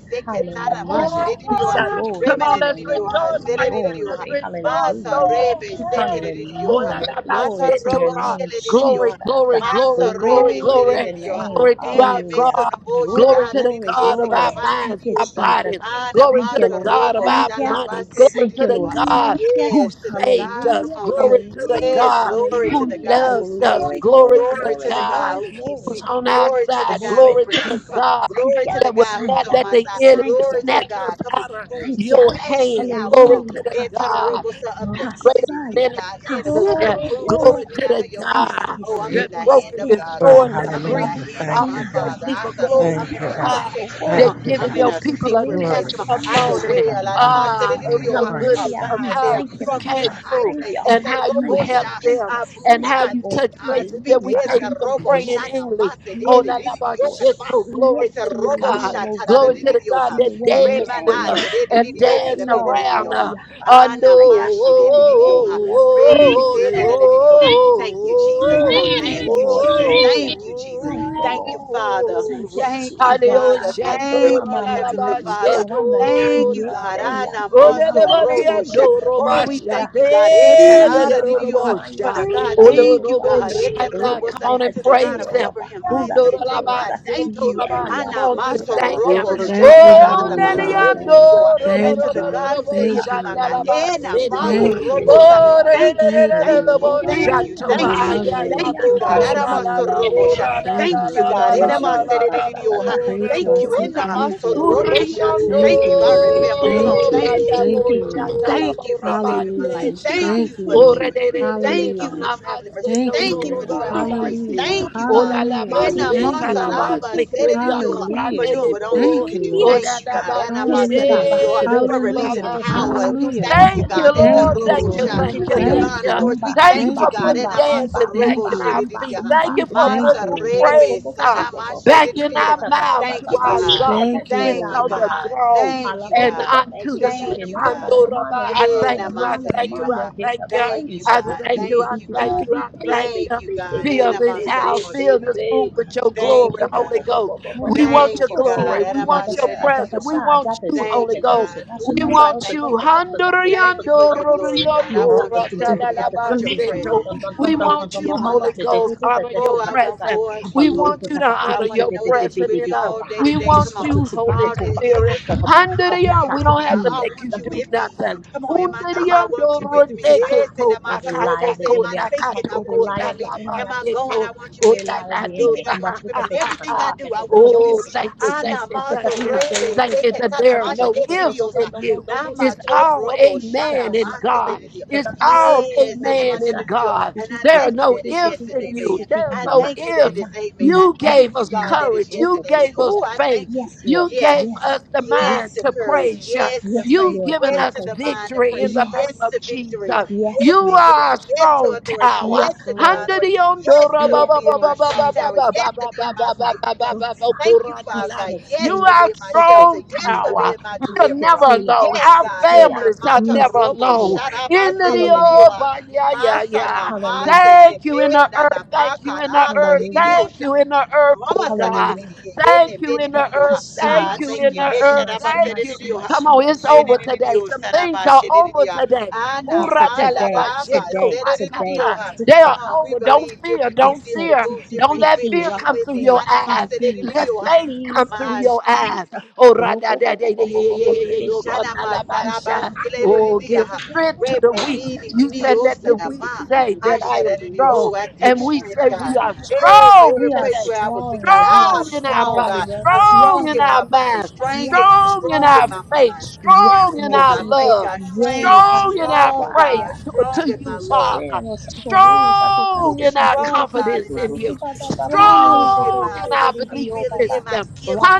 S2: In the
S8: seketara
S2: name
S8: masha
S2: of
S6: Hallelujah.
S8: diriyoha.
S2: Jesus.
S7: Thank
S2: Come
S6: Glory to
S2: on,
S6: your
S2: let's
S6: name.
S8: Remeniriyoha
S2: rejoice
S7: you.
S2: right there. Let's
S8: seririyoha.
S6: Glory.
S2: rejoice,
S8: Masa
S2: those
S6: Hallelujah.
S2: of you
S7: Thank
S8: rebe
S2: who can.
S8: sekeridiyoha.
S6: Hallelujah.
S8: Mata
S6: Glory to your
S8: robo
S2: Olalabasetora.
S6: name, Jesus.
S2: Glory,
S8: shelediyoha.
S2: glory, glory,
S8: Masa
S2: glory,
S8: rebe
S6: Glory to
S2: glory,
S6: your
S8: Sede
S6: name.
S2: glory to our
S8: ene
S6: Hallelujah.
S8: meso
S2: God.
S8: no bo
S2: Glory
S6: Glory,
S2: to
S8: shalana
S2: the
S8: nidi
S6: glory,
S2: God
S8: yese
S2: of
S6: glory.
S2: our
S8: kadabana
S6: Thank
S2: minds,
S8: nidi
S6: you,
S2: our
S8: yosa
S6: Jesus.
S2: bodies.
S8: ana
S2: Glory
S6: Thank
S2: to
S6: you,
S2: the
S8: maka
S6: Lord.
S2: God of
S8: robo
S2: our
S6: Thank you.
S8: shalaba
S2: money.
S8: se
S2: Glory
S8: nidi
S6: Thank
S2: to
S6: you,
S2: the
S6: Lord.
S8: yua.
S2: God
S6: Thank you.
S2: who
S8: Yes to the
S2: saved
S8: God. Come
S2: us.
S6: Hallelujah.
S8: on now.
S2: Glory to the
S6: Hallelujah.
S8: Yes,
S2: God
S8: glory to
S2: who
S8: the God
S6: Hallelujah.
S8: who
S2: loves us.
S8: saved me.
S6: Glory,
S2: Glory
S6: glory,
S2: to
S8: Glory
S2: the
S8: to
S6: glory,
S8: the
S2: God
S8: God
S6: glory,
S8: who keeps
S6: glory
S2: who's
S8: me.
S2: on our
S8: Glory to the
S2: side.
S8: God who
S6: glory.
S2: Glory to
S8: protects
S6: Thank
S2: the
S8: me.
S6: you,
S8: Come on.
S2: God
S6: thank
S8: Glory
S6: you,
S8: to the
S2: that will
S8: God
S6: thank
S8: who's
S2: not
S6: you,
S8: on
S2: let
S8: my
S2: the
S8: side.
S2: enemy
S6: thank you.
S8: Glory to
S2: snatch us
S8: God. Come on.
S2: out of
S8: Who
S6: Thank you.
S2: your
S8: snatched me
S2: hand.
S8: out. Come
S2: Glory
S8: on.
S2: to
S6: Hallelujah.
S2: the
S8: And to the
S2: God
S6: Hasaya.
S8: robosa of the
S2: is
S8: enemy, sing
S2: greater
S6: Hasaya.
S8: it,
S2: than any
S8: God. And who
S2: doctors.
S8: can
S2: Yeah.
S6: Hasaya.
S8: move,
S2: Glory
S8: move me
S2: to
S6: Osaya.
S8: out
S2: the
S8: of your hand?
S2: God
S8: Oh, I'm
S10: Glory,
S8: in
S6: Uskesi
S8: the
S2: that broke
S8: hand
S2: and
S10: glory,
S8: of
S6: eske.
S8: God. Come on.
S10: glory.
S2: destroyed the
S6: Ura
S8: I'm in the
S6: baba
S2: grief
S10: Hallelujah.
S8: hand of
S10: Thank
S2: off
S8: my
S10: you,
S2: of
S6: baskina.
S2: your
S10: God.
S8: Father. I
S2: people.
S6: Beske
S8: said,
S6: to
S2: Glory to
S10: Thank
S8: I'm
S10: you,
S8: in
S6: baske
S8: the
S2: the
S6: to
S10: God.
S2: God
S8: protection. Come on.
S2: that
S6: sukohora.
S10: Thank you,
S2: giving
S8: I'm in
S10: God.
S2: your
S8: a
S6: Yesko
S2: people
S6: to
S2: a
S8: secret
S6: reisa
S8: place.
S10: Glory
S6: to
S10: to
S8: Come on.
S10: God.
S6: tia
S8: I
S10: Thank
S8: dwell.
S10: you,
S2: testimony
S10: God.
S8: and I'm I
S6: shotorakaya.
S10: Thank
S8: said
S2: ah,
S10: you,
S8: it in
S2: of
S8: you,
S10: Lord.
S2: your
S10: Praise
S2: goodness,
S6: Hallelujah.
S10: God.
S2: of
S8: Abide
S6: Hmm.
S2: how
S8: there
S10: Thank
S6: Thank
S2: you
S6: you.
S8: from
S10: you,
S6: Thank
S2: came
S8: this
S6: you.
S10: God.
S8: high
S2: through
S6: Thank
S8: place.
S6: you.
S8: It's
S2: and
S8: a
S2: how you
S6: Thank
S8: robo
S6: you.
S2: helped
S8: shot.
S10: Yes.
S6: Thank
S2: them
S6: you.
S8: I move.
S2: and
S6: Thank
S2: how
S6: you,
S8: I
S2: you
S6: Lord.
S8: think.
S2: touch
S8: I
S2: places
S8: speak.
S2: that we
S8: It's
S2: can't
S6: Hallelujah.
S8: a
S2: even
S8: robo
S2: pray in
S8: shot.
S6: Yes, Lord.
S2: English. Oh, la, la,
S6: Yes,
S2: ba,
S6: Lord.
S2: shit, oh, glory
S6: Yes
S8: It's a
S2: to
S6: to
S2: you,
S6: your
S8: robo
S2: God.
S6: will,
S8: shot.
S6: oh God.
S2: Glory to the
S6: Yes
S2: God
S6: to
S2: that
S6: your way.
S2: danced with
S6: Yay.
S8: Remana
S2: us
S8: said it
S2: and danced
S6: Yay, all
S8: in your
S2: around
S6: day.
S2: us. I know.
S8: Ana
S6: Hasotaya,
S8: mashi de
S6: ah,
S8: de de yoha.
S6: yay.
S8: Rebe sene de de
S6: Asikotura,
S8: yoha. Thank you, Jesus.
S6: asikitia.
S8: Come on.
S6: Thank
S8: Thank
S6: you,
S8: you,
S6: Lord.
S8: Jesus.
S6: Thank you.
S8: Thank you, Jesus.
S6: Thank you,
S8: Thank you,
S6: Lord.
S8: Father.
S6: Thank you,
S8: Thank you,
S6: Jesus.
S2: Hallelujah.
S8: Father.
S6: I so call
S8: Thank
S2: Shandora
S6: mama
S8: you,
S2: la
S6: my
S2: la
S8: Heavenly
S2: ba
S6: yeast
S8: Father.
S6: or I'm yiso ramen
S8: Thank you,
S2: shetora
S8: God.
S2: ba.
S6: yese so
S2: Ole le
S6: mama
S8: Anamaso
S2: mani
S8: robo
S6: ayese.
S8: sha-
S2: ando
S8: Oh,
S2: roba
S8: we
S6: Yeah,
S2: shate
S8: thank you,
S6: I
S8: God.
S6: so call mama
S2: de de
S8: Etarara
S2: ro
S6: mama
S8: didiyoha.
S2: robo
S6: mama
S8: For
S2: sha.
S8: the God.
S6: yosata to
S2: Ole
S8: Thank
S6: go
S8: you,
S2: robo
S8: God.
S6: fire.
S2: shana.
S6: Please,
S2: Come
S8: Etarobosa.
S6: Listen
S2: on
S6: a
S2: and
S8: To the God
S2: praise
S6: day
S8: of
S6: or a
S2: him.
S8: Abraham,
S6: bahanda
S8: Isaac, and
S6: so
S8: Jacob.
S2: Undoraba,
S8: I
S6: rega.
S8: thank you.
S2: setoraba.
S6: Yeah,
S2: Come on, just
S6: soto
S8: Anamaso
S6: raba
S2: thank him.
S8: robo
S6: mama
S4: Lord,
S6: na
S1: thank you,
S4: Lord,
S6: sigeno
S2: Oh,
S8: shatarana
S1: Heavenly
S6: rama
S4: Lord,
S6: mama
S2: nanayando,
S1: Father.
S6: yours.
S8: basededidiyoha.
S2: ro,
S4: Lord,
S8: And to
S1: Thank
S8: the
S1: you.
S6: Ibabaha,
S8: God who said he'll
S1: Thank you,
S8: be
S6: Ibaha,
S8: my God.
S1: Lord.
S2: shandalaba,
S6: Amasore,
S2: seto.
S8: Enamaso
S6: Mamahan,
S1: Thank you,
S8: robosa.
S1: Lord.
S2: Oh, re,
S6: Veshotorava,
S8: Thank you,
S1: Thank
S8: thank
S6: Robo
S1: you.
S8: you, thank
S6: Boravaki,
S8: you,
S2: shanto.
S1: I
S8: thank you,
S2: Ay,
S1: love
S4: thank you,
S2: ay,
S6: Amasotorebe
S2: ay,
S1: you.
S4: Lord,
S8: thank you,
S2: bo,
S1: I
S8: God.
S1: bless your
S6: Yatsando,
S1: holy name. I
S8: Aramansorobosha.
S7: you.
S1: thank
S8: Thank
S1: you.
S8: you,
S1: I
S2: la,
S8: God.
S2: la, la,
S4: thank
S2: la,
S1: praise
S6: Siotorebe
S4: you,
S1: you.
S2: la,
S6: Keda
S2: la, la, la,
S6: Basta,
S1: I
S8: Enamaseredidioha.
S6: Tata Hasta,
S1: praise you. I
S8: Thank you.
S1: say
S6: Totorebe
S2: Bosa,
S6: Kete
S1: thank
S6: Kete
S1: you.
S7: Thank
S6: Bosha,
S8: Enamasorobosha.
S2: Uriondo,
S6: Titi,
S1: Thank
S8: Thank you.
S1: you,
S8: I
S6: Titi,
S1: Lord.
S8: remember.
S6: Titi,
S8: Come
S6: Titi,
S8: on,
S1: Thank
S6: Titi,
S1: you.
S6: Titi,
S8: thank you.
S2: Maya
S1: Thank you,
S2: Bosa,
S6: Titi,
S1: Lord.
S6: Titi,
S8: Thank you for
S2: Talabora
S8: saving my life.
S1: Hallelujah.
S2: Maniesha,
S8: Thank
S6: Titi,
S8: you
S1: Thank you,
S8: for
S6: Titi,
S2: Ore
S1: Lord.
S8: keeping me.
S2: de
S6: Titi,
S2: de de de
S8: Thank
S2: no
S8: you
S1: Hallelujah.
S8: for
S6: Titi,
S8: traveling mercy.
S2: namaste,
S1: Thank you,
S6: T T
S8: Thank you
S2: Tororo
S8: for
S6: T
S1: Lord.
S6: T
S8: traveling
S6: T
S8: grace.
S6: T T
S2: Labasi,
S1: Hallelujah.
S8: Thank you,
S6: T.
S8: God.
S2: Ola
S1: Hallelujah.
S8: Ena
S2: Lamaste,
S1: Thank you, Lord.
S8: masaraba
S2: Talabasi, Kriya
S8: sededidioha, For
S2: Kurate
S8: doing
S1: Hallelujah.
S8: what only you
S2: Lebo,
S1: Thank
S8: can
S1: you,
S8: do.
S1: Lord.
S8: Thank
S2: Ola
S8: you,
S6: Tioska.
S8: God. Ena
S2: Labasi,
S6: Hiske
S1: Hallelujah.
S8: masadedidioha,
S6: babaske
S2: de
S8: For
S6: deske
S2: Roba
S8: releasing
S6: doske
S1: Hallelujah.
S6: deske
S8: power.
S2: Mama.
S6: doske
S8: We
S6: doske
S1: Hallelujah.
S8: thank you,
S2: Thank
S6: doske
S8: God.
S2: you,
S6: deske
S8: Eta
S2: Lord.
S6: doske
S1: Thank you,
S2: Thank
S6: doske
S2: you,
S8: robosha,
S1: Lord.
S2: thank
S6: titi
S8: For
S2: you,
S6: titi
S2: thank
S1: Thank
S8: divine
S2: you.
S1: you, Lord.
S8: authority.
S6: umba
S8: We
S2: Thank you
S8: thank
S6: umba
S8: you,
S2: for
S1: Thank
S8: God.
S2: putting
S6: umba
S1: you.
S8: Ena
S6: umba
S2: dancing back
S1: Thank
S8: masorobo
S6: umba
S2: in our
S1: you.
S6: umba
S2: feet.
S8: shededidioha,
S6: umba
S2: Thank
S1: Ooh,
S2: you for
S6: umba
S1: Thank
S2: putting
S1: you,
S6: bo bo bo
S8: masarebe
S2: praise.
S6: bo bo
S2: huh?
S6: bo
S8: sanama
S6: bo bo
S2: back
S6: si
S2: in
S6: te te
S2: our
S8: shededidioha.
S6: ta ta ta
S2: mouth
S6: ta
S2: to
S8: Thank
S6: ta
S8: you,
S6: ta
S2: our
S6: she
S8: God.
S6: te
S2: God
S6: te
S2: who
S1: Thank
S6: te
S1: you,
S2: sits
S6: ya
S8: Thank you,
S2: on
S6: ha
S1: Lord.
S2: the
S6: ha
S8: God.
S2: throne
S8: Thank
S6: hala
S8: you,
S6: bo
S2: and
S6: bo ba
S8: God.
S6: be
S2: unto
S6: ki
S2: the
S6: shike
S2: Lamb.
S8: Thank you,
S6: na na
S8: God.
S6: na ma
S2: Handoraba,
S6: na na
S2: I
S6: ma
S8: Yeah,
S6: na
S2: thank
S8: now
S6: na
S2: you,
S6: ma
S8: my
S2: I
S6: na
S8: city
S6: na
S8: to
S2: thank
S6: ma
S8: your
S2: you, I
S6: le
S8: heart.
S6: he
S2: thank
S6: ba
S2: you,
S8: Thank you,
S6: ba
S2: I
S8: God.
S2: thank
S6: Beep,
S2: you,
S6: beep,
S2: I
S8: Thank
S6: beep,
S8: you,
S6: beep,
S2: thank
S6: beep,
S8: God.
S2: you, I
S6: beep, beep,
S2: thank
S6: beep,
S8: Thank
S2: you.
S8: you, God. Eh,
S2: Fill
S8: now
S6: beep, beep,
S8: my
S2: this
S6: beep, beep, beep, beep,
S8: soul to
S6: beep,
S2: house,
S8: my
S2: fill
S8: shit
S6: beep,
S8: to
S2: this
S8: you.
S2: room
S6: beep.
S2: with your
S6: Bo- bo-
S8: Thank
S2: glory,
S8: you,
S6: bo- bo-
S8: God.
S2: Holy
S6: bo- bo-
S2: Ghost.
S6: bo- bo- bo-
S2: We
S6: bo- bo-
S2: want
S6: bo-
S8: Thank
S2: your
S8: you,
S6: bo-
S8: God.
S6: siga.
S2: glory. We
S6: Da- da-
S2: want your
S6: sha, da-
S2: presence.
S6: da-
S2: We
S8: Adamasadididioha.
S6: sha, da-
S2: want
S6: da-
S2: you,
S6: sha, da-
S8: Thank
S2: Holy
S8: you,
S6: da- da-
S2: Ghost.
S6: sha,
S8: God.
S6: da- sha,
S2: We
S6: da-
S8: Ooh,
S6: sha,
S8: I
S6: da-
S2: want
S6: sha,
S8: thank
S6: da-
S2: you.
S8: you,
S6: sha, da-
S8: God.
S6: sha, da- sha, da- sha,
S8: Thank you
S6: da-
S8: for
S6: sha,
S8: your
S6: da- sha.
S8: glory, God. I
S6: Hmm,
S4: Lord.
S6: da-
S8: want
S6: ba-
S8: your
S6: dum- dum- ba-
S8: glory.
S6: da-
S8: I
S6: da-
S8: want
S6: dum-
S8: your
S6: dum- dum- dum-
S2: Handoriyandororiyandorotadalabaseto.
S6: dum-
S8: presence.
S6: dum-
S2: We
S6: dum-
S8: Come
S7: you.
S6: dum- dum-
S8: on to
S2: want
S6: dum-
S8: be in
S2: you,
S6: bum-
S8: my
S6: bum-
S2: Holy
S6: bum- da-
S8: life,
S6: da- da-
S2: Ghost.
S8: God.
S6: da- da-
S2: Honor your
S6: da-
S8: Oh, I
S6: da- da-
S8: want
S6: da.
S2: presence.
S8: more
S6: Ha,
S8: of you,
S6: ba-
S2: We
S6: ba- da-
S8: Holy
S2: want
S6: da-
S8: Ghost.
S2: you to
S6: da- ba- ti-
S8: I
S2: honor
S6: bi-
S8: want
S6: ti-
S8: to
S2: your
S6: bi-
S8: know
S6: bi- bi-
S8: that you're
S6: bi-
S2: presence
S8: with
S6: bi-
S8: me
S2: in
S6: bi-
S2: us.
S6: ko-
S8: all
S6: ba-
S8: day
S6: ha.
S2: We
S8: today.
S6: Tu- shi-
S8: Come
S2: want
S6: ke- tu-
S2: you,
S8: on.
S6: si- ke-
S2: Holy
S6: tu-
S8: All
S6: ku-
S8: day.
S6: ba- ka-
S8: It,
S6: ka-
S2: Spirit.
S6: ka-
S8: it,
S6: ka- ba-
S8: I
S6: ka- ka-
S8: will
S6: ka-
S8: be
S2: Handirion,
S6: ka.
S2: We
S8: right
S2: don't
S8: now.
S2: have to
S6: Hmm,
S8: I
S2: make you
S8: want you
S6: sama-
S2: do
S8: with
S6: sama-
S8: me.
S2: nothing.
S8: Come on, in
S6: sama-
S8: my
S6: sama.
S8: thoughts, I
S2: Undirion
S8: want you with me.
S6: She
S2: doroteke
S6: got to
S8: Yes, and
S6: attack
S8: in my
S2: kota
S6: every lie
S8: trouble,
S2: kata
S6: of
S8: say
S6: the
S8: in my
S6: enemy. I
S2: kota
S6: Attack
S8: thinking, I
S2: kato
S6: every
S8: want you
S6: lie
S2: kota
S8: with
S6: of
S8: me.
S6: the enemy.
S2: laba
S6: I
S8: Am I going?
S6: Attack
S2: sheto
S8: I want you with
S6: every
S8: me.
S6: lie
S8: Am
S6: of
S8: I
S6: the
S2: odalado.
S8: speaking?
S6: enemy.
S8: I want you with me. In everything I do, I want you with
S2: Oh,
S8: me.
S2: thank you, thank
S8: Ana
S2: you, thank
S8: maso
S2: you.
S8: rebe
S2: Thank you
S8: seke
S2: that there are
S8: takamasha
S2: no ifs
S8: edidiosa.
S2: in you.
S8: Nama
S2: It's all
S8: torobo
S2: amen
S8: shana
S2: in
S8: masa
S2: God.
S8: edidio.
S2: It's all
S8: Yes, and my I
S2: amen in
S8: talking to
S2: God.
S8: And I
S2: There are
S8: thank you
S2: no
S8: that is yes
S2: ifs
S8: and
S2: in you.
S8: amen.
S2: There are
S8: I
S2: no
S6: Mama,
S8: thank you that
S2: ifs.
S8: is
S6: mama,
S8: amen.
S6: mm,
S8: I
S2: You
S6: mas-
S2: gave
S8: thank you,
S2: us
S6: ma-
S8: God, that is
S2: courage.
S8: yes
S6: ro-
S2: You
S8: and
S6: ro- ro-
S8: amen.
S2: gave
S6: ro-
S2: us
S6: ro-
S8: Oh, I
S2: faith.
S8: thank you.
S6: Yes, Lord.
S2: You
S8: Yes.
S2: gave
S6: Yes.
S2: us the
S8: Yes
S2: mind
S8: to
S6: Yes.
S2: to
S8: courage.
S2: praise you.
S8: Yes to
S6: Yes,
S8: faith.
S2: You've
S6: Lord
S2: given
S8: Yes
S2: us
S8: to
S6: Jesus.
S8: the mind of
S2: victory in
S8: praise you.
S2: the
S8: Yes
S2: name of
S6: Yes.
S8: to victory.
S2: Jesus. You
S6: Yes,
S8: Yes to
S6: Lord.
S2: are
S8: healing.
S2: a
S8: Yes to
S2: strong
S8: authority.
S2: tower.
S8: Yes
S6: Yes,
S8: to
S6: Lord.
S8: divine order. Yes, to
S6: Yes,
S8: be in my
S6: Lord
S8: strong
S6: Jesus.
S8: tower. Yes, to be in my
S6: Hasa,
S8: safe place.
S6: Sosa,
S8: Thank you, Father God.
S2: You
S8: Yes, for
S2: are a
S6: Isketeya,
S8: being my shelter.
S2: strong
S8: Yes, for
S6: Sokotaya,
S2: tower.
S8: being my
S2: We're
S8: deliverer.
S2: never
S6: Hasketeya,
S2: alone.
S8: Yes,
S2: Our
S8: God. In
S6: Husketeya,
S2: families are
S8: mata
S2: never
S8: robo,
S2: alone.
S8: shut
S6: Misketeya.
S8: up.
S2: In the
S6: Hallelujah.
S2: old, yeah, yeah,
S8: Masana
S2: yeah.
S8: masa
S6: Hallelujah.
S8: ne
S2: Thank you
S8: me
S2: in the
S8: na na
S2: earth.
S8: ma
S2: Thank you in the
S8: kara la
S2: earth.
S6: Hallelujah.
S2: Thank
S8: ligidiosha.
S2: you in the earth, oh
S8: Mama
S2: God.
S6: Hallelujah.
S8: sadadidiye,
S2: Thank
S8: ene
S2: you in the
S8: menenidiyoha.
S2: earth.
S8: Ah,
S6: Shuma,
S2: Thank you
S8: thank
S2: in
S8: you.
S6: shuma,
S2: the earth.
S6: shuma,
S8: Eshadaba
S6: shuma,
S2: Thank you.
S6: shuma,
S8: sadadidiyoha.
S2: Come on,
S6: shuma,
S2: it's over
S6: shuma.
S2: today.
S8: Menenidiyo
S2: Some things
S8: sadaba
S2: are over
S8: shedidiya.
S2: today.
S8: Ana
S6: Yes, so
S2: Ura
S8: ma
S2: de la
S6: today,
S2: ba she
S8: sadaba
S2: to
S6: today,
S2: ra ta
S6: today,
S2: ta. They
S8: sadadidiyoha. Come
S2: are
S8: on, we
S6: Hasukba,
S2: over. Don't
S8: believe
S2: fear.
S8: different, do
S6: Yes,
S2: Don't
S6: sir.
S8: different,
S2: fear.
S8: move
S6: Tiki
S8: different.
S2: Don't
S8: He
S2: let
S8: with
S6: tiki
S8: me,
S2: fear
S8: he
S2: come
S8: with
S2: through
S8: me.
S2: your
S6: rapasia
S8: Ana ma
S2: eyes.
S6: sikis
S2: Let faith
S6: asikis
S2: come through
S8: sadadidiyoha.
S2: your eyes.
S6: asikis.
S2: Ura
S6: Robo
S2: da
S6: bo
S2: da
S6: bo
S2: da da
S6: bo
S2: ye
S6: bo
S2: ye
S6: bo
S2: ye
S6: bo
S8: Didiye,
S2: ye ye
S6: kete
S2: yo ko
S6: tiama.
S2: na
S8: Shanama
S2: la ba
S6: Misa
S8: Saraba
S2: sha.
S6: masi
S2: Oh,
S6: masi
S2: give
S6: kete kete
S2: strength to
S6: kete
S2: the
S6: mama
S2: weak.
S6: mama
S8: Rebenini
S6: mama
S2: You
S6: mama.
S2: said,
S8: Didio
S2: Let the
S6: Ripi
S2: weak
S6: pi pi
S8: Sanama,
S6: pi
S2: say
S6: pi pi
S2: that
S6: pi
S2: I
S6: pi pi
S2: am
S6: pi
S8: Ashadadidio.
S2: strong.
S8: Oh,
S6: osha.
S8: I take
S2: And
S6: Neto
S2: we
S6: baha.
S8: strength,
S2: say, We
S8: God.
S2: are
S8: Hey, for
S2: strong
S8: every
S6: We are
S8: place
S2: today.
S8: where I was weak,
S6: strong,
S8: God.
S6: Lord. We are
S8: I'm
S2: Strong in our
S8: strong,
S6: strong.
S2: body,
S8: God. I'm
S6: Yes,
S2: strong
S8: strong
S2: in
S8: in
S2: our
S8: my
S6: Lord.
S8: body,
S2: mind,
S8: strong in my,
S6: Yes.
S2: strong in
S8: strong
S2: our
S8: in my
S2: faith,
S8: mind,
S6: Yes,
S2: strong
S8: strong
S2: in
S8: in
S6: Lord
S2: our
S8: my
S6: Jesus.
S8: faith,
S2: love,
S8: God.
S6: Yay.
S8: Strong,
S2: strong in our
S8: strong,
S2: praise
S8: God.
S6: Hashobabaya.
S2: to, to
S8: Strong in
S2: you,
S8: my love
S2: Father, strong
S8: hope,
S2: in our
S8: strong, God, in
S2: confidence
S8: my
S2: in you,
S8: peace, strong in
S2: strong
S8: my
S2: in our belief
S8: ability, in my
S2: system.
S8: gifts.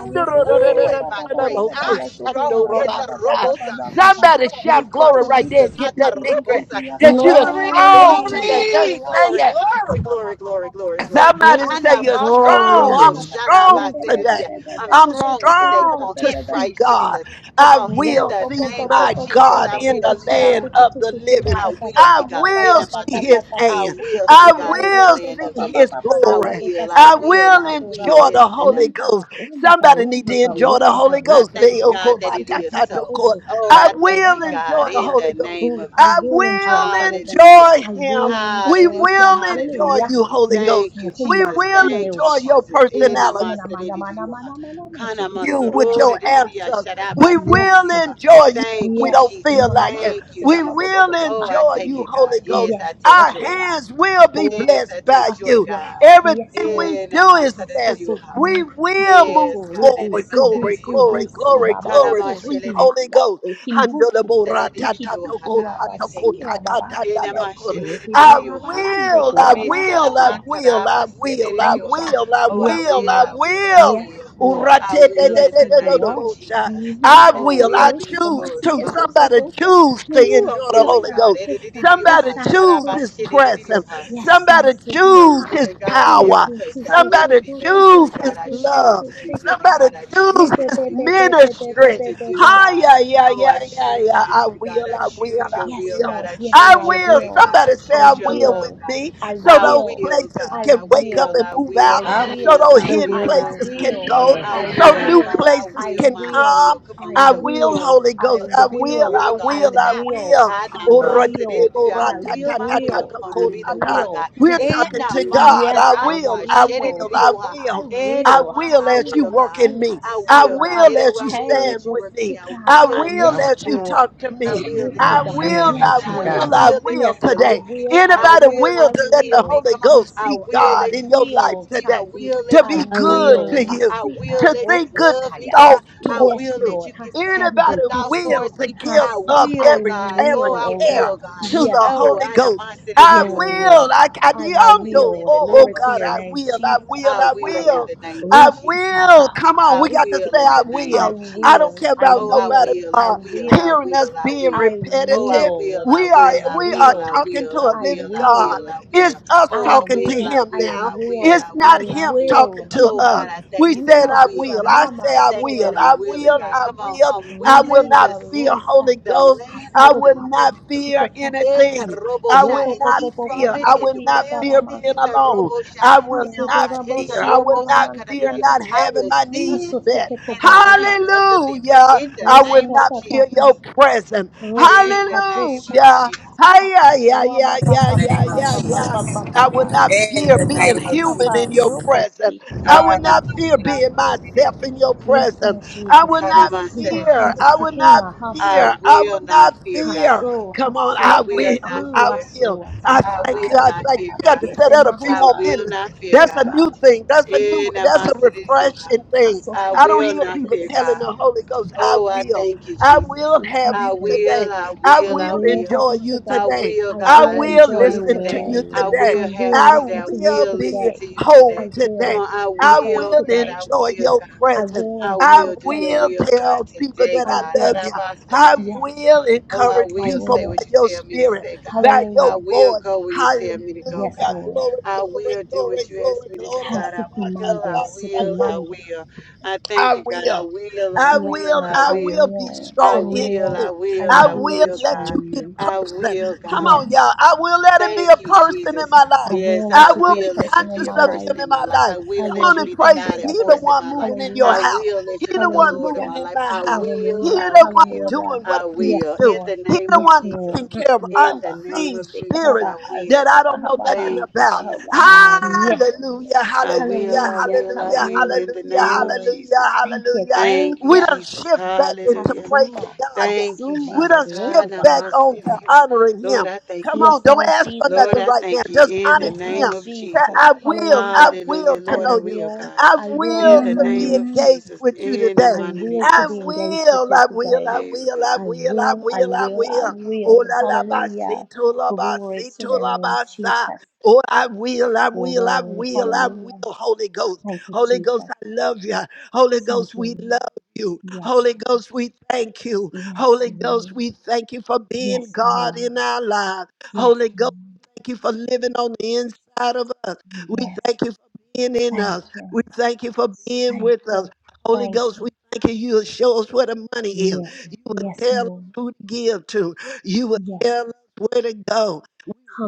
S8: Ooh, in my grace, I strong, Etarobosa,
S2: Somebody
S8: strong in
S2: shout
S6: Yes,
S2: glory
S8: Christ
S2: right there
S8: Jesus.
S2: and get that victory
S8: Hatarobosa.
S2: that you are
S8: Glory,
S2: strong today.
S1: Glory.
S2: Just
S8: glory,
S2: say
S8: glory,
S2: it.
S8: glory, glory, glory, glory, glory.
S2: Somebody say, You're
S8: Anamaso
S2: strong.
S8: robo
S3: Glory.
S2: I'm strong
S8: shadabasididia.
S2: today.
S8: I'm
S2: I'm
S8: strong today. Come
S2: strong
S8: on,
S2: to
S8: in
S2: see
S8: Christ
S2: God.
S8: Jesus. Come
S2: I
S8: on,
S6: Oh,
S8: in
S2: will
S8: the
S6: I
S2: see
S8: name of
S2: my
S6: will
S8: Jesus,
S2: God
S8: I
S2: in
S8: will
S2: the
S8: see God.
S2: land of the living.
S8: I will
S2: I
S8: see God in
S2: will
S8: the
S2: see
S8: mountain.
S2: his
S8: I
S2: hand.
S8: will see
S2: I
S8: God in the
S2: will
S8: land of the
S2: see his
S8: living. I
S2: glory.
S8: will, I
S2: I
S8: will, I
S2: will
S8: will.
S2: enjoy
S8: It's
S2: the
S8: in the
S2: Holy Ghost. Somebody need to enjoy the
S8: will.
S2: Holy
S8: I
S2: Ghost.
S8: thank you,
S2: Leo
S8: God, that it is so.
S2: Koratatotoko.
S8: Oh,
S2: I
S8: I thank you,
S2: will
S8: God,
S2: enjoy the
S8: in
S2: Holy
S8: the
S2: Ghost.
S8: name of
S2: I
S8: Jesus.
S6: enjoy the
S2: will
S6: Holy Ghost.
S8: Hallelujah.
S2: enjoy
S6: I
S2: him.
S6: will
S2: We
S6: enjoy
S8: Hallelujah.
S2: will
S6: Him.
S2: enjoy
S8: Hallelujah.
S6: Hallelujah.
S2: you, Holy
S6: Yes,
S2: Ghost.
S8: Thank you,
S2: We
S6: Muhumma
S8: Jesus.
S2: will
S8: Thank you,
S2: enjoy
S6: Samareusha.
S2: your
S8: Jesus. In
S6: Uma
S8: the
S2: personality
S6: Sumana
S8: master de
S6: Mana
S8: de de
S6: Mana Mana Mana
S8: de
S6: Mana Mana Mana Mana
S8: ha. Kana
S2: you
S6: Mana Mana
S2: with
S8: masoro
S6: Mana
S8: de
S2: your
S8: de
S6: Mana
S2: answers. We
S6: Yes.
S2: will enjoy you when
S8: Thank
S2: we
S8: you,
S2: don't
S6: Yes,
S8: Jesus.
S2: feel like it.
S6: mama,
S8: Thank you,
S6: Seba
S2: We
S6: Baba
S8: Jesus.
S2: will
S6: Baba
S8: Oh, I
S2: enjoy
S6: Party.
S8: take
S2: you,
S8: it, God.
S2: Holy Ghost.
S8: Yes, I
S6: Yes,
S8: take
S2: Our
S8: joy.
S6: okora,
S2: hands will be
S6: akora,
S8: Yes,
S2: blessed
S8: I take
S2: by
S8: joy,
S2: you.
S6: akora.
S8: God.
S6: Yes,
S2: Everything
S6: Lord.
S2: we
S8: In the
S2: do is
S8: master
S2: blessed.
S6: Hasoto,
S2: We
S6: mm,
S2: will move
S8: Yes,
S6: hasoto,
S8: God. In
S6: rebe,
S8: the
S2: forward.
S8: mighty
S6: sebe,
S8: name
S2: Glory,
S8: of you, ha.
S2: glory,
S6: sebe,
S2: glory,
S6: seba,
S8: Tana
S2: glory,
S8: ma
S6: baboko,
S2: sweet
S8: shele
S6: riki
S8: di-
S2: Holy
S6: manda,
S2: Ghost.
S6: riki
S2: I
S6: mbukuba,
S8: shele di di di,
S6: riki
S8: oh,
S2: will,
S8: God. We
S6: bukuraba,
S8: take it.
S6: sira
S8: In
S6: baba,
S8: the
S6: yes,
S8: mighty name
S6: riki
S8: of
S2: I
S8: you,
S6: buraba
S8: ha.
S6: yande,
S2: will, I
S8: Be
S6: kuraba
S8: sena
S2: will, I
S6: baba,
S8: ma ta da
S2: will,
S8: ba
S2: I
S8: shele di di,
S6: Thank
S8: oh,
S6: you.
S8: ha.
S6: Ah,
S2: will, I
S8: Oh, I
S6: Yes,
S2: will,
S8: will,
S2: I
S8: I
S6: Lord.
S8: will, I
S2: will.
S6: Yes,
S8: will.
S6: Lord.
S8: I will in
S6: Yes,
S8: the name of
S6: Lord.
S2: Uratetetetetetebosha.
S8: Jesus.
S6: Uhum.
S2: I
S6: E as
S8: Oh,
S2: will.
S8: will
S2: I
S6: tocando
S8: be,
S6: como
S2: choose
S8: Lord.
S6: assim
S8: Come
S2: to.
S6: que sou,
S8: on.
S6: sou,
S2: Somebody
S6: sou,
S2: choose to
S8: Ooh,
S6: Musa,
S8: I'm
S2: enjoy the
S8: willing,
S2: Holy
S6: Musa,
S8: God.
S2: Ghost.
S8: Eh, di di di
S6: Musa,
S8: di, oh,
S2: Somebody
S8: ha.
S6: Musa,
S8: Sa
S2: choose
S8: ba
S2: his
S6: Musa.
S8: shele di di, oh,
S2: presence.
S8: ha.
S6: Yes,
S2: Somebody
S6: Musa,
S8: I'm
S2: choose
S6: Baha.
S2: his
S8: willing, God, in every
S2: power.
S6: Jesus,
S8: place.
S6: Jesus,
S8: God,
S6: sou,
S8: willing to
S2: Somebody
S8: be
S6: sou, sou, sou,
S8: made
S6: sou,
S2: choose
S8: willing. God,
S6: sou,
S2: his
S8: I choose
S2: love.
S6: sou,
S8: to be willing.
S2: Somebody
S8: God, I
S2: choose
S6: sou,
S8: choose
S6: sou,
S2: his
S8: to be willing. I choose
S2: ministry.
S8: to
S6: sou, sou,
S8: do,
S6: sou,
S2: Hi, yeah,
S8: God.
S2: yeah,
S8: Oh, I
S2: yeah, yeah,
S8: choose
S2: yeah. I
S8: ministry, God.
S2: will,
S8: I
S2: I will,
S8: choose your
S2: I
S6: Yes,
S8: will,
S2: will.
S8: God.
S6: Lord.
S8: I
S6: Yes,
S2: I
S6: Lord.
S8: choose
S6: I
S8: your
S2: will.
S8: way, God.
S6: will.
S2: Somebody
S8: I
S2: say
S6: I
S2: I
S8: choose your
S2: will with
S8: love,
S6: will.
S8: God.
S2: me
S6: I
S2: so
S8: I
S2: those
S6: will.
S8: will,
S2: places
S6: I
S8: God.
S2: can
S8: I
S2: wake up
S8: will,
S6: will.
S2: and
S8: I
S2: move out
S6: I
S8: will, I
S10: I
S2: so
S6: will.
S8: will,
S2: those
S8: I
S1: I
S2: hidden
S6: I
S8: will,
S10: will.
S8: I
S2: places
S1: will.
S8: will.
S2: can
S6: will.
S2: go,
S10: Yes,
S8: I
S6: I
S2: so
S8: will.
S10: I
S8: Come
S2: new
S10: will.
S8: on,
S6: will.
S8: I
S2: places
S6: I
S8: will,
S2: can
S8: my
S6: will.
S8: will.
S2: come.
S8: Come on,
S6: I
S2: I
S8: to
S2: will,
S8: will.
S6: will.
S2: Holy
S6: I
S8: Uh,
S2: Ghost.
S8: to
S2: I
S8: be the
S2: will,
S6: will.
S8: will
S2: I
S8: of
S6: I
S8: God.
S2: will, I
S8: I,
S6: will.
S2: will.
S8: I, I
S6: I
S2: ora
S6: will. I
S8: will my will.
S6: will.
S8: Come on,
S6: I
S8: to be the will of God.
S6: will.
S2: we are
S6: Yes. Lord.
S2: talking
S8: Ena
S2: to God.
S6: Yes,
S2: I
S6: I
S8: masaraba
S2: will, I
S6: will.
S2: will,
S6: Huh.
S2: I
S8: shededioha.
S6: I
S2: will. I
S8: Ena
S6: will.
S8: ma,
S2: will
S8: I
S2: as
S6: Hasu,
S2: you
S8: will,
S2: work
S8: God.
S2: in
S6: asu,
S2: me.
S8: I
S6: asu,
S2: I
S8: will, God.
S6: aha.
S2: will
S8: Ede, I
S2: as you
S8: will
S6: Hey,
S2: stand
S8: let you
S2: with
S8: work in
S2: me.
S8: me. I
S6: Rosika,
S2: I
S6: aha.
S8: will
S2: will
S8: let
S10: I
S8: you
S6: Yes,
S2: as
S10: will.
S2: you
S6: Lord.
S8: guide me.
S2: talk to
S8: I
S2: me.
S8: will let you
S2: I
S6: Wokobaha.
S10: I
S8: stand
S10: will
S2: will,
S8: for
S6: Yes,
S2: I
S8: me.
S10: that you
S8: I
S6: Lord.
S2: will,
S10: God.
S2: I
S8: will let
S2: will
S6: Yes,
S8: you
S6: I
S2: today.
S8: deliver me.
S6: will. I
S8: I
S2: Anybody
S6: will.
S8: will
S2: will
S6: I
S8: let
S2: to
S8: you
S2: let the
S8: heal me.
S6: will.
S2: Holy
S8: Come on.
S2: Ghost
S6: Yes,
S8: I
S2: be
S6: Lord. I
S8: will
S2: God
S8: let
S2: in
S8: you
S2: your life
S8: give to
S6: will.
S8: me. I
S2: today
S6: Hasi.
S8: will
S2: to
S8: let
S6: I
S8: you
S2: be
S1: I
S8: prosper
S2: good
S6: will.
S8: me.
S2: to
S1: will.
S2: you,
S8: I
S6: Hasi.
S8: will
S6: I
S2: to
S8: let you
S2: think good
S8: love me,
S6: Rokosaya.
S8: God.
S2: thoughts
S8: I
S6: Yes,
S2: towards
S8: will
S2: you.
S8: let
S6: Lord.
S8: you give, have
S2: Anybody
S6: Hasandi.
S8: good
S6: He
S8: thoughts
S6: said,
S2: will
S8: towards
S2: to
S8: me.
S2: give
S8: I
S6: Hasa.
S2: up
S6: I
S8: will,
S2: every
S8: God.
S2: every
S8: Oh,
S6: will,
S8: I
S6: oh
S2: care
S6: God.
S8: will,
S2: to
S8: God.
S2: the
S6: Yes,
S8: Oh,
S6: Lord.
S2: Holy
S8: I know
S2: Ghost.
S8: my city to
S2: I
S6: Yes,
S8: you.
S1: will.
S2: will.
S6: Lord.
S2: I can
S6: I
S8: I will
S2: Oh,
S8: in
S6: will.
S8: the
S2: oh
S8: name
S6: Glory
S8: of
S6: to
S2: God,
S6: your
S2: I
S6: name,
S8: Jesus.
S2: will. I
S6: Jesus.
S2: will.
S8: I
S2: I
S8: will in
S6: Asaya.
S2: will.
S8: the name of
S2: I
S6: Ristika.
S8: Jesus.
S2: will.
S6: Ha, ha.
S2: Come on,
S8: I
S2: we got to
S8: will
S2: say
S8: in
S6: Ristika.
S2: I
S8: the name
S6: I
S2: will.
S8: of
S2: I don't
S8: Jesus.
S6: will.
S2: care
S6: I
S2: about
S8: Oh, I
S2: nobody
S6: will.
S8: will, I
S6: I
S2: uh,
S8: will, I
S6: will.
S2: hearing us
S8: will, I
S2: being
S6: I
S8: will. Oh, I
S2: repetitive.
S8: will,
S6: will,
S8: I
S2: We are
S6: I
S8: will, I
S2: we are
S8: will, I
S6: will,
S2: talking to
S8: will, I
S2: a
S6: I
S8: will,
S2: living
S8: I
S2: God.
S8: will,
S6: will,
S8: I
S2: It's
S8: will.
S2: us
S8: Oh,
S6: I
S8: I
S2: talking to
S8: will,
S6: will,
S8: I
S2: Him
S6: I
S8: will,
S2: now.
S8: I will,
S2: It's
S8: I
S6: will, I
S2: not
S8: will, I
S2: him
S8: will.
S2: talking
S6: will.
S2: to
S8: Oh,
S2: us.
S8: God, I thank
S2: We
S8: you that
S2: said,
S8: I
S2: I
S8: will,
S6: Masa
S2: will.
S8: God.
S2: I
S6: mama
S2: say,
S8: I
S2: I
S8: thank you
S2: will.
S6: sora
S8: that
S2: I
S8: I'm willing,
S2: will.
S6: basie
S8: God.
S2: I
S8: Come on,
S2: will.
S8: I'm
S2: I will
S8: willing
S2: not
S8: to
S6: risia
S2: fear
S8: see
S2: Holy
S6: rosa
S8: the
S2: Ghost.
S8: land
S2: I
S8: of
S6: hasiko
S8: the
S2: will not
S6: papa
S8: living, God.
S2: fear
S6: sukasasa
S2: anything. I
S8: Etarobosha
S2: will
S6: ropo
S8: and
S2: not
S6: popo
S8: eat from
S2: fear.
S6: popo
S8: it
S2: I
S8: and
S2: will
S6: basia
S2: not
S8: dwell
S2: fear
S8: in it.
S6: darama
S2: being alone.
S8: Etarobosha.
S2: I will
S6: aso
S8: Now,
S2: not
S8: God,
S6: dorabo
S2: fear. I
S6: shia
S2: will
S8: Etarobosa
S2: not
S6: dalaman
S2: fear
S8: kadadidio.
S6: sianda
S2: not
S8: I
S2: having
S8: will
S2: my needs
S8: see it
S6: aso
S2: met.
S6: ko
S8: in the
S6: papa
S8: land of the living.
S2: Hallelujah.
S8: In the
S2: I will
S8: name
S6: rosika
S8: of
S2: not fear
S6: tata
S2: your
S8: Jesus.
S2: presence.
S6: Rosi
S8: In the
S6: Ado
S8: name of
S6: Shata
S2: Hallelujah.
S8: Jesus.
S2: Hi,
S6: Tata.
S2: yeah, yeah, yeah,
S6: Raba
S2: yeah,
S6: Papa
S2: yeah,
S8: name of
S6: Papa
S2: yeah,
S6: Papa
S2: yeah.
S8: Jesus.
S6: Papa
S2: I will
S6: Papa.
S2: not
S8: In
S2: fear
S8: the
S6: Sititi
S2: being
S8: name
S6: Papa
S8: of
S2: human in
S6: Papa
S2: your
S8: Jesus.
S2: presence.
S6: Robosi.
S2: I
S8: Ah,
S2: will not fear being
S8: namaskarabasiri,
S2: myself in your
S6: Yes,
S2: presence.
S6: Lord
S2: I
S6: Jesus.
S2: will not
S6: Yes.
S2: fear.
S6: Nubahandu
S2: I
S8: kanamasaridio.
S2: will not
S6: Sekina
S8: I
S2: fear.
S6: Hasu.
S2: I
S8: will
S2: will
S8: not
S2: not
S8: fear,
S2: fear.
S8: God.
S6: Hasu,
S2: Come on,
S8: I
S2: I
S6: Hasu,
S8: will not
S2: will.
S6: Hasu,
S2: I
S8: fear.
S2: will.
S6: Hasu, Hasu,
S2: I
S8: I
S2: thank
S8: will
S2: you.
S6: Mabaha,
S2: I
S8: not
S6: Hasu,
S2: thank you.
S8: fear
S6: Baha,
S2: We got to
S8: God.
S2: set
S6: Fehese,
S2: out a few
S8: I
S2: more
S6: Mahosa,
S8: will
S2: minutes.
S8: not fear
S2: That's a
S8: God.
S6: Hosa,
S2: new thing. That's a new,
S8: In the
S2: that's a
S8: master of Yoha.
S2: refreshing thing.
S8: I
S6: Hasosa,
S2: I don't
S8: will
S2: hear
S8: not
S2: people
S8: fear
S6: Hasosa,
S2: telling
S8: God.
S2: the Holy Ghost, I
S8: Oh, I
S2: will.
S8: thank you,
S2: I
S8: Jesus.
S2: will have
S8: I
S6: Yes,
S2: you
S6: Lord.
S8: will,
S2: today.
S8: I
S2: I
S6: I
S8: will, I
S2: will
S6: will have
S8: will.
S2: enjoy
S6: you
S2: you
S8: I
S6: today.
S2: today.
S8: will,
S6: I
S2: I
S6: will
S8: God,
S2: will
S6: enjoy
S8: enjoy
S1: I
S8: you
S6: you
S2: listen to
S8: today.
S1: will,
S2: you
S6: today.
S8: I
S2: today.
S6: I
S1: Lord.
S8: will have
S6: will
S8: you
S2: I
S8: today.
S6: listen
S8: I
S6: to you
S2: will
S8: will
S2: be
S8: listen
S6: today.
S8: to you
S6: I
S2: whole
S8: today. Come
S2: today.
S6: will
S8: on, I
S6: be
S2: I
S6: whole
S8: will,
S2: will
S8: God, I
S6: today.
S2: enjoy
S8: will,
S2: your
S8: God.
S6: I
S2: presence.
S6: will
S8: I
S6: enjoy
S2: I
S8: will
S6: your
S8: do your
S6: presence.
S2: will
S8: will, God,
S2: tell people
S8: today,
S2: that
S6: I
S8: God.
S2: I love
S6: will.
S2: you.
S8: Arabasta de
S2: I
S8: Dios.
S6: Yes,
S2: will
S8: Oh, I
S2: encourage
S6: I
S8: will
S2: people
S8: say what
S6: will.
S2: by
S8: you
S2: your
S8: tell me to
S2: spirit,
S8: say, God.
S2: by
S8: I
S2: your
S6: Hallelujah.
S8: will
S2: voice.
S8: go where you
S2: Hallelujah.
S8: tell me to go,
S6: Yes,
S8: God.
S6: Lord.
S2: Glory,
S8: I
S2: glory,
S8: will do what you ask
S2: glory,
S8: me to do,
S2: glory,
S8: God. I will, I
S6: Hasukumande,
S8: will,
S2: glory.
S8: I
S6: sikimande.
S8: will. I thank
S2: I
S8: you, God. I
S2: will.
S8: will, I
S2: I
S6: Yes,
S8: will,
S2: will,
S6: Lord.
S8: I
S2: I
S6: I
S8: will.
S2: will be
S6: will.
S8: I
S6: I
S2: strong in
S8: will,
S6: will.
S8: I
S2: you.
S6: I
S8: will,
S2: I
S8: I
S6: will
S2: will
S6: be
S8: will,
S2: let
S6: strong
S8: God.
S2: you
S6: in
S2: be
S6: you.
S2: a
S8: I
S2: person.
S8: will,
S2: Come
S8: God.
S2: on,
S6: Yes.
S2: y'all. I will let him be a
S8: Thank you,
S2: person in
S8: Jesus.
S2: my
S6: I
S2: life.
S8: Yes,
S6: will
S8: I
S2: I
S6: let you
S2: will
S6: be a
S2: be
S8: will let you
S6: person in
S8: be
S2: conscious
S8: a
S6: my
S2: of
S8: person
S2: him
S6: life.
S2: in
S8: in my
S2: my
S8: life. I
S2: life.
S6: I
S8: will
S2: Come
S8: let
S6: will
S2: on
S8: you
S2: and
S6: be
S8: be the
S2: praise
S8: God
S2: him.
S6: conscious
S8: and
S2: He
S6: of
S2: the
S8: force
S6: you.
S8: in
S2: one
S8: my life.
S2: moving in your
S8: I
S6: Hallelujah.
S2: house.
S8: will let
S2: He
S8: you be
S2: the
S8: the
S2: one
S8: Lord of
S2: moving
S6: Hallelujah.
S8: my
S2: in
S8: life.
S2: my
S8: I
S2: house.
S8: will,
S2: He
S6: Hallelujah.
S8: I
S2: the one
S8: will,
S2: doing
S6: Hallelujah.
S2: what
S8: I
S2: I need to
S6: Yes,
S8: will. In
S2: do.
S6: Lord.
S8: the
S2: He
S8: name
S2: the
S8: of
S6: Yes,
S2: one
S6: Lord.
S8: Jesus.
S2: taking
S6: Mm,
S2: care of
S6: yes,
S8: In the
S6: Abba, ha,
S8: name
S2: unseen
S8: of
S6: sick, Abba,
S8: Jesus,
S2: spirits
S8: I
S6: ha,
S2: that
S8: will.
S2: I don't know nothing
S8: Thank you,
S2: about.
S8: Jesus.
S6: Yes,
S8: Hallelujah.
S6: Lord.
S2: Hallelujah,
S8: I
S2: hallelujah,
S8: will, I
S6: Hallelujah.
S8: will, I
S2: hallelujah,
S8: will.
S6: Hallelujah.
S8: In the
S2: hallelujah,
S8: name of
S6: Glory.
S2: hallelujah,
S8: Jesus.
S6: Thank you.
S2: hallelujah.
S6: Thank
S8: Thank you,
S2: We
S6: you.
S2: don't
S8: Jesus.
S2: shift back into
S8: Hallelujah.
S2: praising
S6: Hasuma.
S2: God now.
S8: Thank you,
S2: We
S6: Hasuma.
S8: Jesus.
S2: don't
S8: Ha,
S2: shift
S6: Rohuba.
S2: back on to
S8: namasete.
S2: honoring
S8: Lord,
S2: Him.
S8: I thank
S2: Come
S8: you.
S6: Yes,
S2: on, don't
S6: Lord
S2: ask for
S8: Lord,
S6: Jesus.
S2: nothing
S8: I
S2: right now.
S8: thank you
S2: Just
S8: in the
S2: honor
S6: Yes,
S8: name
S2: Him.
S6: Lord
S8: of
S2: Say,
S6: Jesus.
S8: Jesus.
S2: I will, I
S6: Hallelujah.
S2: will
S8: Hallelujah,
S2: to
S6: I
S8: Lord, I
S2: know you.
S8: will,
S6: will.
S8: God.
S2: I
S6: I will
S8: In
S6: to
S2: will
S8: the
S2: to
S6: know
S8: name
S2: be
S6: you.
S8: of
S1: Hallelujah.
S2: engaged
S8: Jesus,
S2: with you
S8: in the
S2: today.
S6: I
S8: mighty name of
S6: will to
S8: your
S2: I
S6: be
S8: son.
S6: engaged with
S2: will,
S6: you
S2: I will,
S6: today.
S2: I
S8: There you
S2: will,
S8: go.
S2: I
S6: I
S2: will, I
S6: will, I
S2: will, I
S6: will, I
S2: will. Oh
S6: will.
S2: la la ba si
S6: Hallelujah.
S2: to la ba
S6: Glory
S2: si
S6: to
S2: to
S6: your
S2: la
S6: name,
S2: ba sa.
S6: Jesus.
S2: Oh, I will, I will, I
S6: Glory.
S2: will, I will,
S6: Hallelujah.
S2: Holy Ghost.
S6: Thank you,
S2: Holy Ghost,
S6: Jesus.
S2: I love you. Holy
S6: Thank
S2: Ghost,
S6: you,
S2: we
S6: Lord.
S2: love you.
S6: Yes,
S2: Holy Ghost, we thank you.
S6: yes,
S2: Holy Ghost,
S6: Lord.
S2: we thank you for being
S6: Yes,
S2: God
S6: Lord.
S2: in our lives.
S6: Yes,
S2: Holy Ghost,
S6: Lord.
S2: we thank you for living on the inside of us. We
S6: Yes.
S2: thank you for being in
S6: Thank
S2: us.
S6: you.
S2: We thank you for being
S6: Thank
S2: with us.
S6: you.
S2: Holy
S6: Thank
S2: Ghost,
S6: you.
S2: we thank you. You'll show us where the money is.
S6: Yes,
S2: You will
S6: yes,
S2: tell us
S6: Lord.
S2: who to give to. You will
S6: Yes.
S2: tell us where to go.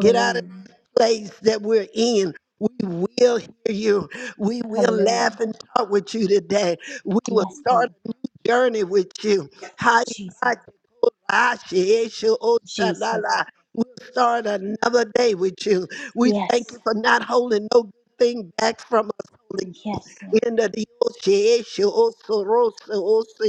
S2: Get out of this place that we're in. We will hear you. We will
S6: Hallelujah.
S2: laugh and talk with you today. We will
S6: Yes,
S2: start
S6: Lord.
S2: a new journey with you. Haya ba
S6: Jesus.
S2: ke ko ra she e sho o sha la
S6: Jesus.
S2: la. We'll start another day with you. We thank
S6: Yes.
S2: you for not holding no good thing back from us, Holy Ghost.
S6: Yes, Lord.
S2: In the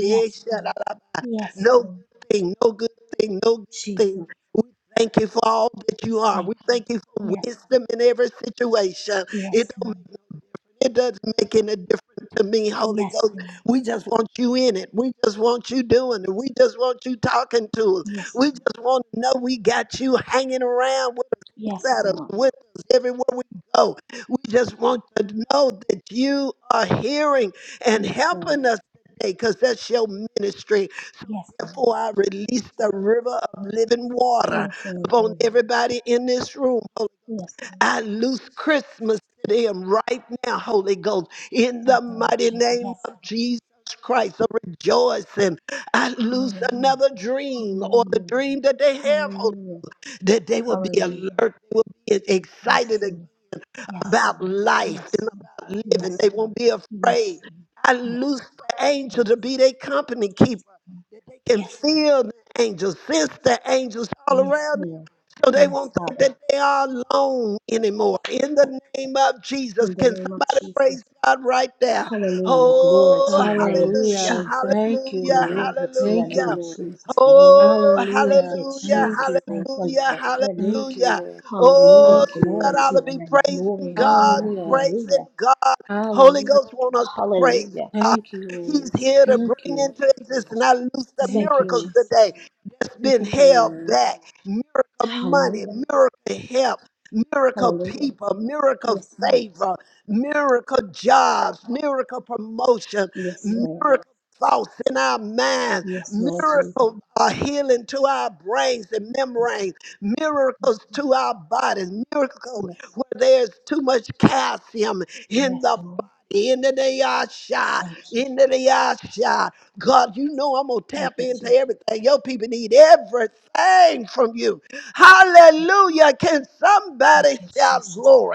S6: Yes, Lord. Yes,
S2: no
S6: Lord.
S2: good thing, no good thing, no good
S6: Jesus,
S2: thing. We thank you for all that you are.
S6: thank
S2: We
S6: you.
S2: thank you for
S6: Yes,
S2: wisdom in every situation.
S6: yes,
S2: It don't
S6: Lord.
S2: it doesn't make any difference to me, Holy
S6: Yes,
S2: Ghost.
S6: Lord.
S2: We just want you in it. We just want you doing it. We just want you talking to us. We
S6: Yes, Lord.
S2: just want to know we got you hanging around with us,
S6: Yes,
S2: at us,
S6: Lord.
S2: with us everywhere we go. We just want to know that you are hearing and
S6: Yes, Lord.
S2: helping us today because that's your ministry.
S6: Yes, Lord.
S2: Therefore, I release the river of living water
S6: Yes,
S2: upon
S6: Lord.
S2: everybody in this room. Holy-
S6: Yes, Lord.
S2: I loose Christmas to them right now, Holy Ghost, in
S6: Thank
S2: the
S6: you, Lord
S2: mighty
S6: Jesus.
S2: name
S6: Yes.
S2: of Jesus. Christ, a rejoicing. I loose
S6: Hallelujah.
S2: another dream or the
S6: Hallelujah.
S2: dream that they have, Holy,
S6: Hallelujah.
S2: that they will be
S6: Hallelujah.
S2: alert, they will be
S6: Yes,
S2: excited
S6: Lord. Yes,
S2: about
S6: Lord.
S2: life
S6: Yes,
S2: and
S6: Lord.
S2: about living. They
S6: Yes, Lord.
S2: won't be
S6: Yes,
S2: afraid. I
S6: Lord.
S2: loose the angel
S6: Yes.
S2: to be their company
S6: Yes.
S2: keeper.
S6: Yes, Lord.
S2: That they can
S6: Yes, Lord.
S2: feel the angels, sense the angels all
S6: Yes,
S2: around them.
S6: Lord.
S2: So they
S6: Yes,
S2: won't think
S6: Father.
S2: that they are alone anymore. In the name of Jesus,
S6: In the
S2: can
S6: name of
S2: somebody
S6: Jesus.
S2: praise God right there?
S6: Hallelujah. Glory to
S2: Oh,
S6: your name,
S2: hallelujah,
S1: Hallelujah.
S6: Jesus.
S1: Thank you,
S2: hallelujah,
S1: Lord.
S6: Glory to your
S1: Thank you,
S2: hallelujah.
S6: name,
S1: Lord.
S6: Jesus. Glory.
S2: Oh,
S6: Thank
S1: Hallelujah.
S6: you,
S2: hallelujah,
S1: Thank you,
S6: Jesus.
S1: Lord.
S6: Thank you,
S2: hallelujah,
S6: Lord. Hallelujah.
S1: Thank you,
S2: hallelujah.
S1: Lord.
S2: Oh,
S6: Hallelujah.
S1: Thank you,
S6: Glory
S2: somebody ought
S6: to
S1: Lord.
S2: to
S6: your
S2: be
S6: name. Glory
S2: praising
S6: and
S2: God,
S6: honor.
S1: Hallelujah.
S2: praising
S6: Hallelujah.
S2: God. Holy
S1: Hallelujah.
S2: Ghost want us to praise
S6: Hallelujah.
S2: God.
S1: Thank you,
S2: He's
S1: Lord.
S2: here to
S1: Thank
S2: bring
S1: you.
S2: into existence. I loose the
S6: Thank
S1: Thank
S6: you,
S2: miracles
S1: you.
S6: Jesus.
S2: today that's been
S1: Thank you,
S2: held
S1: Lord.
S2: back. Miracle money,
S6: Hallelujah.
S2: miracle help, miracle
S6: Hallelujah.
S2: people, miracle
S6: Yes, Lord.
S2: favor, miracle jobs, miracle promotion,
S6: Yes, Lord.
S2: miracle thoughts in our mind,
S6: Yes, Lord Jesus.
S2: miracle uh, healing to our brains and membranes,
S6: Yes,
S2: miracles
S6: Lord.
S2: to our bodies, miracles
S6: Yes,
S2: where there's too much calcium in the
S6: Yes, Lord.
S2: in the day I shine,
S6: Thank you.
S2: in the day I shine. God, you know I'm gonna
S6: Thank
S2: tap
S6: you,
S2: into
S6: Jesus.
S2: everything. Your people need everything from you. Hallelujah. Can
S6: Thank
S2: somebody
S6: you,
S2: shout
S6: Jesus.
S2: glory?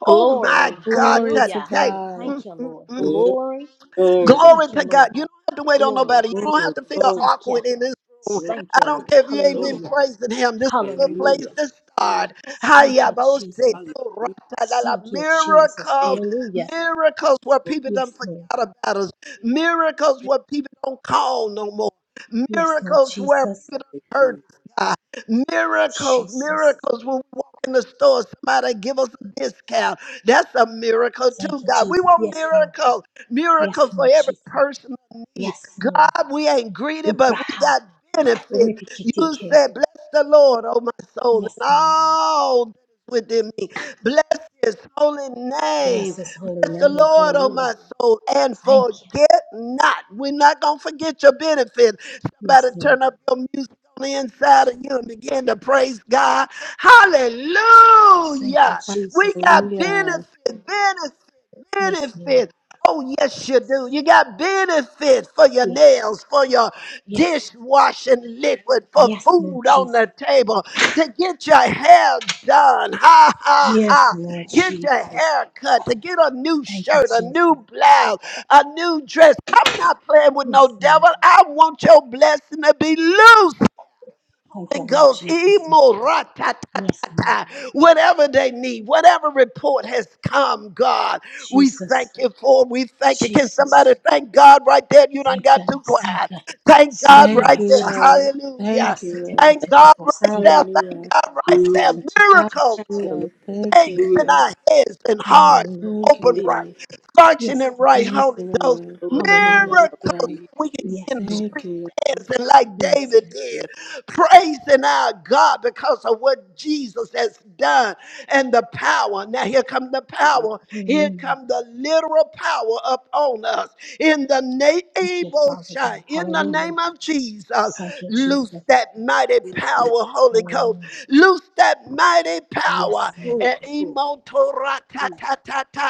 S2: Oh my
S6: Glory.
S2: God,
S1: Glory to
S6: Hallelujah.
S2: today.
S1: God.
S2: Mm,
S6: Thank you,
S2: mm,
S6: Lord.
S2: mm.
S6: Glory.
S4: Hallelujah. Hallelujah. Lord,
S2: Glory
S6: Thank you,
S2: to God.
S6: Lord.
S2: You don't have to wait on
S6: Glory.
S2: nobody. You don't
S4: Lord,
S2: have to feel
S4: Lord,
S6: Thank you.
S2: awkward in this room.
S4: Glory,
S6: Thank
S2: I
S6: you,
S2: don't
S6: Lord.
S2: care if you ain't been
S4: glory,
S6: Hallelujah.
S2: praising him. This is a good place
S4: hallelujah.
S6: Hallelujah.
S2: to
S4: Oh,
S2: start.
S6: Thank you,
S2: Hayabose to
S6: Jesus.
S4: hallelujah.
S2: rata la la.
S6: Thank you, Jesus.
S2: Miracles,
S4: Thank you,
S6: Hallelujah.
S2: miracles where
S4: Lord.
S2: people
S6: Yes,
S2: don't forget
S6: Lord.
S2: about us. Miracles where people don't call no more.
S6: Yes, Lord
S2: Miracles where
S6: Jesus.
S2: people don't hurt
S4: Hallelujah.
S2: us. God. Miracles,
S6: Jesus.
S2: miracles when we walk in the store, somebody give us a discount. That's a miracle too,
S6: Thank you,
S2: God. We
S6: Jesus.
S2: want
S6: Yes, Lord.
S2: miracles
S6: Yes,
S2: miracle for
S6: Lord
S2: every
S6: Jesus.
S2: person in need.
S6: Yes, Lord.
S2: God, we ain't greedy, but we
S6: Ubraha.
S2: got benefits. You
S6: Uripikitike.
S2: said, Bless the Lord, oh my soul, and
S6: Yes, Lord.
S2: all that is within me. Bless his holy
S6: Bless
S2: name.
S6: his holy
S2: Bless the
S6: name.
S2: Lord, oh
S6: Hallelujah.
S2: my soul, and
S6: Thank you.
S2: forget not. We're not going to forget your benefits.
S6: Yes,
S2: Somebody
S6: Lord.
S2: turn up your music on the inside of you and begin to praise God.
S6: Thank you,
S2: Hallelujah. We
S6: Jesus. Thank
S2: got
S6: you.
S1: Hallelujah.
S2: benefits. Benefits
S6: Yes, Lord.
S2: benefits. Oh, yes, you do. You got benefits for your
S6: Yeah.
S2: nails, for your
S6: Yes.
S2: dishwashing liquid, for
S6: Yes, Lord
S2: food on
S6: Jesus.
S2: the table, to get your hair done. Ha, ha,
S6: Yes,
S2: ha.
S6: Lord
S2: Get your
S6: Jesus.
S2: hair cut, to get a new
S6: Thank you,
S2: shirt, a
S6: Jesus.
S2: new blouse, a new dress. I'm not playing with no
S6: Yes, Lord.
S2: devil. I want your blessing to be loose.
S6: Thank you,
S2: Holy
S6: Lord
S2: Ghost,
S6: Jesus. Yes, Lord.
S2: Imoratatatatata. whatever they need, whatever report has come, God, we thank
S6: Jesus.
S2: you for. We thank you. Can somebody
S6: Jesus.
S2: thank God right there? You done
S6: Thank
S2: got
S6: you,
S2: too
S6: Lord. Thank
S2: quiet.
S6: you.
S2: Thank God
S6: Thank you,
S1: Thank
S2: right
S6: Lord
S1: you,
S2: there.
S6: Jesus.
S1: Lord.
S2: Hallelujah.
S1: Thank you,
S6: hasi te te
S1: Lord.
S2: Thank
S6: te te
S2: God
S6: bo
S2: right there. Thank
S1: Hallelujah.
S2: God right there. Miracles.
S4: Thank you, Lord. Hallelujah. Thank
S6: Hasi-tu-tu-tu-tu-tu-tu.
S4: you,
S1: Hallelujah. Thank
S6: Thank
S1: you,
S2: Things
S6: you.
S2: in
S1: Lord.
S2: our heads and hearts
S6: Hallelujah.
S1: Thank you,
S2: open
S1: Lord.
S2: right,
S6: Yes,
S2: functioning
S6: Lord
S2: right,
S1: Thank
S6: Jesus.
S1: you,
S2: Holy Ghost.
S1: Lord.
S4: Lord. Thank
S6: Hallelujah.
S2: Miracles.
S1: Hallelujah.
S2: We
S4: you,
S2: can
S4: Lord.
S2: be
S6: Yes,
S2: in the
S6: Lord.
S1: Thank
S2: street
S1: you,
S2: dancing like
S6: Yes,
S2: David
S6: Lord.
S2: did,
S4: Yes, Lord.
S2: praising our God because of what Jesus has done and the power. Now here come the power. Here
S6: Hallelujah.
S2: come the literal power upon us. In the name
S6: Thank you, Father God.
S2: in the
S6: Hallelujah.
S2: name of Jesus,
S6: Thank you,
S2: loose
S6: Jesus.
S2: that mighty
S4: Hallelujah.
S2: power, Holy Ghost.
S6: Hallelujah.
S2: Loose that mighty power.
S6: Yes, Lord.
S4: Oh,
S2: Eh,
S4: oh, oh.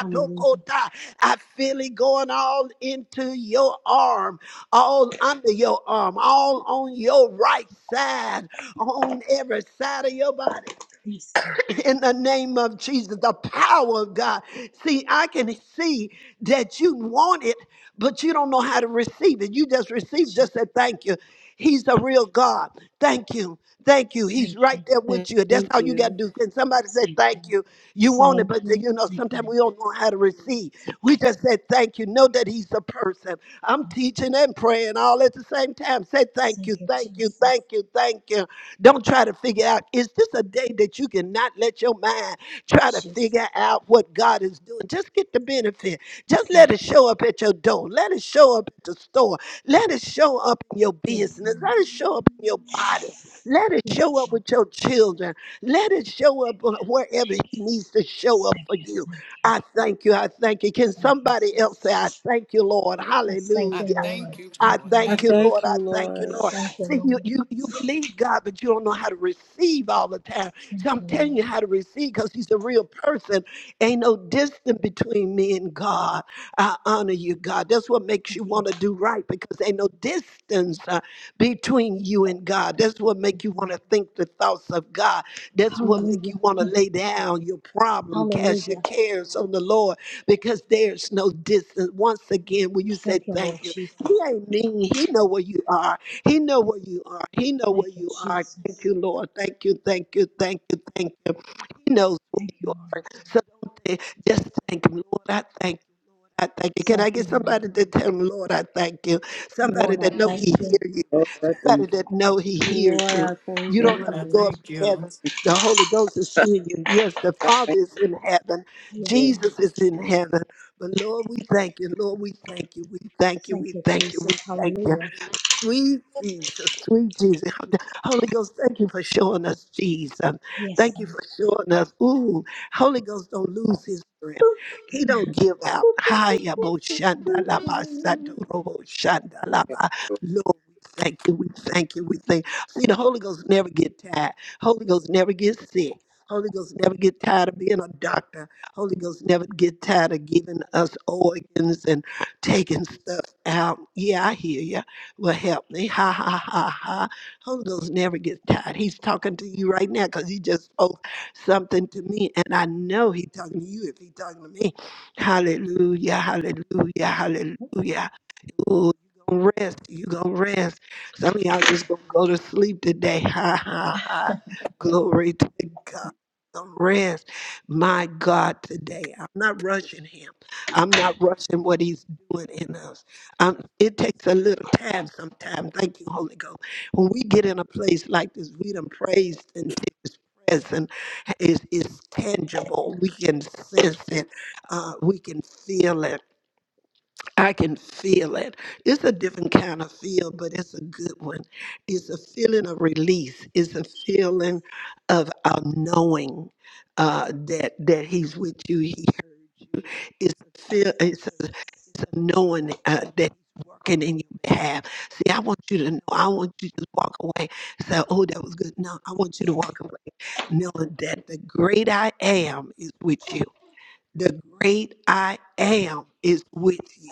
S6: Hallelujah.
S2: I feel it going all into your arm, all under your arm, all on your right side, on every side of your body
S6: Yes, Lord.
S2: in the name of Jesus, the power of God. See, I can see that you want it, but you don't know how to receive it. You just receive,
S6: Jesus.
S2: just say thank you. He's a
S6: Thank
S2: real
S6: you.
S2: God. Thank you. Thank you. He's
S6: Thank
S2: right
S6: you.
S2: there
S1: Lord.
S2: with you. That's
S1: Thank
S2: how you got to
S1: you.
S2: do. Can somebody say
S6: Thank you,
S2: thank
S6: Lord.
S2: you? You want it,
S6: Thank
S2: but
S6: you.
S2: you know,
S6: Thank you,
S2: sometimes
S6: Lord.
S2: we don't know how to receive.
S6: Thank
S2: We
S6: you.
S2: just said thank you. Know that he's a person. I'm
S6: Lord.
S2: teaching and praying all at the same time. Say thank
S6: Thank
S2: you,
S6: you,
S2: thank you,
S6: Jesus.
S2: thank you, thank you. Don't try to figure out, is this a day that you cannot let your mind try to
S6: Jesus.
S2: figure out what God is doing? Just get the benefit. Just
S6: Thank
S2: let it
S6: you.
S2: show up at your door. Let it show up at the store. Let it show up in your
S6: Yes,
S2: business.
S6: Lord.
S2: Let it show up in your body. Let it
S6: Yes,
S2: show up
S6: Lord.
S2: with your children. Let it show up wherever He
S6: Thank you.
S2: needs to show up
S6: Thank
S2: for
S6: you.
S2: you.
S6: Thank you.
S2: I thank you. I thank you. Can
S6: Thank you,
S2: somebody else say, I
S6: Jesus.
S2: thank you, Lord?
S6: I thank
S3: I
S6: you,
S2: Hallelujah.
S3: thank
S6: Lord.
S3: you,
S6: Thank
S2: I
S6: you,
S3: Lord.
S1: I
S2: thank
S3: Thank
S6: Lord.
S2: you,
S3: you,
S1: thank
S2: Lord. I
S1: you,
S2: thank
S6: I
S2: you,
S1: Lord.
S2: Lord.
S6: thank you,
S2: See, you,
S6: Lord.
S2: you, you believe God, but you don't know how to receive all the time.
S6: Thank
S2: So I'm
S6: you,
S2: telling
S6: Lord.
S2: you how to receive because He's a real person. Ain't no distance between me and God. I honor you, God. That's what makes
S6: Thank
S2: you
S6: you,
S2: want to do right because ain't no distance uh, between you and God. That's what
S6: Thank
S2: make you
S6: you.
S2: want to think the thoughts of God. That's what make you
S6: Hallelujah.
S2: want to
S6: Mm.
S2: lay down your problem, cast your
S6: Hallelujah.
S2: cares on the Lord because there's no distance. Once again, when you say
S6: Thank you,
S2: thank
S6: Lord
S2: you?
S6: Jesus.
S2: He ain't mean. He know where you are. He know where you are. He know
S6: Thank
S2: where
S6: you,
S2: you are. Thank
S6: Jesus.
S2: you, Lord. Thank you, thank you, thank you, thank you. He knows where
S6: Thank you,
S2: you are. So don't think, just thank him, Lord. I thank I thank you. Can
S6: Lord.
S2: I
S6: Thank
S2: get
S6: you,
S2: somebody to tell him, Lord, I thank you? Somebody
S6: Lord. Lord,
S2: that
S6: I
S2: know
S6: thank
S2: he
S6: you.
S2: hears you.
S4: Lord, I thank you.
S2: Somebody that know he hears
S1: Lord,
S2: you.
S1: I
S2: You
S1: thank
S4: Lord, I
S6: Thank
S2: don't
S3: Lord.
S6: you,
S2: have
S1: you.
S3: I
S2: to go
S6: Lord.
S2: up
S3: thank
S2: to
S3: you.
S2: heaven.
S4: thank
S2: The
S4: you.
S2: Holy Ghost is in you. Yes, the
S4: I
S2: Father
S4: thank
S2: is in heaven.
S4: you.
S6: Yes, Lord.
S2: Jesus is in heaven. But Lord, we thank you. Lord, we thank you. We thank you.
S6: Thank
S2: We
S6: you,
S2: thank you. We
S6: Jesus.
S2: thank you.
S6: Hallelujah.
S2: Sweet Jesus, sweet Jesus. Holy Ghost, thank you for showing us Jesus.
S6: Yes,
S2: Thank you for
S6: Lord.
S2: showing us. Ooh, Holy Ghost don't lose his strength. He don't give out. Hiya, bo shanda la ba sando ro bo shanda la ba.
S4: Lord.
S2: Lord, we thank you, we thank you, we thank See, the Holy Ghost never get tired. Holy Ghost never get sick. Holy Ghost never get tired of being a doctor. Holy Ghost never get tired of giving us organs and taking stuff out. Yeah, I hear you. Will help me. Ha, ha, ha, ha. Holy Ghost never gets tired. He's talking to you right now because he just spoke something to me. And I know he's talking to you if he's talking to me. Hallelujah, hallelujah, hallelujah, Ooh, you gonna rest. You gonna rest. Some of y'all just gonna go to sleep today. Ha ha ha. Glory to God. Gonna Rest, my God, today. I'm not rushing Him. I'm not rushing what He's doing in us. Um, it takes a little time sometimes. Thank you, Holy Ghost. When we get in a place like this, we done praised and His presence is is tangible. We can sense it. Uh, we can feel it I can feel it. It's a different kind of feel, but it's a good one. It's a feeling of release. It's a feeling of uh, knowing uh, that that He's with you. He heard you. It's a feel. It's a, it's a knowing uh, that He's working in your behalf. See, I want you to know. I want you to walk away. Say, "Oh, that was good." No, I want you to walk away knowing that the great I am is with you. The great I am is with you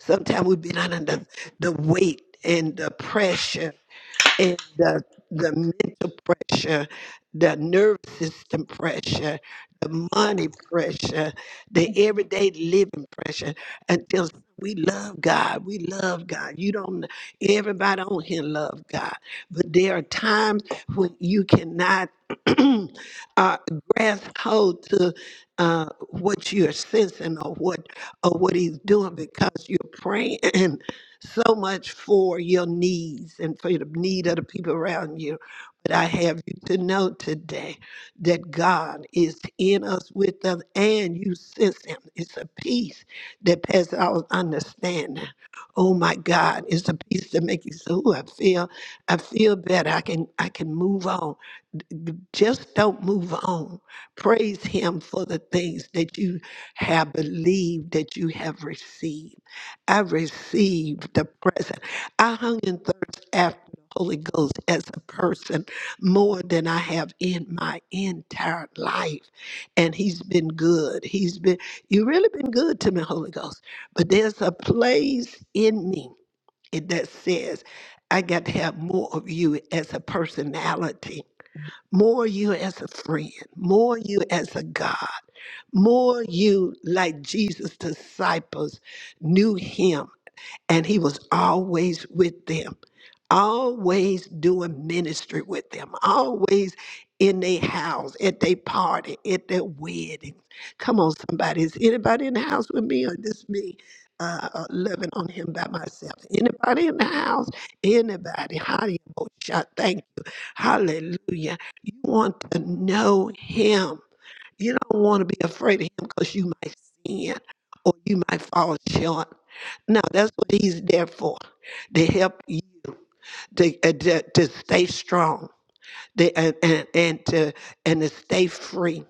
S2: Sometimes we've been under the, the weight and the pressure and the the mental pressure, the nervous system pressure, the money pressure, the everyday living pressure until we love God. We love God. You don't everybody on here love God. But there are times when you cannot uh, grasp hold to uh, what you're sensing or what or what he's doing because you're praying so much for your needs and for the need of the people around you. But I have you to know today that God is in us, with us, and you sense Him. It's a peace that passes all understanding. Oh my God, it's a peace to make you say, "Ooh, I feel, I feel better. I can, I can move on." D- d- Just don't move on. Praise Him for the things that you have believed, that you have received. I received the present. I hung in thirst after the Holy Ghost as a person more than I have in my entire life. And he's been good. He's been, you really been good to me, Holy Ghost. But there's a place in me it- that says, I got to have more of you as a personality, more you as a friend, more you as a God, more you like Jesus' disciples knew him and he was always with them, always doing ministry with them, always in their house, at their party, at their weddings. Come on, somebody. Is anybody in the house with me or just me? Uh, uh, loving on him by myself. Anybody in the house? Anybody? Hallelujah. Thank you. Hallelujah. You want to know him. You don't want to be afraid of him because you might sin or you might fall short. No, that's what he's there for to help you to, uh, to, to stay strong to, and, and, and, to, and to stay free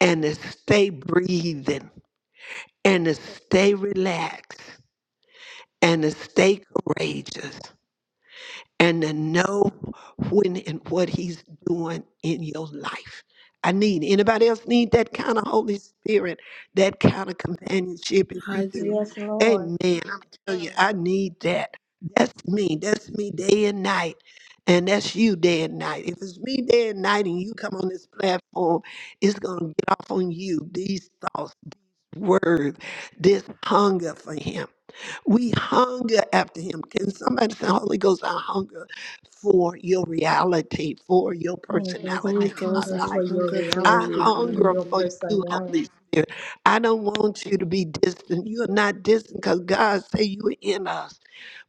S2: and to stay breathing and to stay relaxed and to stay courageous and to know when and what he's doing in your life. I need anybody else need that kind of Holy Spirit, that kind of companionship. If you
S1: I
S2: do,
S1: do.
S6: Yes, Lord.
S2: Amen. I'm telling you, I need that. That's me. That's me day and night, and that's you day and night. If it's me day and night, and you come on this platform, it's gonna get off on you. These thoughts word, this hunger for him. We hunger after him. Can somebody say, Holy Ghost, I hunger for your reality, for your
S6: Holy Ghost, I
S1: Holy
S2: personality in my
S1: Ghost,
S6: hunger
S1: I
S6: for
S2: life.
S6: your
S1: hunger for your
S2: I
S6: reality and
S2: hunger
S6: your
S1: reality.
S2: for you,
S6: personality.
S2: Holy Spirit. I don't want you to be distant. You are not distant because God say you are in us.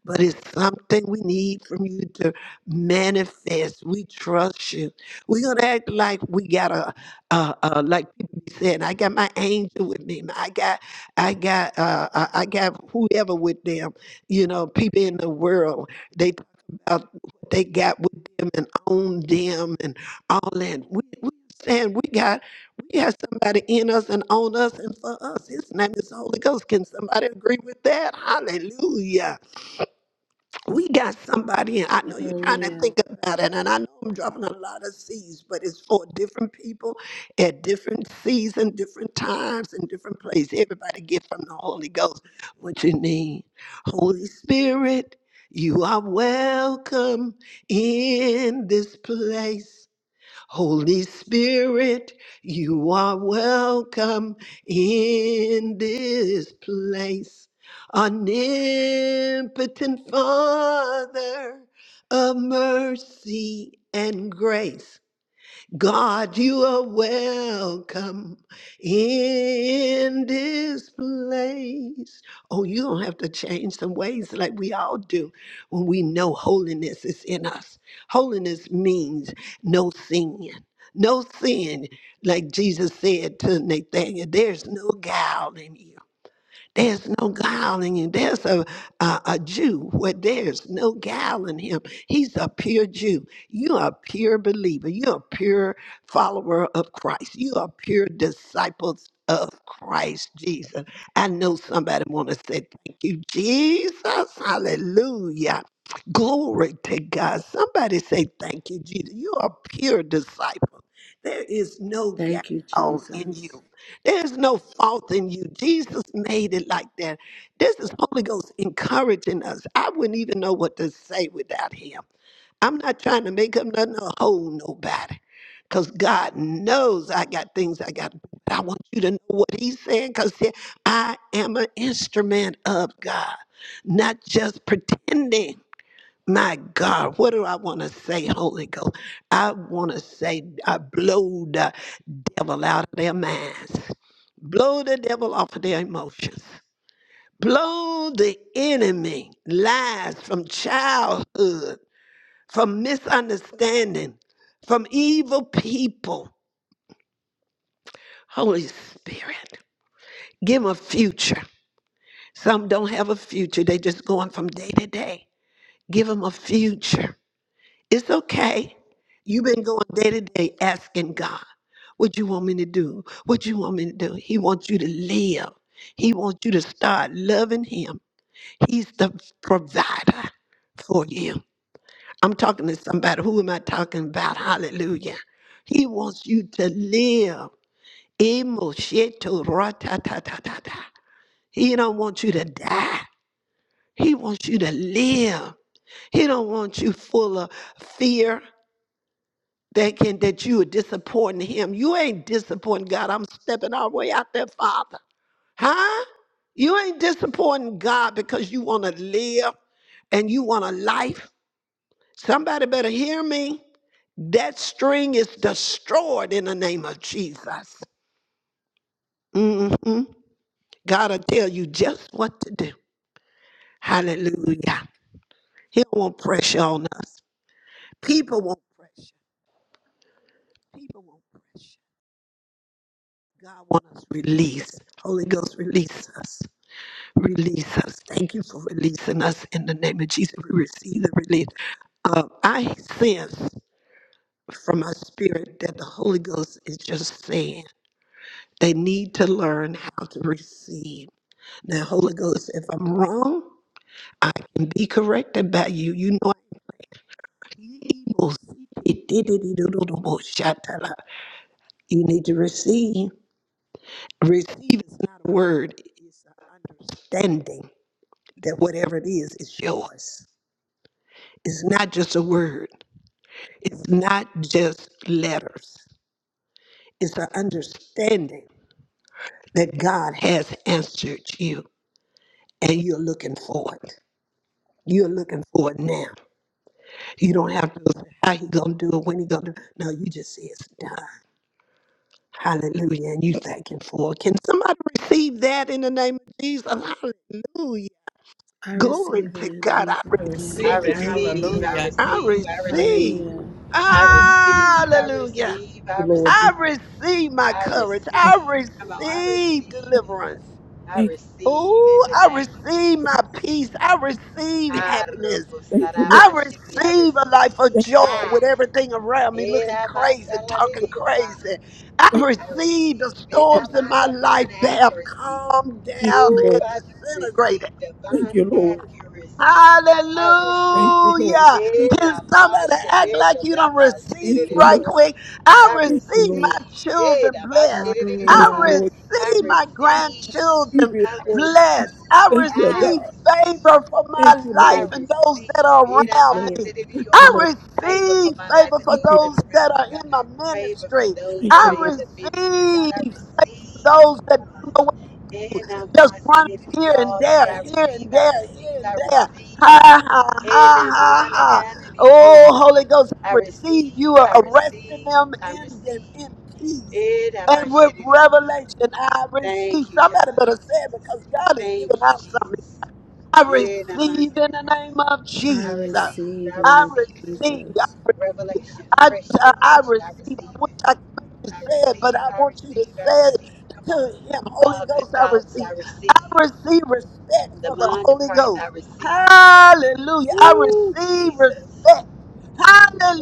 S2: But it's something we need from you to manifest. We trust you. We're gonna act like we got a, a, a- like be said. I got my angel with me. I got, I got, uh, I I got whoever with them. You know, people in the world, they talk about what they got with them and own them and all that. We, we saying we got, we got somebody in us and on us and for us. His name is Holy Ghost. Can somebody agree with that? Hallelujah we got somebody, and I know you're trying to
S1: Hallelujah.
S2: think about it, and I know I'm dropping a lot of seeds, but it's for different people at different seasons, different times, and different places. Everybody get from the Holy Ghost what you need. Holy Spirit, you are welcome in this place. Holy Spirit, you are welcome in this place. Omnipotent Father of mercy and grace. God, you are welcome in this place. Oh, you don't have to change some ways like we all do when we know holiness is in us. Holiness means no sin. No sin, like Jesus said to Nathaniel, there's no guile in you. There's no guile in him. There's a, a, a Jew where there's no guile in him. He's a pure Jew. You're a pure believer. You're a pure follower of Christ. You are pure disciples of Christ Jesus. I know somebody want to say thank you, Jesus. Hallelujah. Glory to God. Somebody say, Thank you, Jesus. You are pure disciple. There is no
S1: Thank you,
S2: guile in you.
S1: Jesus.
S2: There's no fault in you. Jesus made it like that. This is Holy Ghost encouraging us. I wouldn't even know what to say without him. I'm not trying to make him nothing or hold nobody. Because God knows I got things I got to do. But I want you to know what he's saying because I am an instrument of God, not just pretending. My God, what do I want to say, Holy Ghost? I want to say, I blowed devil out of their minds. Blow the devil off of their emotions. Blow the enemy lies from childhood, from misunderstanding, from evil people. Holy Spirit, give them a future. Some don't have a future, they just going from day to day. Give them a future. It's okay. You've been going day to day asking God, what you want me to do? What you want me to do? He wants you to live. He wants you to start loving him. He's the provider for you. I'm talking to somebody. Who am I talking about? Hallelujah. He wants you to live. Emo sheto ra ta ta ta ta ta. He don't want you to die. He wants you to live. He don't want you full of fear. thinking that you are disappointing him. You ain't disappointing God. I'm stepping all the way out there, Father. Huh? You ain't disappointing God because you want to live and you want a life. Somebody better hear me. That string is destroyed in the name of Jesus. Mm-hmm. God will tell you just what to do. Hallelujah. He don't want pressure on us. People want pressure. People want pressure. God wants us released. Holy Ghost, release us. Release us. Thank you for releasing us in the name of Jesus. We receive the release. Uh, I sense from my spirit that the Holy Ghost is just saying they need to learn how to receive. Now, Holy Ghost, if I'm wrong, I can be corrected by you. You know, you need to receive. Receive is not a word, it's an understanding that whatever it is, it's yours. It's not just a word. It's not just letters. It's an understanding that God has answered you and you're looking for it. You're looking for it now. You don't have to say how he gonna do it, when he gonna do it. No, you just say it's done. Hallelujah. And you thank him for it. Can somebody receive that in the name of Jesus? Hallelujah.
S1: I
S2: Glory
S1: receive it
S2: to
S1: in
S2: God. I
S1: Jesus'
S3: I
S1: name.
S8: I
S3: receive it.
S2: receive.
S1: Thank you,
S8: receive, I
S3: Hallelujah.
S1: Lord.
S2: I
S8: receive, I receive,
S2: receive.
S1: Hallelujah.
S8: I receive, I
S2: Hallelujah.
S8: receive, I
S9: you, Lord
S8: receive,
S9: Jesus.
S2: I receive my
S8: I
S2: courage. I
S8: receive. Come on, I receive,
S2: receive
S8: it.
S2: deliverance.
S8: I
S9: Thank thank you,
S8: receive in
S2: Oh,
S8: the
S2: I
S8: name of
S2: receive
S8: Jesus.
S2: my peace. I receive
S8: I
S2: happiness.
S8: receive,
S9: thank you, Lord.
S2: I
S8: I
S2: receive a life
S8: receive.
S2: of
S9: Thank
S2: joy
S8: Ah,
S2: with everything around me looking
S8: era más
S2: crazy,
S8: a la de
S2: talking
S9: you,
S8: Dios.
S2: crazy. I
S9: thank
S8: I
S2: receive the
S8: receive in
S9: you,
S2: storms in
S8: my
S2: my
S8: divine
S2: life that have
S8: accuracy.
S2: calmed
S9: thank
S2: down
S9: you,
S8: Woo,
S2: and
S9: Lord.
S8: I
S2: disintegrated.
S8: receive
S9: Thank
S8: divine
S9: you, Lord.
S8: accuracy. I receive
S9: Thank you, Lord.
S2: Hallelujah.
S8: in
S2: Can
S8: my
S2: somebody
S8: shit
S2: act
S8: it
S2: like you
S8: now
S2: don't
S8: my shit
S9: Thank
S2: receive
S8: it
S9: you,
S2: right
S9: Lord.
S2: quick? I
S8: I
S9: Thank you,
S2: receive
S9: Lord.
S2: my
S8: receive in
S2: children
S8: now my
S2: blessed.
S8: shit it it, it,
S9: Yes,
S2: I
S8: yeah.
S1: Hallelujah.
S9: Lord.
S8: I
S2: receive
S8: receive.
S2: my
S9: Keep
S2: grandchildren
S9: it,
S8: I
S9: Lord.
S8: receive.
S2: blessed. I
S9: Thank you,
S8: I
S2: receive
S9: God.
S8: receive.
S2: favor for
S9: Thank
S2: my
S9: you,
S8: I
S2: life
S9: Lord.
S2: and those that
S8: receive
S2: are
S8: it.
S9: Thank
S8: I
S9: you,
S2: around
S8: bind
S9: Lord.
S2: me.
S8: it in
S9: Thank
S8: your
S9: you,
S2: I
S8: heart.
S9: Lord.
S8: Favor for
S2: receive
S8: my life
S2: favor
S8: and
S2: for
S9: Thank
S8: those
S9: you,
S8: that
S9: Lord.
S2: those
S8: are
S2: that
S8: around
S2: are
S8: me, God.
S2: in my
S8: Favor for
S2: ministry.
S8: those
S9: Thank
S8: that
S2: I
S8: are
S9: you,
S8: in
S9: Lord.
S8: the ministry, God. I
S2: receive
S8: receive.
S2: those that don't know
S8: God. And I
S2: just
S8: mind said it to
S2: running here and
S8: y'all that
S2: there,
S8: y'all
S2: here
S8: receive,
S2: and
S8: I
S2: there,
S8: receive,
S2: here and
S8: I
S2: there.
S8: receive.
S2: Ha ha ha
S8: And I
S2: ha
S8: mind and I
S2: ha.
S8: in you,
S2: Oh,
S8: sir.
S2: Holy Ghost,
S8: I
S2: I receive
S8: receive,
S2: you are
S8: I
S2: arresting
S8: receive,
S2: them
S8: I
S2: in
S8: receive.
S2: them in peace.
S8: And I
S2: And
S8: mind
S2: with
S8: said it to you, heart.
S2: revelation, I receive.
S8: Thank you,
S2: Somebody
S8: John,
S2: better say it
S8: Jesus.
S2: because God is giving
S8: Thank you,
S2: out something
S8: Jesus.
S2: I receive
S8: And I mind
S2: in
S8: said it
S2: the
S8: in your
S2: name of
S1: I
S8: I
S2: Jesus.
S8: receive,
S1: receive
S8: I
S1: in the
S2: I
S1: name
S8: receive
S1: of
S2: receive. I
S1: Jesus.
S2: receive.
S8: revelation,
S2: I
S8: fresh
S2: just I, I
S8: revelation. I
S2: receive.
S8: receive
S2: I wish I
S8: it.
S2: could make you
S8: I
S2: say it, but
S8: receive,
S2: I
S8: I
S2: want you to
S8: receive, I
S2: say it
S8: receive. Come on.
S2: to him. Holy
S8: Uh, good
S2: Ghost, I
S8: thoughts, I
S2: receive. I
S8: receive.
S2: receive respect
S8: The
S2: for the
S8: mind of
S2: Holy
S8: Christ,
S2: Ghost.
S8: I receive.
S2: Hallelujah. I
S8: Woo,
S2: receive
S8: Jesus.
S2: respect.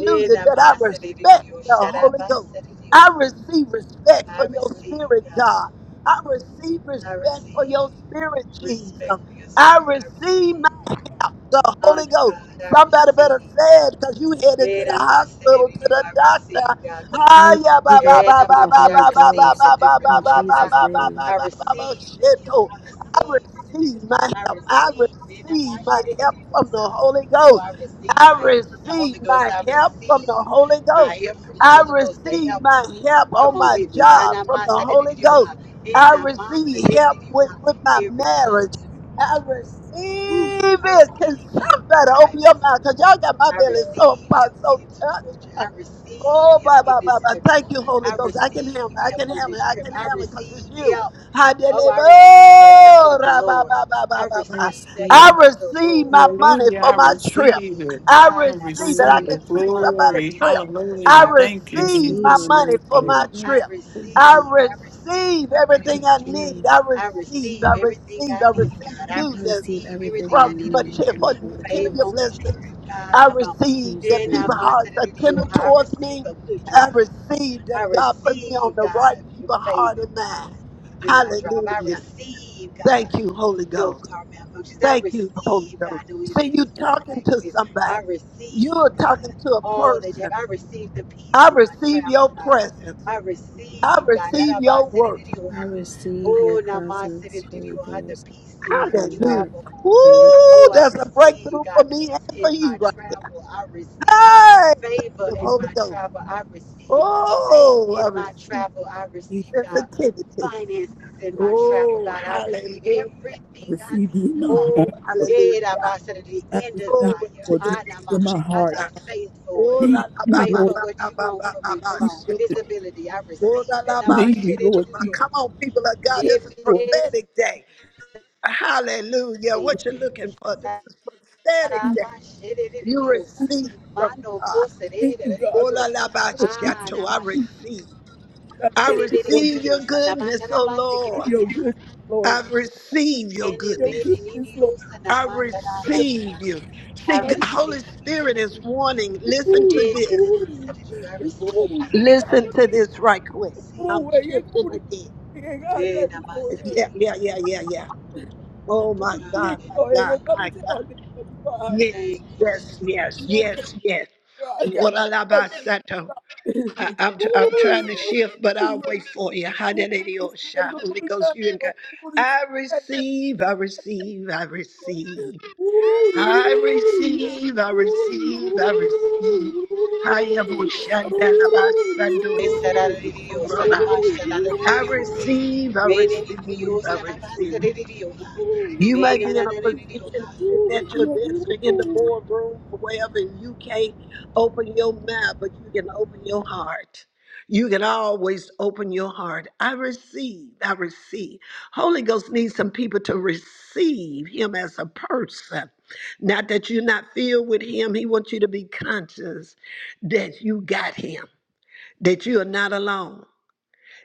S8: In that
S2: That I
S8: mind, said
S2: respect
S8: you.
S2: the
S8: Shut up,
S2: Holy
S8: I
S2: Ghost.
S8: said it you.
S2: I receive respect
S8: I
S2: for your
S8: receive,
S2: spirit,
S8: God.
S2: God. I receive
S8: I
S2: respect
S8: receive
S2: for your spirit, Jesus.
S8: respect for your
S2: I
S8: spirit. I receive
S2: receive my help, the Holy
S8: honor,
S2: Ghost.
S8: God. I
S2: Somebody
S8: receive.
S2: better say it because you headed to
S8: In
S2: the
S8: that mind, said
S2: hospital, to
S8: you.
S2: the
S8: I receive,
S2: doctor.
S8: God. Come on.
S1: I receive
S2: Hiya, ba,
S1: the help
S2: ba,
S8: And
S2: ba,
S8: I'm
S1: of
S2: ba,
S1: the
S8: that
S2: ba, ba,
S8: I
S1: Holy
S2: ba,
S8: received
S1: Ghost
S8: the
S2: ba,
S8: good
S2: ba, ba, ba,
S1: in
S2: ba, ba,
S8: report.
S2: ba,
S8: I,
S1: Jesus'
S2: ba,
S1: name.
S2: ba,
S8: I
S2: ba, ba, ba,
S8: received the
S2: shit,
S8: healing.
S2: oh.
S8: I
S2: I
S8: received the
S2: receive
S8: deliverance.
S2: my
S8: I
S2: help. I
S8: received it. I'm
S2: receive
S8: not
S2: my
S8: in
S2: help
S8: the
S2: from the
S8: inside.
S2: Holy
S8: Oh,
S2: Ghost.
S8: I received
S2: I
S8: my help from the
S2: receive
S8: Holy Ghost.
S2: my
S8: I
S2: help from the
S8: received
S2: Holy
S8: my
S2: Ghost.
S8: help from the
S2: I
S8: Holy Ghost, the
S2: receive
S8: helper.
S2: my help
S8: Come
S2: on
S8: on
S2: my
S8: with me. And
S2: job
S8: I'm
S2: from
S8: not
S2: the
S8: saying it
S2: Holy
S8: in your
S2: Ghost.
S8: heart. And
S2: I
S8: I'm not saying
S2: receive help with, with my marriage. I
S8: Whew,
S2: receive
S8: I
S2: it. Can
S8: received him
S2: somebody open your
S8: driving.
S2: mouth? Because y'all got my
S8: I
S2: belly so
S8: receive help
S2: so
S8: getting to Georgia.
S2: touched.
S8: I receive
S2: Oh, ba,
S8: help
S2: ba,
S8: getting
S2: ba,
S8: into
S2: ba.
S8: the
S2: Thank
S8: room.
S2: you, Holy
S8: I
S2: Ghost. I can
S8: receive
S2: handle it. I can
S8: help on
S2: handle it.
S8: this
S2: I
S8: trip.
S2: can
S8: I
S2: handle it because it's
S8: receive
S2: you.
S8: help. Oh,
S2: Hallelujah.
S8: I receive the help
S2: Oh,
S8: of the
S2: ra, ba,
S8: Lord.
S2: ba, ba,
S8: I
S2: ba, ba,
S1: I
S2: ba.
S8: receive the
S2: I
S1: receive.
S8: help of the
S2: receive my
S8: Lord.
S2: money
S3: Hallelujah.
S2: for
S8: I
S3: I
S2: my trip.
S3: receive
S8: receive.
S3: it.
S2: I
S8: Ah,
S3: I
S8: now my
S2: receive it. I
S3: receive
S1: receive,
S8: city,
S3: the
S2: can see
S8: my
S2: somebody
S3: glory.
S2: trip.
S8: finances for the trip.
S2: I
S3: Hallelujah.
S8: I
S3: Thank you,
S2: receive
S8: receive.
S1: receive
S2: my
S1: my
S3: Jesus. Yes,
S2: money
S1: money
S2: for
S1: from
S2: my
S3: Lord.
S1: the
S8: I
S2: trip. I
S1: Jesus,
S8: receive, I receive.
S2: receive
S8: I'm
S1: I
S8: waiting for
S2: everything I
S8: the trip.
S2: need.
S1: receive.
S2: I
S8: I
S2: receive, I
S8: receive everything
S2: receive,
S8: I
S2: I
S8: need,
S2: receive
S8: God. I
S1: I
S2: newness
S1: receive
S8: receive
S1: everything
S8: everything
S1: I
S8: I
S2: from
S8: need on this
S1: need
S2: material,
S1: from
S8: trip.
S1: the Holy
S8: Favor
S2: material
S1: Ghost.
S8: on this
S2: blessings
S8: trip, God.
S2: I
S8: Come on.
S1: In
S2: received
S1: Jesus'
S2: that
S8: In our
S2: people
S1: name.
S2: hearts
S8: mindset of the
S2: are tender
S8: deal, I
S2: towards
S8: receive
S2: me.
S8: a good
S2: I
S8: drive.
S2: received
S8: I
S2: that God put me on
S8: receive,
S2: the right
S8: God,
S2: people heart
S8: favor,
S2: and
S8: God,
S2: mind.
S8: in my drive. I
S2: Hallelujah.
S8: receive,
S2: Thank
S8: God,
S2: you, Holy
S8: no
S2: Ghost.
S8: car malfunctions. I
S2: Thank you, Holy
S8: receive,
S2: Ghost.
S8: God, no
S2: See, you
S8: incidents and
S2: talking to
S8: accidents. I
S2: somebody. You
S8: receive,
S2: are
S8: God.
S2: talking to a
S8: Oh, that you
S2: person.
S8: have. I received the peace
S2: I
S8: in my
S2: receive
S8: travel,
S2: your
S8: God.
S2: presence.
S8: I
S2: I
S8: received, God,
S2: receive your work.
S1: I
S8: Arabasiririoha.
S1: receive your
S8: oh,
S1: presence, Holy
S8: Namasiriririoha, the
S1: Ghost. I
S8: peace in
S1: receive
S8: my
S1: your
S2: Hallelujah.
S1: work,
S8: travel,
S1: Holy.
S8: God.
S2: Woo,
S8: Oh, I
S2: that's a
S8: receive
S2: breakthrough for
S8: God,
S2: me
S8: peace
S2: and for
S8: in
S2: you
S8: my
S2: right there.
S8: travel. I receive
S2: Hey, thank
S8: favor
S2: you,
S8: in
S2: Holy
S8: my
S2: Ghost.
S8: travel. I receive faith
S2: Oh, I
S8: in my
S2: receive.
S8: travel. I
S9: Thank you,
S8: receive,
S9: Lord.
S8: God,
S2: sensitivity.
S8: finances in my travel,
S2: Oh,
S8: God. I receive
S2: hallelujah.
S9: I
S8: everything I
S9: receive you
S8: need.
S9: in my
S8: Come on.
S2: Oh,
S9: heart, Lord.
S8: Yeah,
S2: hallelujah.
S8: Rabasiriri,
S9: I
S8: In
S9: receive you,
S2: Glory to
S9: Lord
S2: your
S9: Jesus,
S2: name,
S8: desire.
S9: in my
S8: I
S9: heart,
S8: not
S2: Jesus.
S8: faith for it.
S2: Oh, la,
S9: Lead
S2: la,
S9: me,
S2: ba,
S8: Faith
S2: ba,
S9: Lord
S8: for
S2: ba,
S8: what
S2: ba,
S8: you
S2: ba,
S8: want
S2: ba,
S8: for
S2: ba,
S8: me.
S2: ba,
S8: Come
S9: Jesus.
S8: on.
S2: shoto.
S8: Visibility. I
S2: Oh,
S8: receive
S2: la,
S8: it.
S2: la,
S8: Now
S2: ba,
S8: my
S9: Lead me,
S8: shit it
S2: shoto.
S9: Lord
S8: is
S2: Now,
S8: you.
S9: Jesus.
S2: Come on, people of God.
S9: Yes,
S2: This is
S9: Lord.
S2: prophetic
S8: Nebisi.
S2: day. Hallelujah. What you're looking for. This is prophetic
S9: Jesus.
S8: Saraba
S2: day.
S8: shit it is
S2: You
S8: you.
S2: receive from
S8: Mano
S2: God.
S8: mosa de
S9: Thank you, God,
S2: Oh,
S8: you.
S2: la,
S9: for
S2: la, ba,
S9: for me. to
S8: Ah na
S2: shoto.
S9: this
S2: I
S8: masha.
S9: truth.
S2: receive.
S9: I
S2: I
S9: thank you,
S8: Serebere
S9: Lord,
S2: receive your
S8: you. Na
S2: goodness,
S8: matara
S2: oh
S9: for
S2: Lord.
S9: your goodness,
S2: I
S9: Lord. For
S2: receive your
S8: Ene
S9: Your
S8: me
S2: goodness.
S8: ni
S9: goodness, Lord.
S8: you. Na
S2: I
S9: Yes,
S2: receive you.
S8: I
S2: See,
S9: I was-
S2: Holy
S8: receive you.
S2: Spirit is warning.
S9: ooh,
S2: Listen to
S8: Ene
S9: ooh,
S2: this.
S8: na masha you. I receive. I
S9: ooh, yeah, I
S2: Listen to
S9: got-
S2: this right quick. I'm
S9: ooh,
S8: receive.
S9: eh, yeah,
S2: shifting
S9: ooh,
S2: again.
S9: eh, eh, God,
S8: Ene
S9: that be
S8: na
S9: going, eh.
S8: masha
S2: Yeah, yeah, yeah, yeah, yeah. Oh my
S8: Hallelujah.
S9: Yeah,
S2: God, my
S9: oh, eh,
S2: God,
S9: man, come
S2: my
S9: and
S2: God.
S9: tell me, oh, me, God,
S2: Yes,
S8: Thank you, Jesus.
S2: yes, yes,
S9: you know, I thank
S2: yes, yes.
S9: I got-
S2: What a la
S9: I
S2: ba
S9: thank
S2: sa I- I'm, tr- I'm trying to shift, but I'll
S9: Ooh,
S2: wait for you. Hallelujah.
S9: Gotta go to
S2: Holy
S9: Bobby Guy.
S2: Ghost, you and
S9: Oh,
S2: God. I
S9: Bobby
S2: receive, I receive, I receive. I receive, I receive, I receive. I am
S8: Esararirio,
S2: Oshandalabasandoroba.
S8: sanamash,
S2: I
S8: sararirio, se.
S2: receive, I receive,
S8: Benedirio,
S2: I
S8: sanamash,
S2: receive.
S8: sararirio, ha.
S2: You may be in a
S8: Benedirio,
S2: position
S8: ha.
S2: sitting at your desk or in the boardroom or wherever, and you can't open your mouth, but you can open your heart. You can always open your heart. I receive, I receive. Holy Ghost needs some people to receive Him as a person. Not that you're not filled with Him, He wants you to be conscious that you got Him, that you are not alone,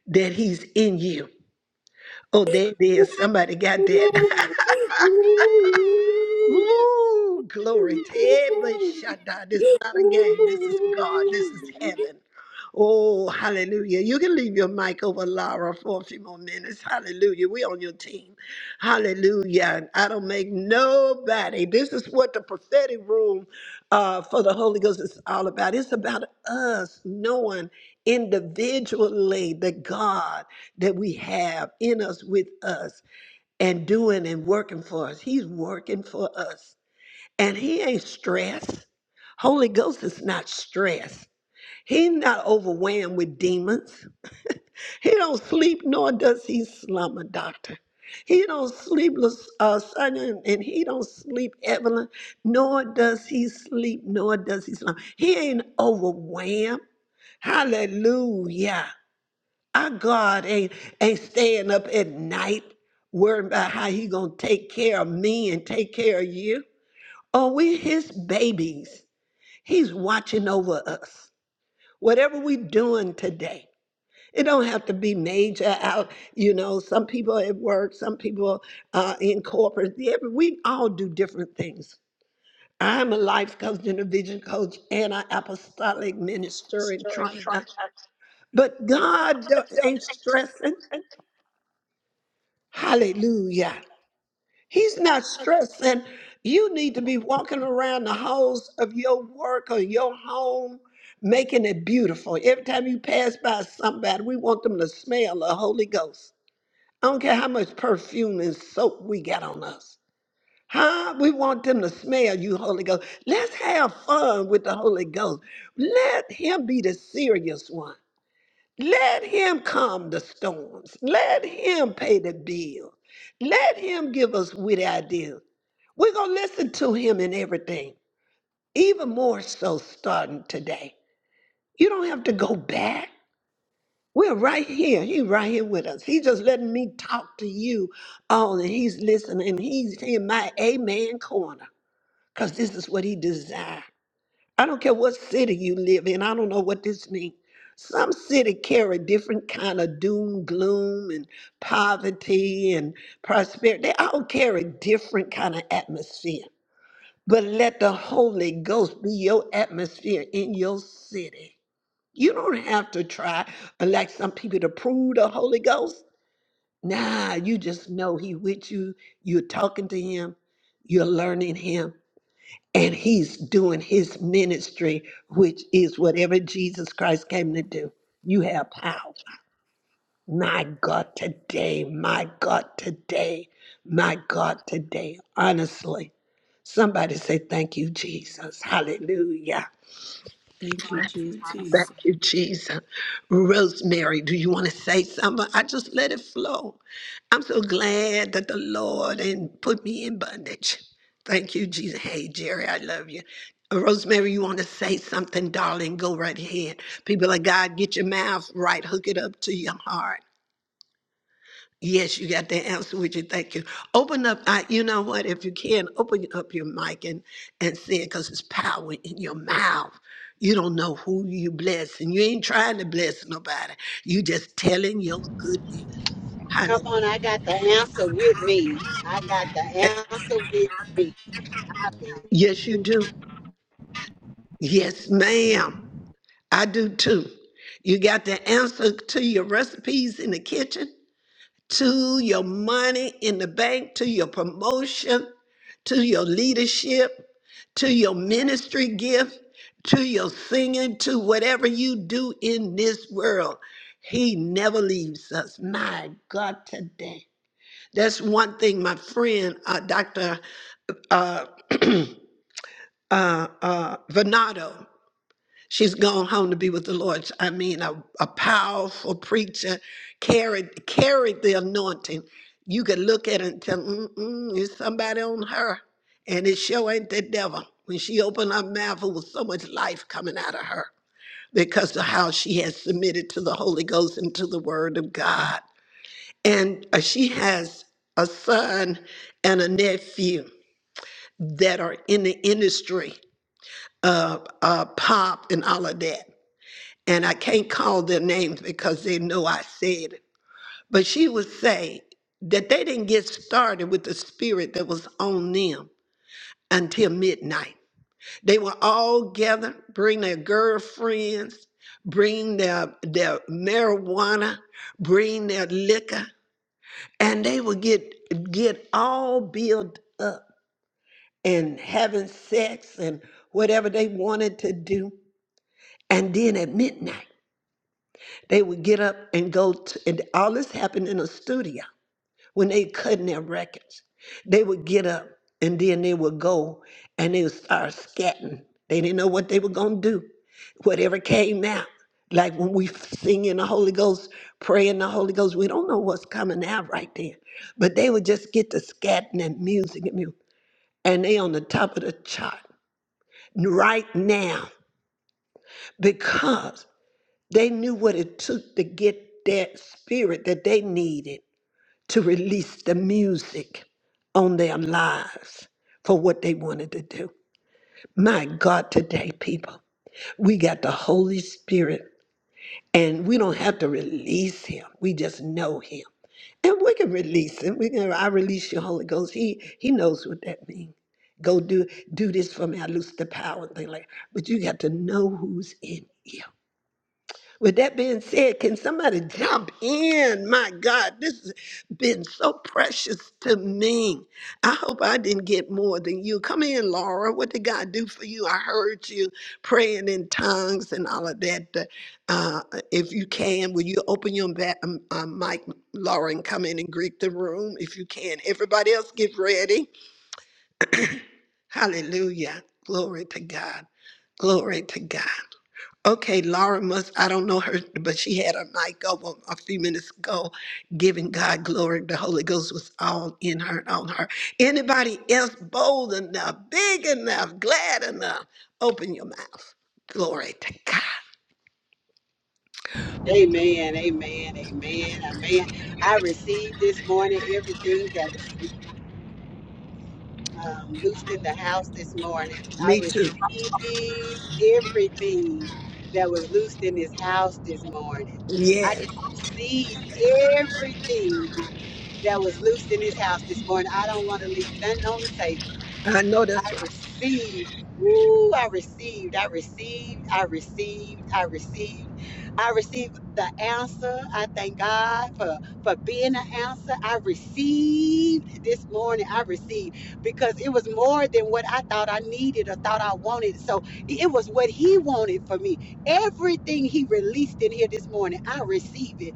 S2: that He's in you. Oh, there it is. Somebody got that. Woo! Glory to every shada. This is not a game. This is God. This is
S9: Guy.
S2: heaven. Oh, hallelujah. You can leave your mic over Lara for a few more minutes. Hallelujah. We on your team. Hallelujah. And I don't make nobody. This is what the prophetic room uh, for the Holy Ghost is all about. It's about us knowing individually the God that we have in us with us and doing and working for us. He's working for us. And he ain't stressed. Holy Ghost is not stressed. He's not overwhelmed with demons. He don't sleep, nor does he slumber, doctor. He don't sleep, uh, son, and and he don't sleep, Evelyn, nor does he sleep, nor does he slumber. He ain't overwhelmed. Hallelujah. Our God ain't ain't staying up at night worrying about how he gonna take care of me and take care of you. Oh, we his babies. He's watching over us. Whatever we doing today, it don't have to be major out. You know, some people at work, some people uh, in corporate. Yeah, but we all do different things. I'm a life coach and a vision coach and an apostolic minister and
S3: Story trying.
S2: trainer. But God don't- ain't stressing. Hallelujah. He's not stressing. You need to be walking around the halls of your work or your home, making it beautiful. Every time you pass by somebody, we want them to smell the Holy Ghost. I don't care how much perfume and soap we got on us. Huh? We want them to smell you, Holy Ghost. Let's have fun with the Holy Ghost. Let him be the serious one. Let him calm the storms. Let him pay the bill. Let him give us witty ideas. We're going to listen to him in everything, even more so starting today. You don't have to go back. We're right here. He's right here with us. He's just letting me talk to you all, and he's listening. and He's in my amen corner because this is what he desires. I don't care what city you live in. I don't know what this means. Some city carry different kind of doom, gloom, and poverty and prosperity. They all carry different kind of atmosphere. But let the Holy Ghost be your atmosphere in your city. You don't have to try, uh, like some people, to prove the Holy Ghost. Nah, you just know He with you. You're talking to Him. You're learning Him and he's doing his ministry, which is whatever Jesus Christ came to do. You have power. My God, today, my God, today, my God, today. Honestly, somebody say, Thank you, Jesus. Hallelujah.
S1: Thank you,
S3: Thank you,
S1: Jesus.
S3: Jesus.
S2: Thank you, Jesus. Rosemary, do you want to say something? I just let it flow. I'm so glad that the Lord and put me in bondage. Thank you, Jesus. Hey, Jerry, I love you. Uh, Rosemary, you want to say something, darling? Go right ahead. People of God, get your mouth right. Hook it up to your heart. Yes, you got the answer with you. Thank you. Open up. I, you know what? If you can, open up your mic and and say it because it's power in your mouth. You don't know who you bless, and you ain't trying to bless nobody. You just telling your good news. Hallelujah.
S8: Come on, I got the answer with me. I got the answer with me.
S2: Yes, you do. Yes, ma'am. I do too. You got the answer to your recipes in the kitchen. to your money in the bank, to your promotion, to your leadership, to your ministry gift, to your singing, to whatever you do in this world. He never leaves us. My God, today. That's one thing my friend, uh, Dr. Uh, uh, uh, Venado. She's gone home to be with the Lord. I mean, a, a powerful preacher carried carried the anointing. You could look at her and tell, mm-mm, it's somebody on her. And it sure ain't the devil. When she opened her mouth, it was so much life coming out of her because of how she has submitted to the Holy Ghost and to the Word of God. And uh, she has a son and a nephew that are in the industry of uh, pop and all of that and I can't call their names because they know I said it. But she would say that they didn't get started with the spirit that was on them until midnight. They were all gathered, bring their girlfriends, bring their their marijuana, bring their liquor, and they would get get all built up and having sex and whatever they wanted to do. And then at midnight. They would get up and go to, and all this happened in a studio when they cutting their records. They would get up and then they would go and they would start scatting. They didn't know what they were going to do. Whatever came out, like when we sing in the Holy Ghost, pray in the Holy Ghost, we don't know what's coming out right there. But they would just get to scatting and music and music. And they on the top of the chart right now because they knew what it took to get that spirit that they needed to release the music on their lives for what they wanted to do. My God, today, people, we got the Holy Spirit and we don't have to release him. We just know him. And we can release him. We can I release your Holy Ghost. He he knows what that means. Go do do this for me. I lose the power and thing like that. but you got to know who's in you. With that being said, can somebody jump in? My God, this has been so precious to me. I hope I didn't get more than you. Come in, Laura. What did God do for you? I heard you praying in tongues and all of that. Uh, if you can, will you open your ba- um, uh, mic, Laura, and come in and greet the room if you can? Everybody else, get ready. Hallelujah. Glory to God. Glory to God. Okay, Laura must, I don't know her, but she had her mic up a, a few minutes ago, giving God glory. The Holy Ghost was all in her and on her. Anybody else bold enough, big enough, glad enough, open your mouth. Glory to God.
S8: Amen, amen, amen, amen. I received this morning everything that was um, loosed in the house this morning. I
S2: Me too.
S8: received everything that was loosed in this house this morning. I
S2: Yes,
S8: just received everything that was loosed in this house this morning. I don't want to leave nothing on the table.
S2: I know that's
S8: I
S2: what.
S8: received. Woo, I received. I received. I received. I received. I received the answer. I thank God for, for being the answer. I received this morning. I received because it was more than what I thought I needed or thought I wanted. So it was what He wanted for me. Everything He released in here this morning, I received it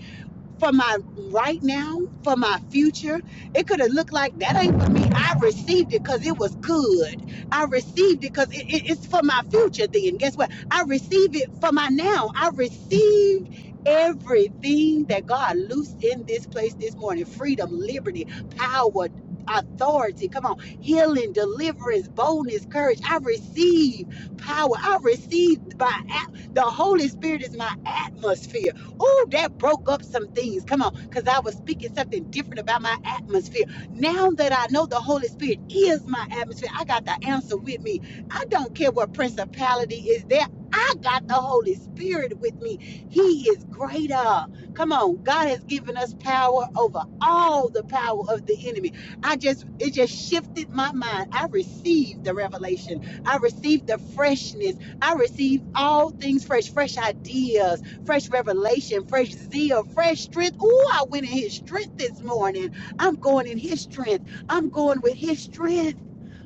S8: for my right now, for my future. It could have looked like that ain't for me. I received it because it was good. I received it because it, it- it's for my future. Then guess what? I received it for my now. I received everything that God loosed in this place this morning: freedom, liberty, power. Authority, come on, healing, deliverance, boldness, courage. I receive power. I receive by at- the Holy Spirit is my atmosphere. Ooh, that broke up some things. Come on, because I was speaking something different about my atmosphere. Now that I know the Holy Spirit is my atmosphere, I got the answer with me. I don't care what principality is there. I got the Holy Spirit with me. He is greater. Come on, God has given us power over all the power of the enemy. I just, it just shifted my mind. I received the revelation. I received the freshness. I received all things fresh, fresh ideas fresh revelation, fresh zeal, fresh strength. Ooh, I went in his strength this morning. I'm going in his strength. I'm going with his strength.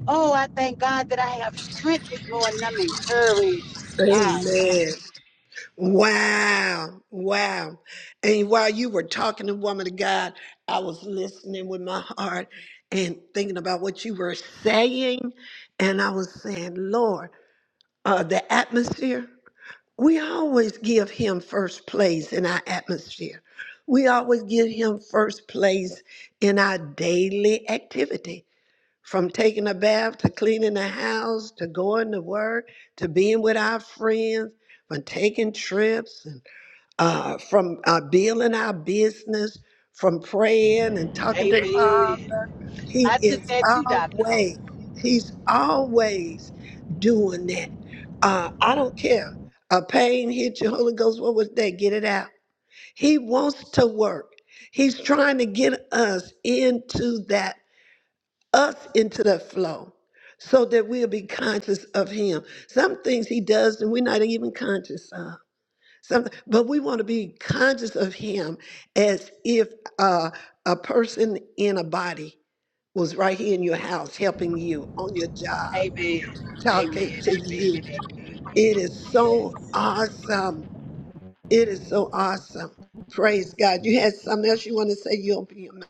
S8: Oh, I thank God that I have strength this morning. I'm encouraged. Ah, come on.
S2: Amen. Wow, wow. And while you were talking to woman of God, I was listening with my heart and thinking about what you were saying. And I was saying, Lord, uh, the atmosphere, we always give him first place in our atmosphere. We always give him first place in our daily activity. From taking a bath to cleaning the house to going to work to being with our friends, from taking trips and uh, from uh, building our business, from praying and talking to God.
S8: Amen.
S2: He
S8: I took
S2: is
S8: that too, Dr. Hope.
S2: always, he's always doing that. Uh, I don't care. A pain hit you, Holy Ghost, what was that? Get it out. He wants to work. He's trying to get us into that, us into the flow so that we'll be conscious of him. Some things he does and we're not even conscious of some, but we want to be conscious of him as if uh, a person in a body was right here in your house helping you on your job,
S8: Amen.
S2: talking
S8: Amen.
S2: to you.
S8: Amen. Amen.
S2: It is so
S8: Yes.
S2: awesome. It is so awesome. Praise God. You had something else you want to say? you open your mouth.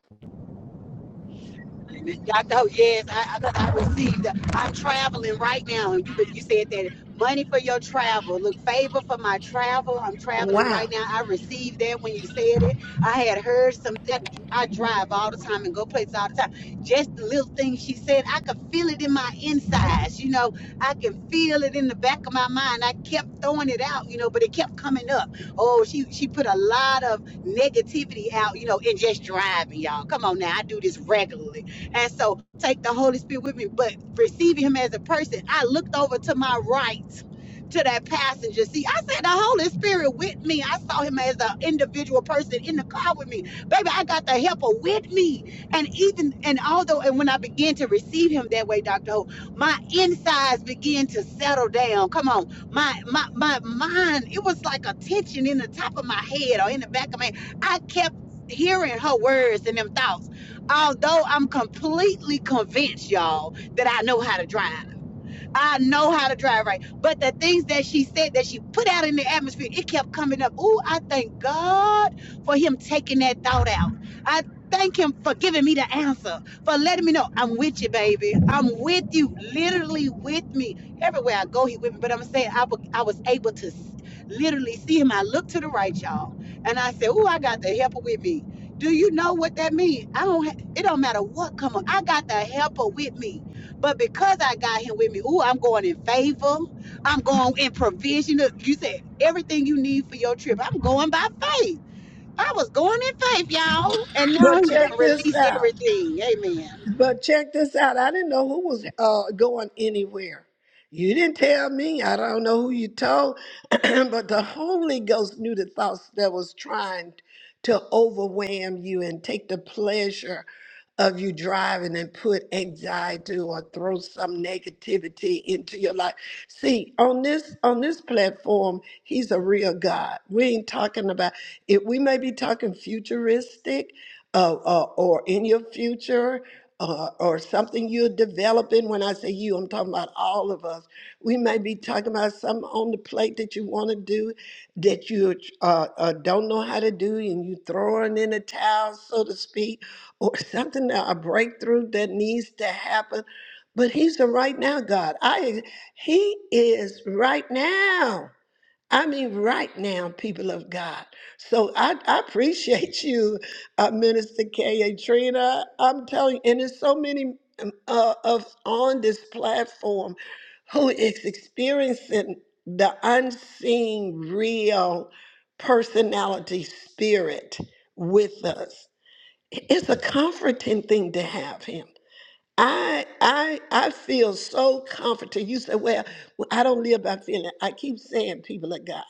S8: I know, yes, I, I, 'cause I received. I'm traveling right now, and you you said that money for your travel. Look, favor for my travel. I'm traveling right
S2: Wow.
S8: now. I received that when you said it. I had heard some. I drive all the time and go places all the time. Just the little thing she said, I could feel it in my insides. You know, I can feel it in the back of my mind. I kept throwing it out, you know, but it kept coming up. Oh, she she put a lot of negativity out, you know, in just driving, y'all. Come on now, I do this regularly and so take the Holy Spirit with me, but receiving him as a person, I looked over to my right to that passenger seat. I said, the Holy Spirit with me. I saw him as an individual person in the car with me. Baby, I got the helper with me. And even, and although, and when I began to receive him that way, Dr. Ho, my insides began to settle down. Come on. My, my, my mind, it was like a tension in the top of my head or in the back of my head. I kept hearing her words and them thoughts although I'm completely convinced, y'all, that I know how to drive. I know how to drive right. But the things that she said that she put out in the atmosphere, it kept coming up. Ooh, I thank God for him taking that thought out. I thank him for giving me the answer, for letting me know I'm with you, baby. I'm with you, literally with me. Everywhere I go, he with me. But I'm saying I I was able to literally see him. I looked to the right, y'all, and I said, ooh, I got the helper with me. Do you know what that means? I don't. it don't matter what come up. I got the helper with me. But because I got him with me, ooh, I'm going in favor. I'm going in provision. You said everything you need for your trip. I'm going by faith. I was going in faith, y'all. And now
S2: But
S8: he's done
S2: check this
S8: released
S2: out.
S8: everything. Amen.
S2: But check this out. I didn't know who was uh, going anywhere. You didn't tell me. I don't know who you told, but the Holy Ghost knew the thoughts that was trying to overwhelm you and take the pleasure of you driving and put anxiety or throw some negativity into your life. See, on this on this platform, he's a real God. We ain't talking about it. We may be talking futuristic uh, uh, or in your future uh, or something you're developing. When I say you, I'm talking about all of us. We may be talking about something on the plate that you want to do that you uh, uh, don't know how to do and you throwing in a towel, so to speak, or something, that- a breakthrough that needs to happen. But he's a right now God. I, he is right now. I mean, right now, people of God. So I, I appreciate you, uh, Minister K. A. Trina. I'm telling you, and there's so many um, uh, of on this platform who is experiencing the unseen, real personality spirit with us. It's a comforting thing to have him. I I I feel so comforted. You say, well, well, I don't live by feeling. I keep saying, people of God,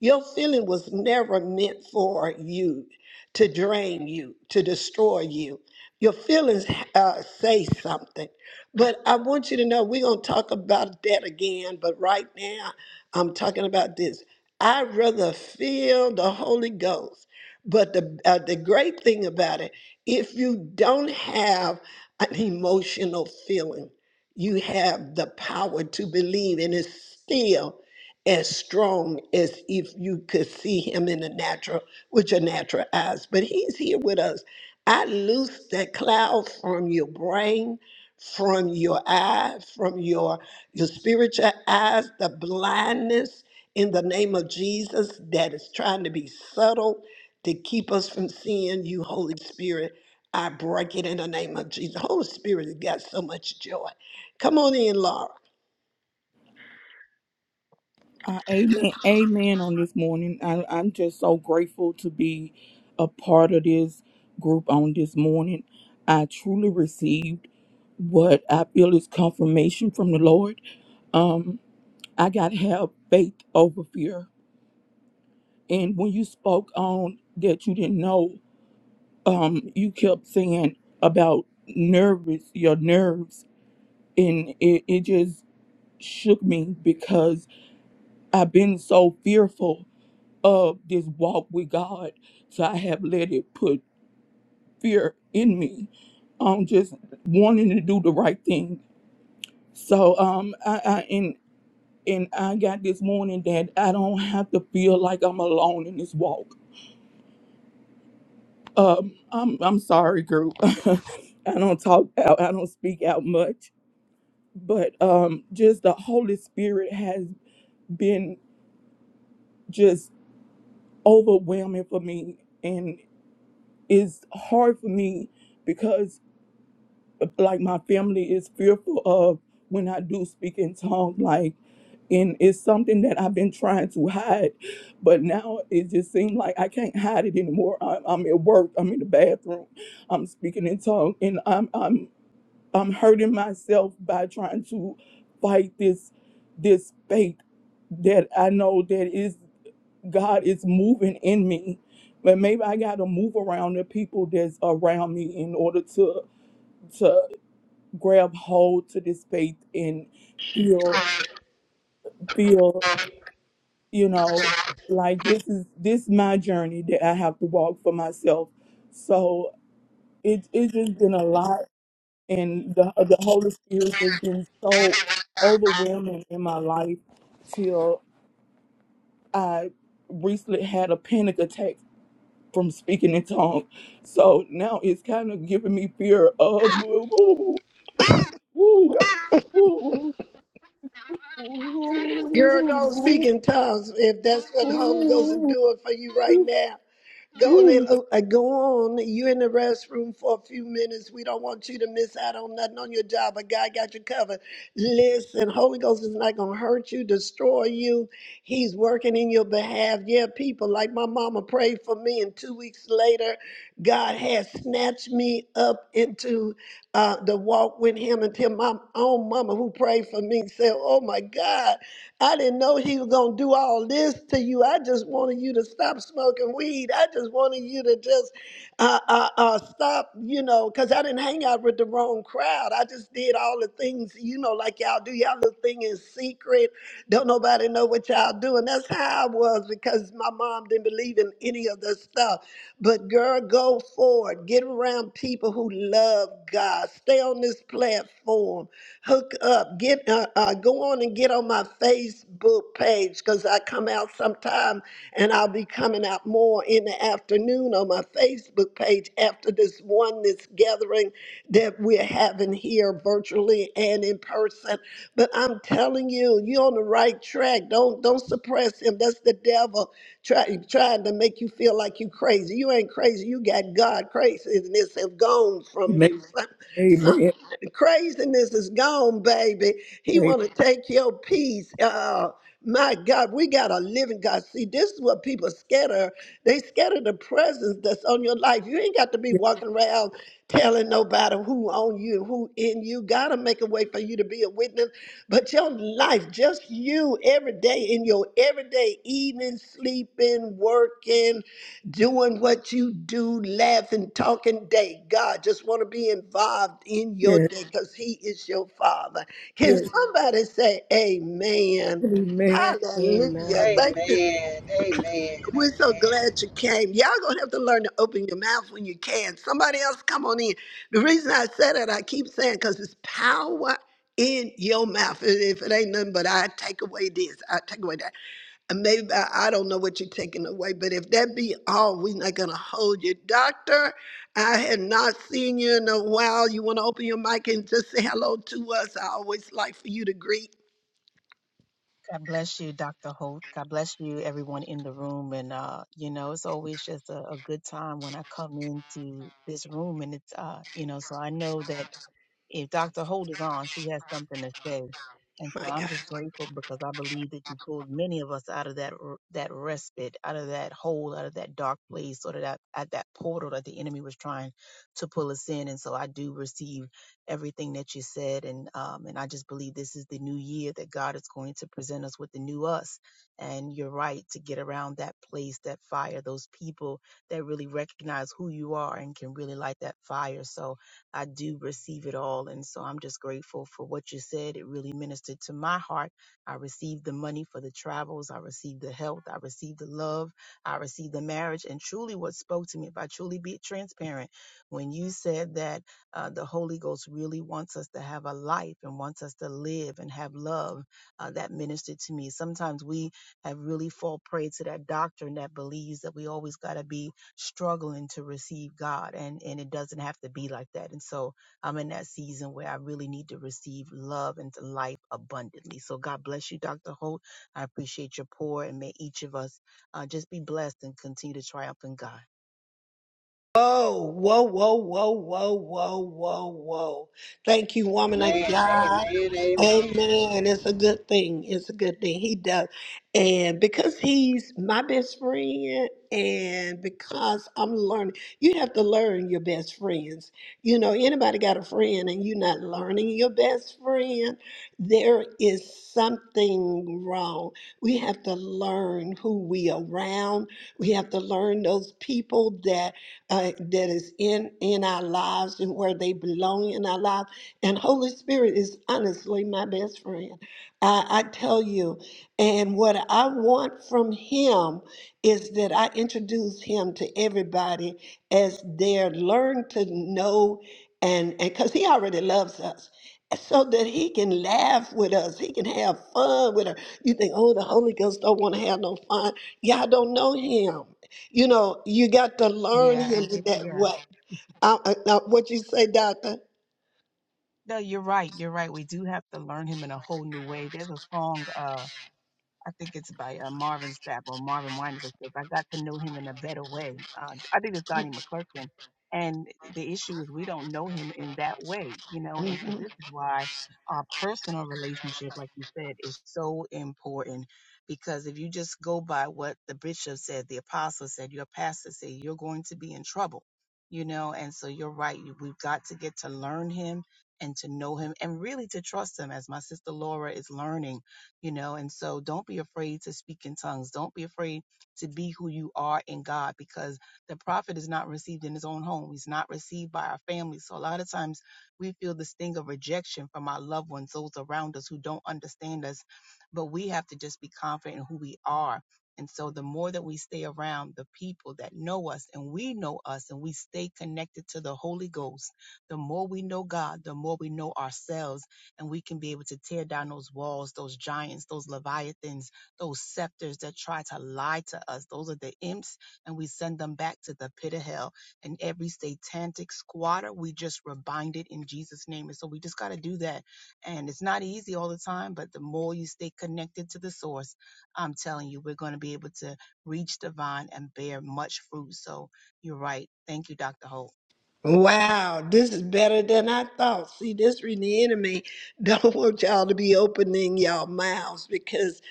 S2: your feeling was never meant for you to drain you, to destroy you. Your feelings uh, say something. But I want you to know we're gonna talk about that again. But right now, I'm talking about this. I'd rather feel the Holy Ghost. But the uh, the great thing about it, if you don't have an emotional feeling. You have the power to believe, and it's still as strong as if you could see him in the natural with your natural eyes. But he's here with us. I loose that cloud from your brain, from your eye, from your your spiritual eyes, the blindness in the name of Jesus that is trying to be subtle to keep us from seeing you, Holy Spirit. I break it in the name of Jesus. Holy Spirit has got so much joy. Come on in, Laura.
S9: Uh, amen. Amen. On this morning, I, I'm just so grateful to be a part of this group on this morning. I truly received what I feel is confirmation from the Lord. Um, I got to have faith over fear. And when you spoke on that, you didn't know. Um, you kept saying about nervous, your nerves, and it, it just shook me because I've been so fearful of this walk with God. So I have let it put fear in me on just wanting to do the right thing. So um I, I and and I got this morning that I don't have to feel like I'm alone in this walk. Um I'm I'm sorry group. I don't talk out, I don't speak out much. But um just the Holy Spirit has been just overwhelming for me and it's hard for me because. like my family is fearful of when I do speak in tongues, like and it's something that I've been trying to hide, but now it just seems like I can't hide it anymore. I'm, I'm at work, I'm in the bathroom, I'm speaking in tongues, and I'm I'm I'm hurting myself by trying to fight this this faith that I know that is God is moving in me, but maybe I got to move around the people that's around me in order to to grab hold to this faith and feel feel you know like this is this my journey that I have to walk for myself. So it it's just been a lot, and the the Holy Spirit has been so overwhelming in my life till I recently had a panic attack from speaking in tongues. So now it's kind of giving me fear of
S2: Girl, don't speak in tongues if that's what the Holy Ghost is
S9: Amen.
S2: doing for you right now. Go on, and- uh, go on. You in the restroom for a few minutes. We don't want you to miss out on nothing on your job, but God got you covered. Listen, Holy Ghost is not gonna hurt you, destroy you. He's working in your behalf. Yeah, people like my mama prayed for me, and two weeks later, God had snatched me up into uh, the walk with Him until my own mama who prayed for me said, "Oh my God." I didn't know he was going to do all this to you. I just wanted you to stop smoking weed. I just wanted you to just uh, uh, uh, stop, you know, because I didn't hang out with the wrong crowd. I just did all the things, you know, like y'all do. Y'all little thing in secret. Don't nobody know what y'all do. And that's how I was because my mom didn't believe in any of this stuff. But girl, go forward. Get around people who love God. Stay on this platform hook up, get uh, uh, go on and get on my Facebook page because I come out sometime and I'll be coming out more in the afternoon on my Facebook page after this oneness gathering that we're having here virtually and in person. But I'm telling you, you're on the right track. Don't don't suppress him. That's the devil try, trying to make you feel like you crazy. You ain't crazy. You got God craziness have gone from
S9: Amen.
S2: you. some-
S9: Amen.
S2: the craziness is gone, baby. He want to take your peace. Uh, my God, we got a living God. See, this is what people scared of. They scared of the presence that's on your life. You ain't got to be
S9: Yes,
S2: walking around telling nobody who on you, who in you. God will make a way for you to be a witness. But your life, just you every day in your everyday eating, sleeping, working, doing what you do, laughing, talking day. God just want to be involved in your
S9: yes,
S2: day because He is your Father. Can
S9: yes.
S2: somebody say Amen?
S9: Amen.
S2: Hallelujah.
S1: Amen.
S2: Thank you.
S8: Amen. Amen.
S2: We're so
S8: Amen.
S2: glad you came. Y'all gonna have to learn to open your mouth when you can. Somebody else come on in. The reason I said it, I keep saying because it's power in your mouth. And If it ain't nothing but I take away this, I take away that. And maybe I I don't know what you're taking away, but if that be all, we're not gonna hold you. Doctor, I had not seen you in a while. You wanna open your mic and just say hello to us? I always like for you to greet.
S11: God bless you, Dr. Holt. God bless you, everyone in the room. And, uh, you know, it's always just a, a good time when I come into this room. And it's, uh, you know, so I know that if Dr. Holt is on, she has something to say. And so
S2: My
S11: I'm
S2: God.
S11: just grateful because I believe that you pulled many of us out of that r- that respite, out of that hole, out of that dark place, or that at that portal that the enemy was trying to pull us in. And so I do receive everything that you said, and um, and I just believe this is the new year that God is going to present us with the new us. And you're right to get around that place, that fire, those people that really recognize who you are and can really light that fire. So I do receive it all. And so I'm just grateful for what you said. It really ministered to my heart. I received the money for the travels. I received the health. I received the love. I received the marriage. And truly, what spoke to me, if I truly be transparent, when you said that uh, the Holy Ghost really wants us to have a life and wants us to live and have love, uh, that ministered to me. Sometimes we have really fall prey to that doctrine that believes that we always got to be struggling to receive God and and it doesn't have to be like that. And so I'm in that season where I really need to receive love into life abundantly. So God bless you, Dr. Holt. I appreciate your pour and may each of us uh, just be blessed and continue to triumph in God.
S2: Whoa, whoa, whoa, whoa, whoa, whoa, whoa, whoa. Thank you, woman of
S8: Amen.
S2: God.
S8: Amen. Amen.
S2: Amen. It's a good thing. It's a good thing. He does. And because he's my best friend, and because I'm learning, you have to learn your best friends. You know, anybody got a friend and you're not learning your best friend, there is something wrong. We have to learn who we around. We have to learn those people that uh, that is in in our lives and where they belong in our lives. And Holy Spirit is honestly my best friend. I, I tell you, and what I want from Him is that I introduce Him to everybody as they learn to know, and because He already loves us. So that he can laugh with us, he can have fun with us. You think, oh, the Holy Ghost don't want to have no fun. Y'all don't know him. You know, you got to learn
S11: Yeah,
S2: him
S11: and,
S2: in
S11: and
S2: that
S11: yeah,
S2: way. I, I, I- what you say, doctor?
S11: no, you're right. You're right. We do have to learn Him in a whole new way. There's a song. Uh, I think it's by uh, Marvin Sapp or Marvin Winans that says, I got to know him in a better way. Uh, I think it's Donnie McClurkin. And the issue is we don't know him in that way, you know, and so this is why our personal relationship, like you said, is so important. Because if you just go by what the bishop said, the apostle said, your pastor said, you're going to be in trouble, you know, and so you're right. You- We've got to get to learn him and to know him and really to trust him as my sister Laura is learning you know, and so don't be afraid to speak in tongues. Don't be afraid to be who you are in God because the prophet is not received in his own home. He's not received by our family. So a lot of times we feel the sting of rejection from our loved ones, those around us who don't understand us, but we have to just be confident in who we are. And so the more that we stay around the people that know us and we know us and we stay connected to the Holy Ghost, the more we know God, the more we know ourselves and we can be able to tear down those walls, those giants, those leviathans, those scepters that try to lie to us. Those are the imps, and we send them back to the pit of hell. And every satanic squatter, we just rebind it in Jesus' name. And so we just got to do that. And it's not easy all the time, but the more you stay connected to the source, I'm telling you, we're going to be able to reach the vine and bear much fruit. So you're right. Thank you, Dr. Holt.
S2: Wow, this is better than I thought. See, this really, enemy don't want y'all to be opening y'all mouths because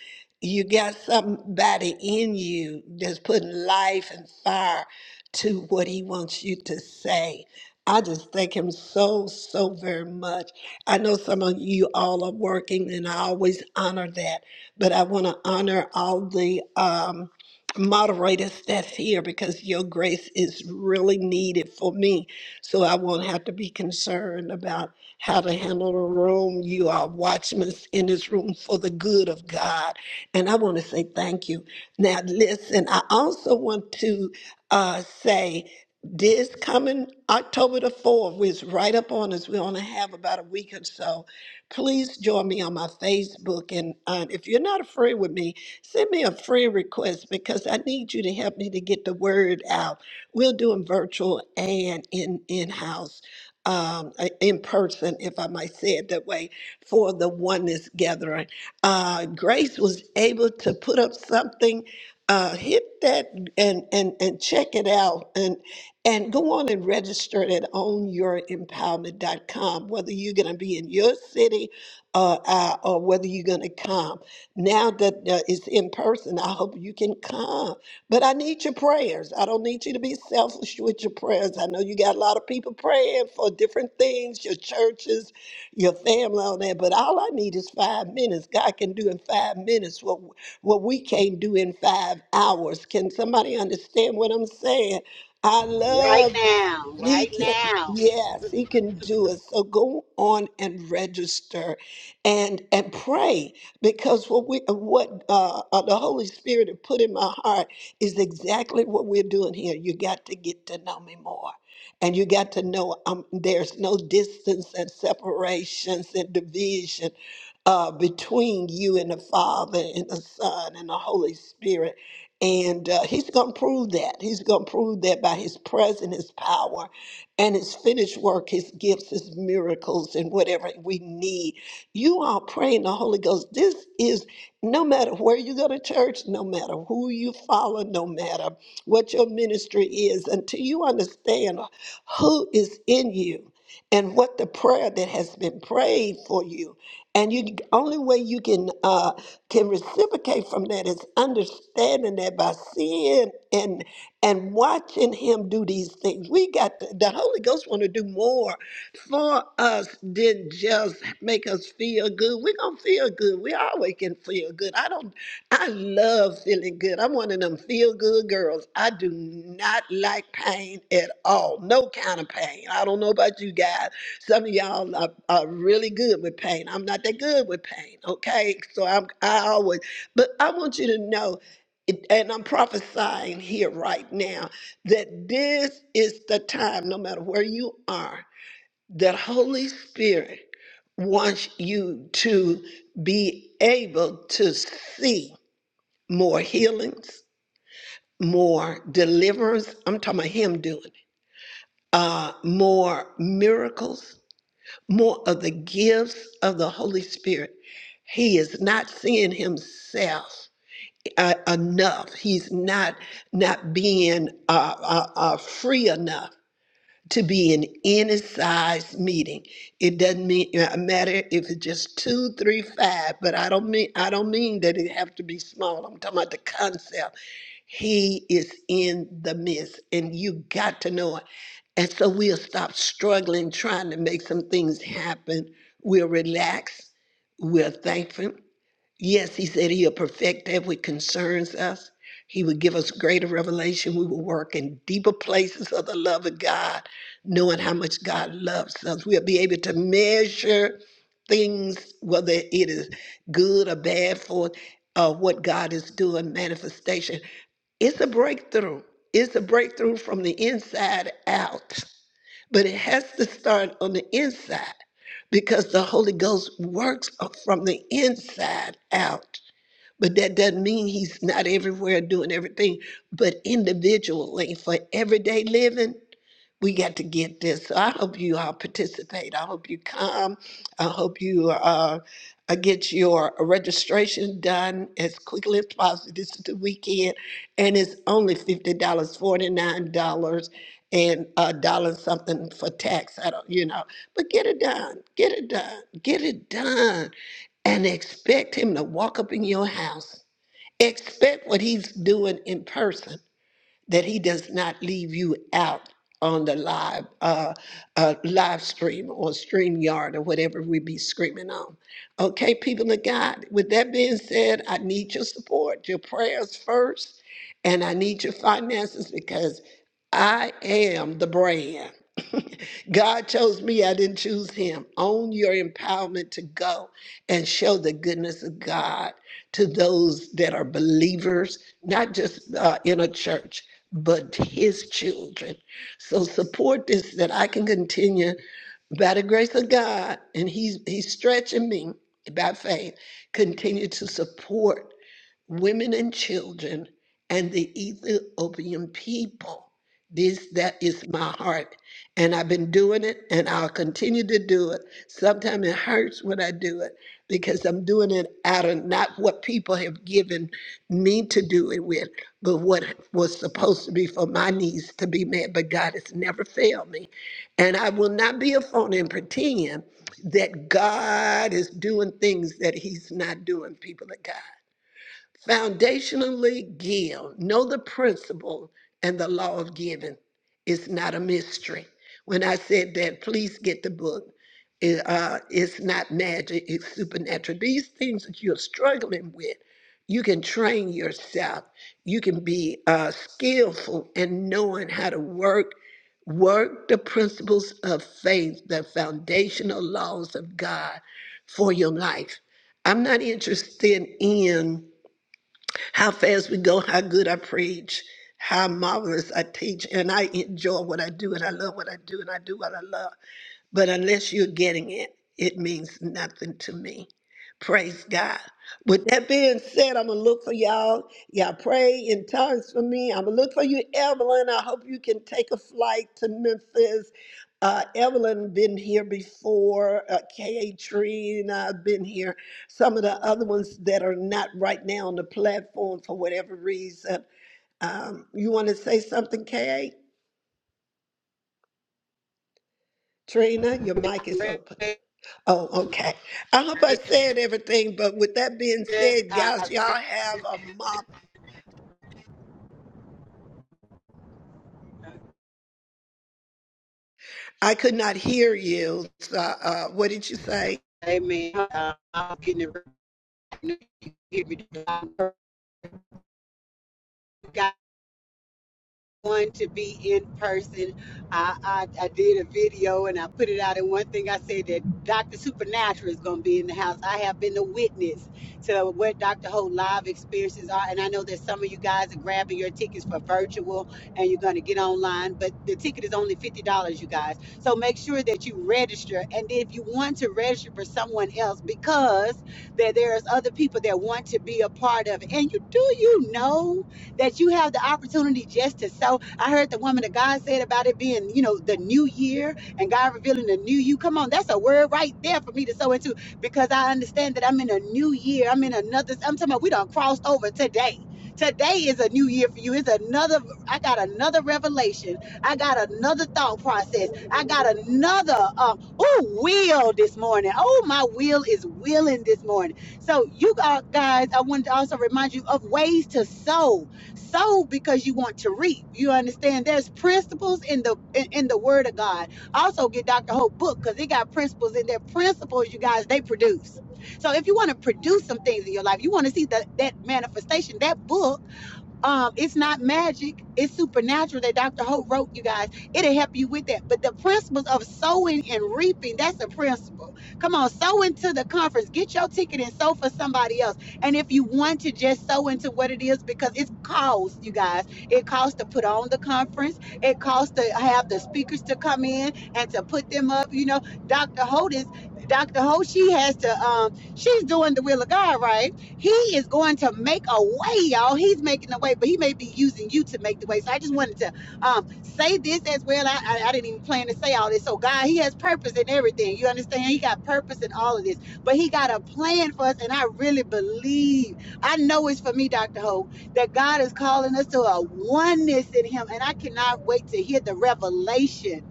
S2: you got somebody in you that's putting life and fire to what he wants you to say. I just thank him so, so very much. I know some of you all are working, and I always honor that, but I want to honor all the um, moderators that's here because your grace is really needed for me so I won't have to be concerned about how to handle the room. You are watchmen in this room for the good of God. And I want to say thank you. Now, listen, I also want to uh, say this coming October the 4th, which is right up on us, we're going to have about a week or so. Please join me on my Facebook. And uh, if you're not a friend with me, send me a friend request because I need you to help me to get the word out We'll do them virtual and in in house, um, uh, in person, if I might say it that way, for the oneness gathering. Uh, Grace was able to put up something. Uh, hit that and and and check it out and and go on and register it at ownyourempowerment.com. Whether you're going to be in your city uh, uh, or whether you're going to come. Now that uh, it's in person, I hope you can come but I need your prayers. I don't need you to be selfish with your prayers. I know you got a lot of people praying for different things, your churches, your family, all that. But all I need is five minutes. God can do in five minutes what what we can't do in five hours. Can somebody understand what I'm saying? I
S8: Right
S2: love
S8: now.
S2: he
S8: Right
S2: can,
S8: now.
S2: yes, he can do it. So go on and register, and and pray because what we what uh, uh, the Holy Spirit had put in my heart is exactly what we're doing here. You got to get to know me more, and you got to know um, there's no distance and separations and division uh, between you and the Father and the Son and the Holy Spirit. And uh, he's going to prove that. He's going to prove that by his presence, his power and his finished work, his gifts, his miracles, and whatever we need. You are praying the Holy Ghost. This is no matter where you go to church, no matter who you follow, no matter what your ministry is, until you understand who is in you and what the prayer that has been prayed for you. And you only way you can uh, can reciprocate from that is understanding that by seeing and and watching him do these things. We got to, the Holy Ghost want to do more for us than just make us feel good. We're gonna feel good. We always can feel good. I don't I love feeling good. I'm one of them feel good girls. I do not like pain at all. No kind of pain. I don't know about you guys. Some of y'all are, are really good with pain. I'm not that good with pain, okay? So I'm I always but I want you to know it- and I'm prophesying here right now that this is the time, no matter where you are, that Holy Spirit wants you to be able to see more healings, more deliverance. I'm talking about him doing it. Uh, more miracles, more of the gifts of the Holy Spirit. He is not seeing himself uh, enough. He's not not being uh, uh, uh, free enough to be in any size meeting. It doesn't mean uh, matter if it's just two, three, five. But I don't mean I don't mean that it have to be small. I'm talking about the concept. He is in the midst, and you got to know it. And so we'll stop struggling trying to make some things happen. We'll relax. We're thankful. Yes, he said he'll perfect that which concerns us. He would give us greater revelation. We will work in deeper places of the love of God, knowing how much God loves us. We'll be able to measure things, whether it is good or bad for uh, what God is doing, manifestation. It's a breakthrough. It's a breakthrough from the inside out. But it has to start on the inside because the Holy Ghost works from the inside out. But that doesn't mean he's not everywhere doing everything. But individually, for everyday living, we got to get this. So I hope you all participate. I hope you come. I hope you uh, uh, get your registration done as quickly as possible. This is the weekend, and it's only $50, dollars, $49. and a dollar and something for tax. I don't, you know, but get it done, get it done, get it done, and expect him to walk up in your house. Expect what he's doing in person that he does not leave you out on the live uh, uh, live stream or stream yard or whatever we be screaming on. Okay, people of God, with that being said, I need your support, your prayers first, and I need your finances because I am the brand. God chose me, I didn't choose him. Own your empowerment to go and show the goodness of God to those that are believers, not just uh, in a church, but his children. So support this that I can continue by the grace of God, and He's He's stretching me by faith. Continue to support women and children and the Ethiopian people. This that is my heart. And I've been doing it and I'll continue to do it. Sometimes it hurts when I do it because I'm doing it out of not what people have given me to do it with, but what was supposed to be for my needs to be met. But God has never failed me. And I will not be a phone and pretend that God is doing things that He's not doing, people of God. Foundationally give. Know the principle and the law of giving. It's not a mystery. When I said that, please get the book. It, uh, it's not magic, it's supernatural. These things that you're struggling with, you can train yourself. You can be uh, skillful in knowing how to work, work the principles of faith, the foundational laws of God for your life. I'm not interested in how fast we go, how good I preach, how marvelous I teach, and I enjoy what I do, and I love what I do, and I do what I love. But unless you're getting it, it means nothing to me. Praise God. With that being said, I'm going to look for y'all. Y'all pray in tongues for me. I'm going to look for you, Evelyn. I hope you can take a flight to Memphis. Uh, Evelyn been here before. Uh, K.A. Tree and I've been here. Some of the other ones that are not right now on the platform for whatever reason. Um, you want to say something, K.A.? Trina, your mic is open. Oh, okay. I hope I said everything, but with that being said, guys, y'all have a mop. I could not hear you. So, uh, what did you say?
S8: Amen. Uh, I'm getting it. Give me the one to be in person. I, I I did a video and I put it out. And one thing I said that Dr. Supernatural is going to be in the house. I have been a witness to what Dr. Ho live experiences are, and I know that some of you guys are grabbing your tickets for virtual and you're going to get online. But the ticket is only fifty dollars, you guys. So make sure that you register. And if you want to register for someone else, because that there's other people that want to be a part of it, and you do you know that you have the opportunity just to sow. I heard the woman of God said about it being, you know, the new year and God revealing the new you. Come on, that's a word right there for me to sow into because I understand that I'm in a new year. I'm in another, I'm talking about we done crossed over today. Today is a new year for you. It's another, I got another revelation. I got another thought process. I got another, uh, oh, will this morning. Oh, my will is willing this morning. So, you got, guys, I wanted to also remind you of ways to sow sow because you want to reap you understand there's principles in the in, in the word of god also get dr hope book because it got principles in their principles you guys they produce so if you want to produce some things in your life you want to see that that manifestation that book um, it's not magic. It's supernatural that Dr. Hope wrote, you guys. It'll help you with that. But the principles of sowing and reaping, that's a principle. Come on, sow into the conference. Get your ticket and sow for somebody else. And if you want to just sow into what it is, because it's cost, you guys. It costs to put on the conference. It costs to have the speakers to come in and to put them up. You know, Dr. Hope is Dr. Hope, she has to um, she's doing the will of God, right? He is going to make a way, y'all. He's making a way, but he may be using you to make the way. So I just wanted to um, say this as well. I, I, I didn't even plan to say all this. So God, He has purpose in everything. You understand? He got purpose in all of this, but He got a plan for us, and I really believe. I know it's for me, Doctor Ho. that God is calling us to a oneness in Him, and I cannot wait to hear the revelation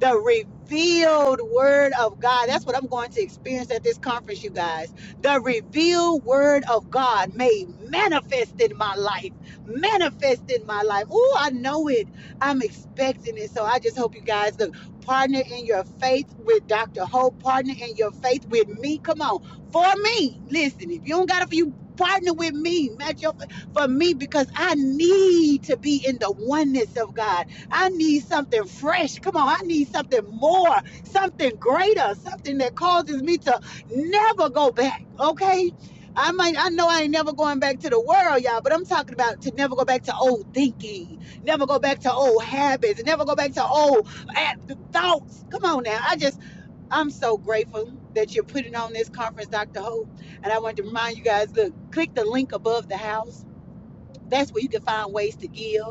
S8: the revealed word of God. That's what I'm going to experience at this conference, you guys. The revealed word of God made manifest in my life, manifest in my life. Oh, I know it. I'm expecting it. So I just hope you guys look, partner in your faith with Dr. Hope, partner in your faith with me. Come on. For me, listen, if you don't got it for you, partner with me, match your for me because I need to be in the oneness of God. I need something fresh. Come on, I need something more, something greater, something that causes me to never go back. Okay? I might I know I ain't never going back to the world, y'all, but I'm talking about to never go back to old thinking, never go back to old habits, never go back to old thoughts. Come on now. I just I'm so grateful that you're putting on this conference, Dr. Hope. And I want to remind you guys, look, click the link above the house. That's where you can find ways to give.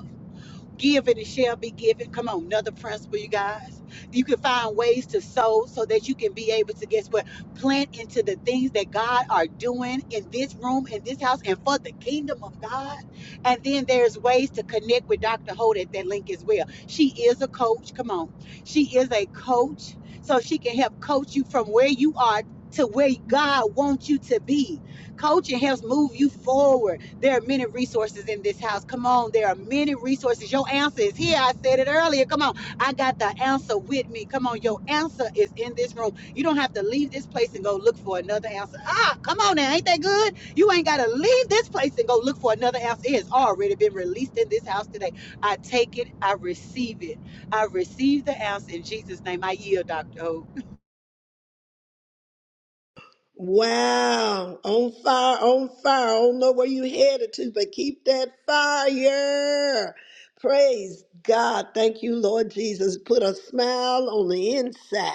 S8: Give and it shall be given. Come on, another principle, you guys. You can find ways to sow so that you can be able to guess what? Plant into the things that God are doing in this room, in this house, and for the kingdom of God. And then there's ways to connect with Dr. Holt at that link as well. She is a coach. Come on. She is a coach. So she can help coach you from where you are to where God wants you to be. Coaching helps move you forward there are many resources in this house. Come on, there are many resources. Your answer is here. I said it earlier. Come on, I got the answer with me. Come on, your answer is in this room. You don't have to leave this place and go look for another answer. Ah, come on now, ain't that good? You ain't got to leave this place and go look for another answer. It has already been released in this house today. I take it, I receive it. I receive the answer in Jesus' name. I yield, Dr. O.
S2: Wow, on fire, on fire. I don't know where you headed to, but keep that fire. Praise God. Thank you, Lord Jesus. Put a smile on the inside.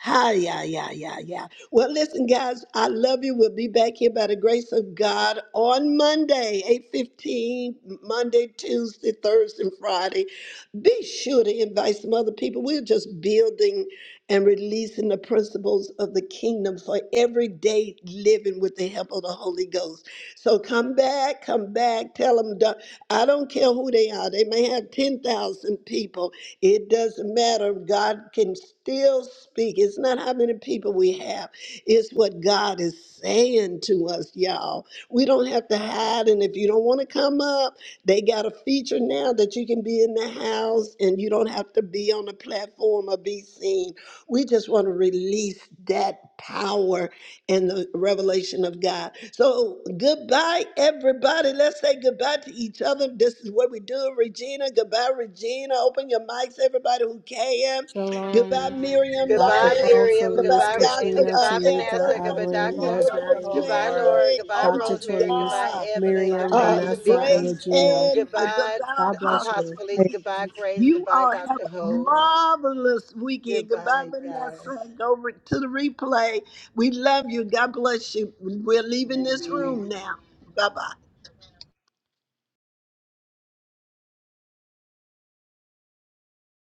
S2: Hi, yeah, yeah, yeah, yeah. Well, listen, guys, I love you. We'll be back here by the grace of God on Monday, 8.15, Monday, Tuesday, Thursday, and Friday. Be sure to invite some other people. We're just building and releasing the principles of the kingdom for everyday living with the help of the Holy Ghost. So come back, come back, tell them, I don't care who they are. They may have 10,000 people. It doesn't matter. God can still speak. It's not how many people we have, it's what God is saying to us, y'all. We don't have to hide. And if you don't want to come up, they got a feature now that you can be in the house and you don't have to be on the platform or be seen we just want to release that power and the revelation of God. So, goodbye, everybody. Let's say goodbye to each other. This is what we do, Regina. Goodbye, Regina. Open your mics, everybody who can. Goodbye,
S1: Shalom.
S2: Miriam,
S11: Yes, God
S1: Dr.
S8: Goodbye,
S11: bless
S2: Laria.
S1: Hall,
S11: you.
S8: Miriam.
S11: Love
S2: Goodbye,
S1: Felice,
S8: Goodbye,
S11: you.
S8: Regina.
S2: Dr.
S1: Katrina,
S2: Uh,
S8: Goodbye,
S1: Tamika,
S8: Vanessa.
S2: Elder,
S8: Goodbye,
S11: Shalom,
S1: Evelyn,
S2: Tamika,
S11: shalom,
S8: Doctor.
S11: Dr.
S1: Rosemary,
S11: Ho.
S8: Goodbye,
S1: Laura,
S8: Laura.
S2: Rosemary.
S8: Goodbye,
S2: Oh, my
S1: Dr.
S8: Rosemary.
S1: Therese,
S8: Goodbye,
S2: God
S8: Evelyn.
S11: Bye,
S1: Miriam,
S8: Goodbye,
S2: uh,
S11: ladies.
S1: Vanessa,
S8: Tamika.
S1: and
S2: Grace
S1: Regina.
S2: and uh, the
S8: Goodbye,
S2: Thou
S1: God bless
S2: Apostle
S1: you.
S8: Apostle Felice.
S2: Felice.
S8: Goodbye, Grace.
S2: You
S8: Goodbye,
S2: all have
S8: Dr.
S2: a
S8: Holt.
S2: marvelous weekend. Goodbye,
S8: Goodbye, guys.
S2: Vanessa. Go re- to the replay. We love you. God bless you. We're leaving
S11: Amen.
S2: this
S8: Amen.
S2: room now. Bye bye.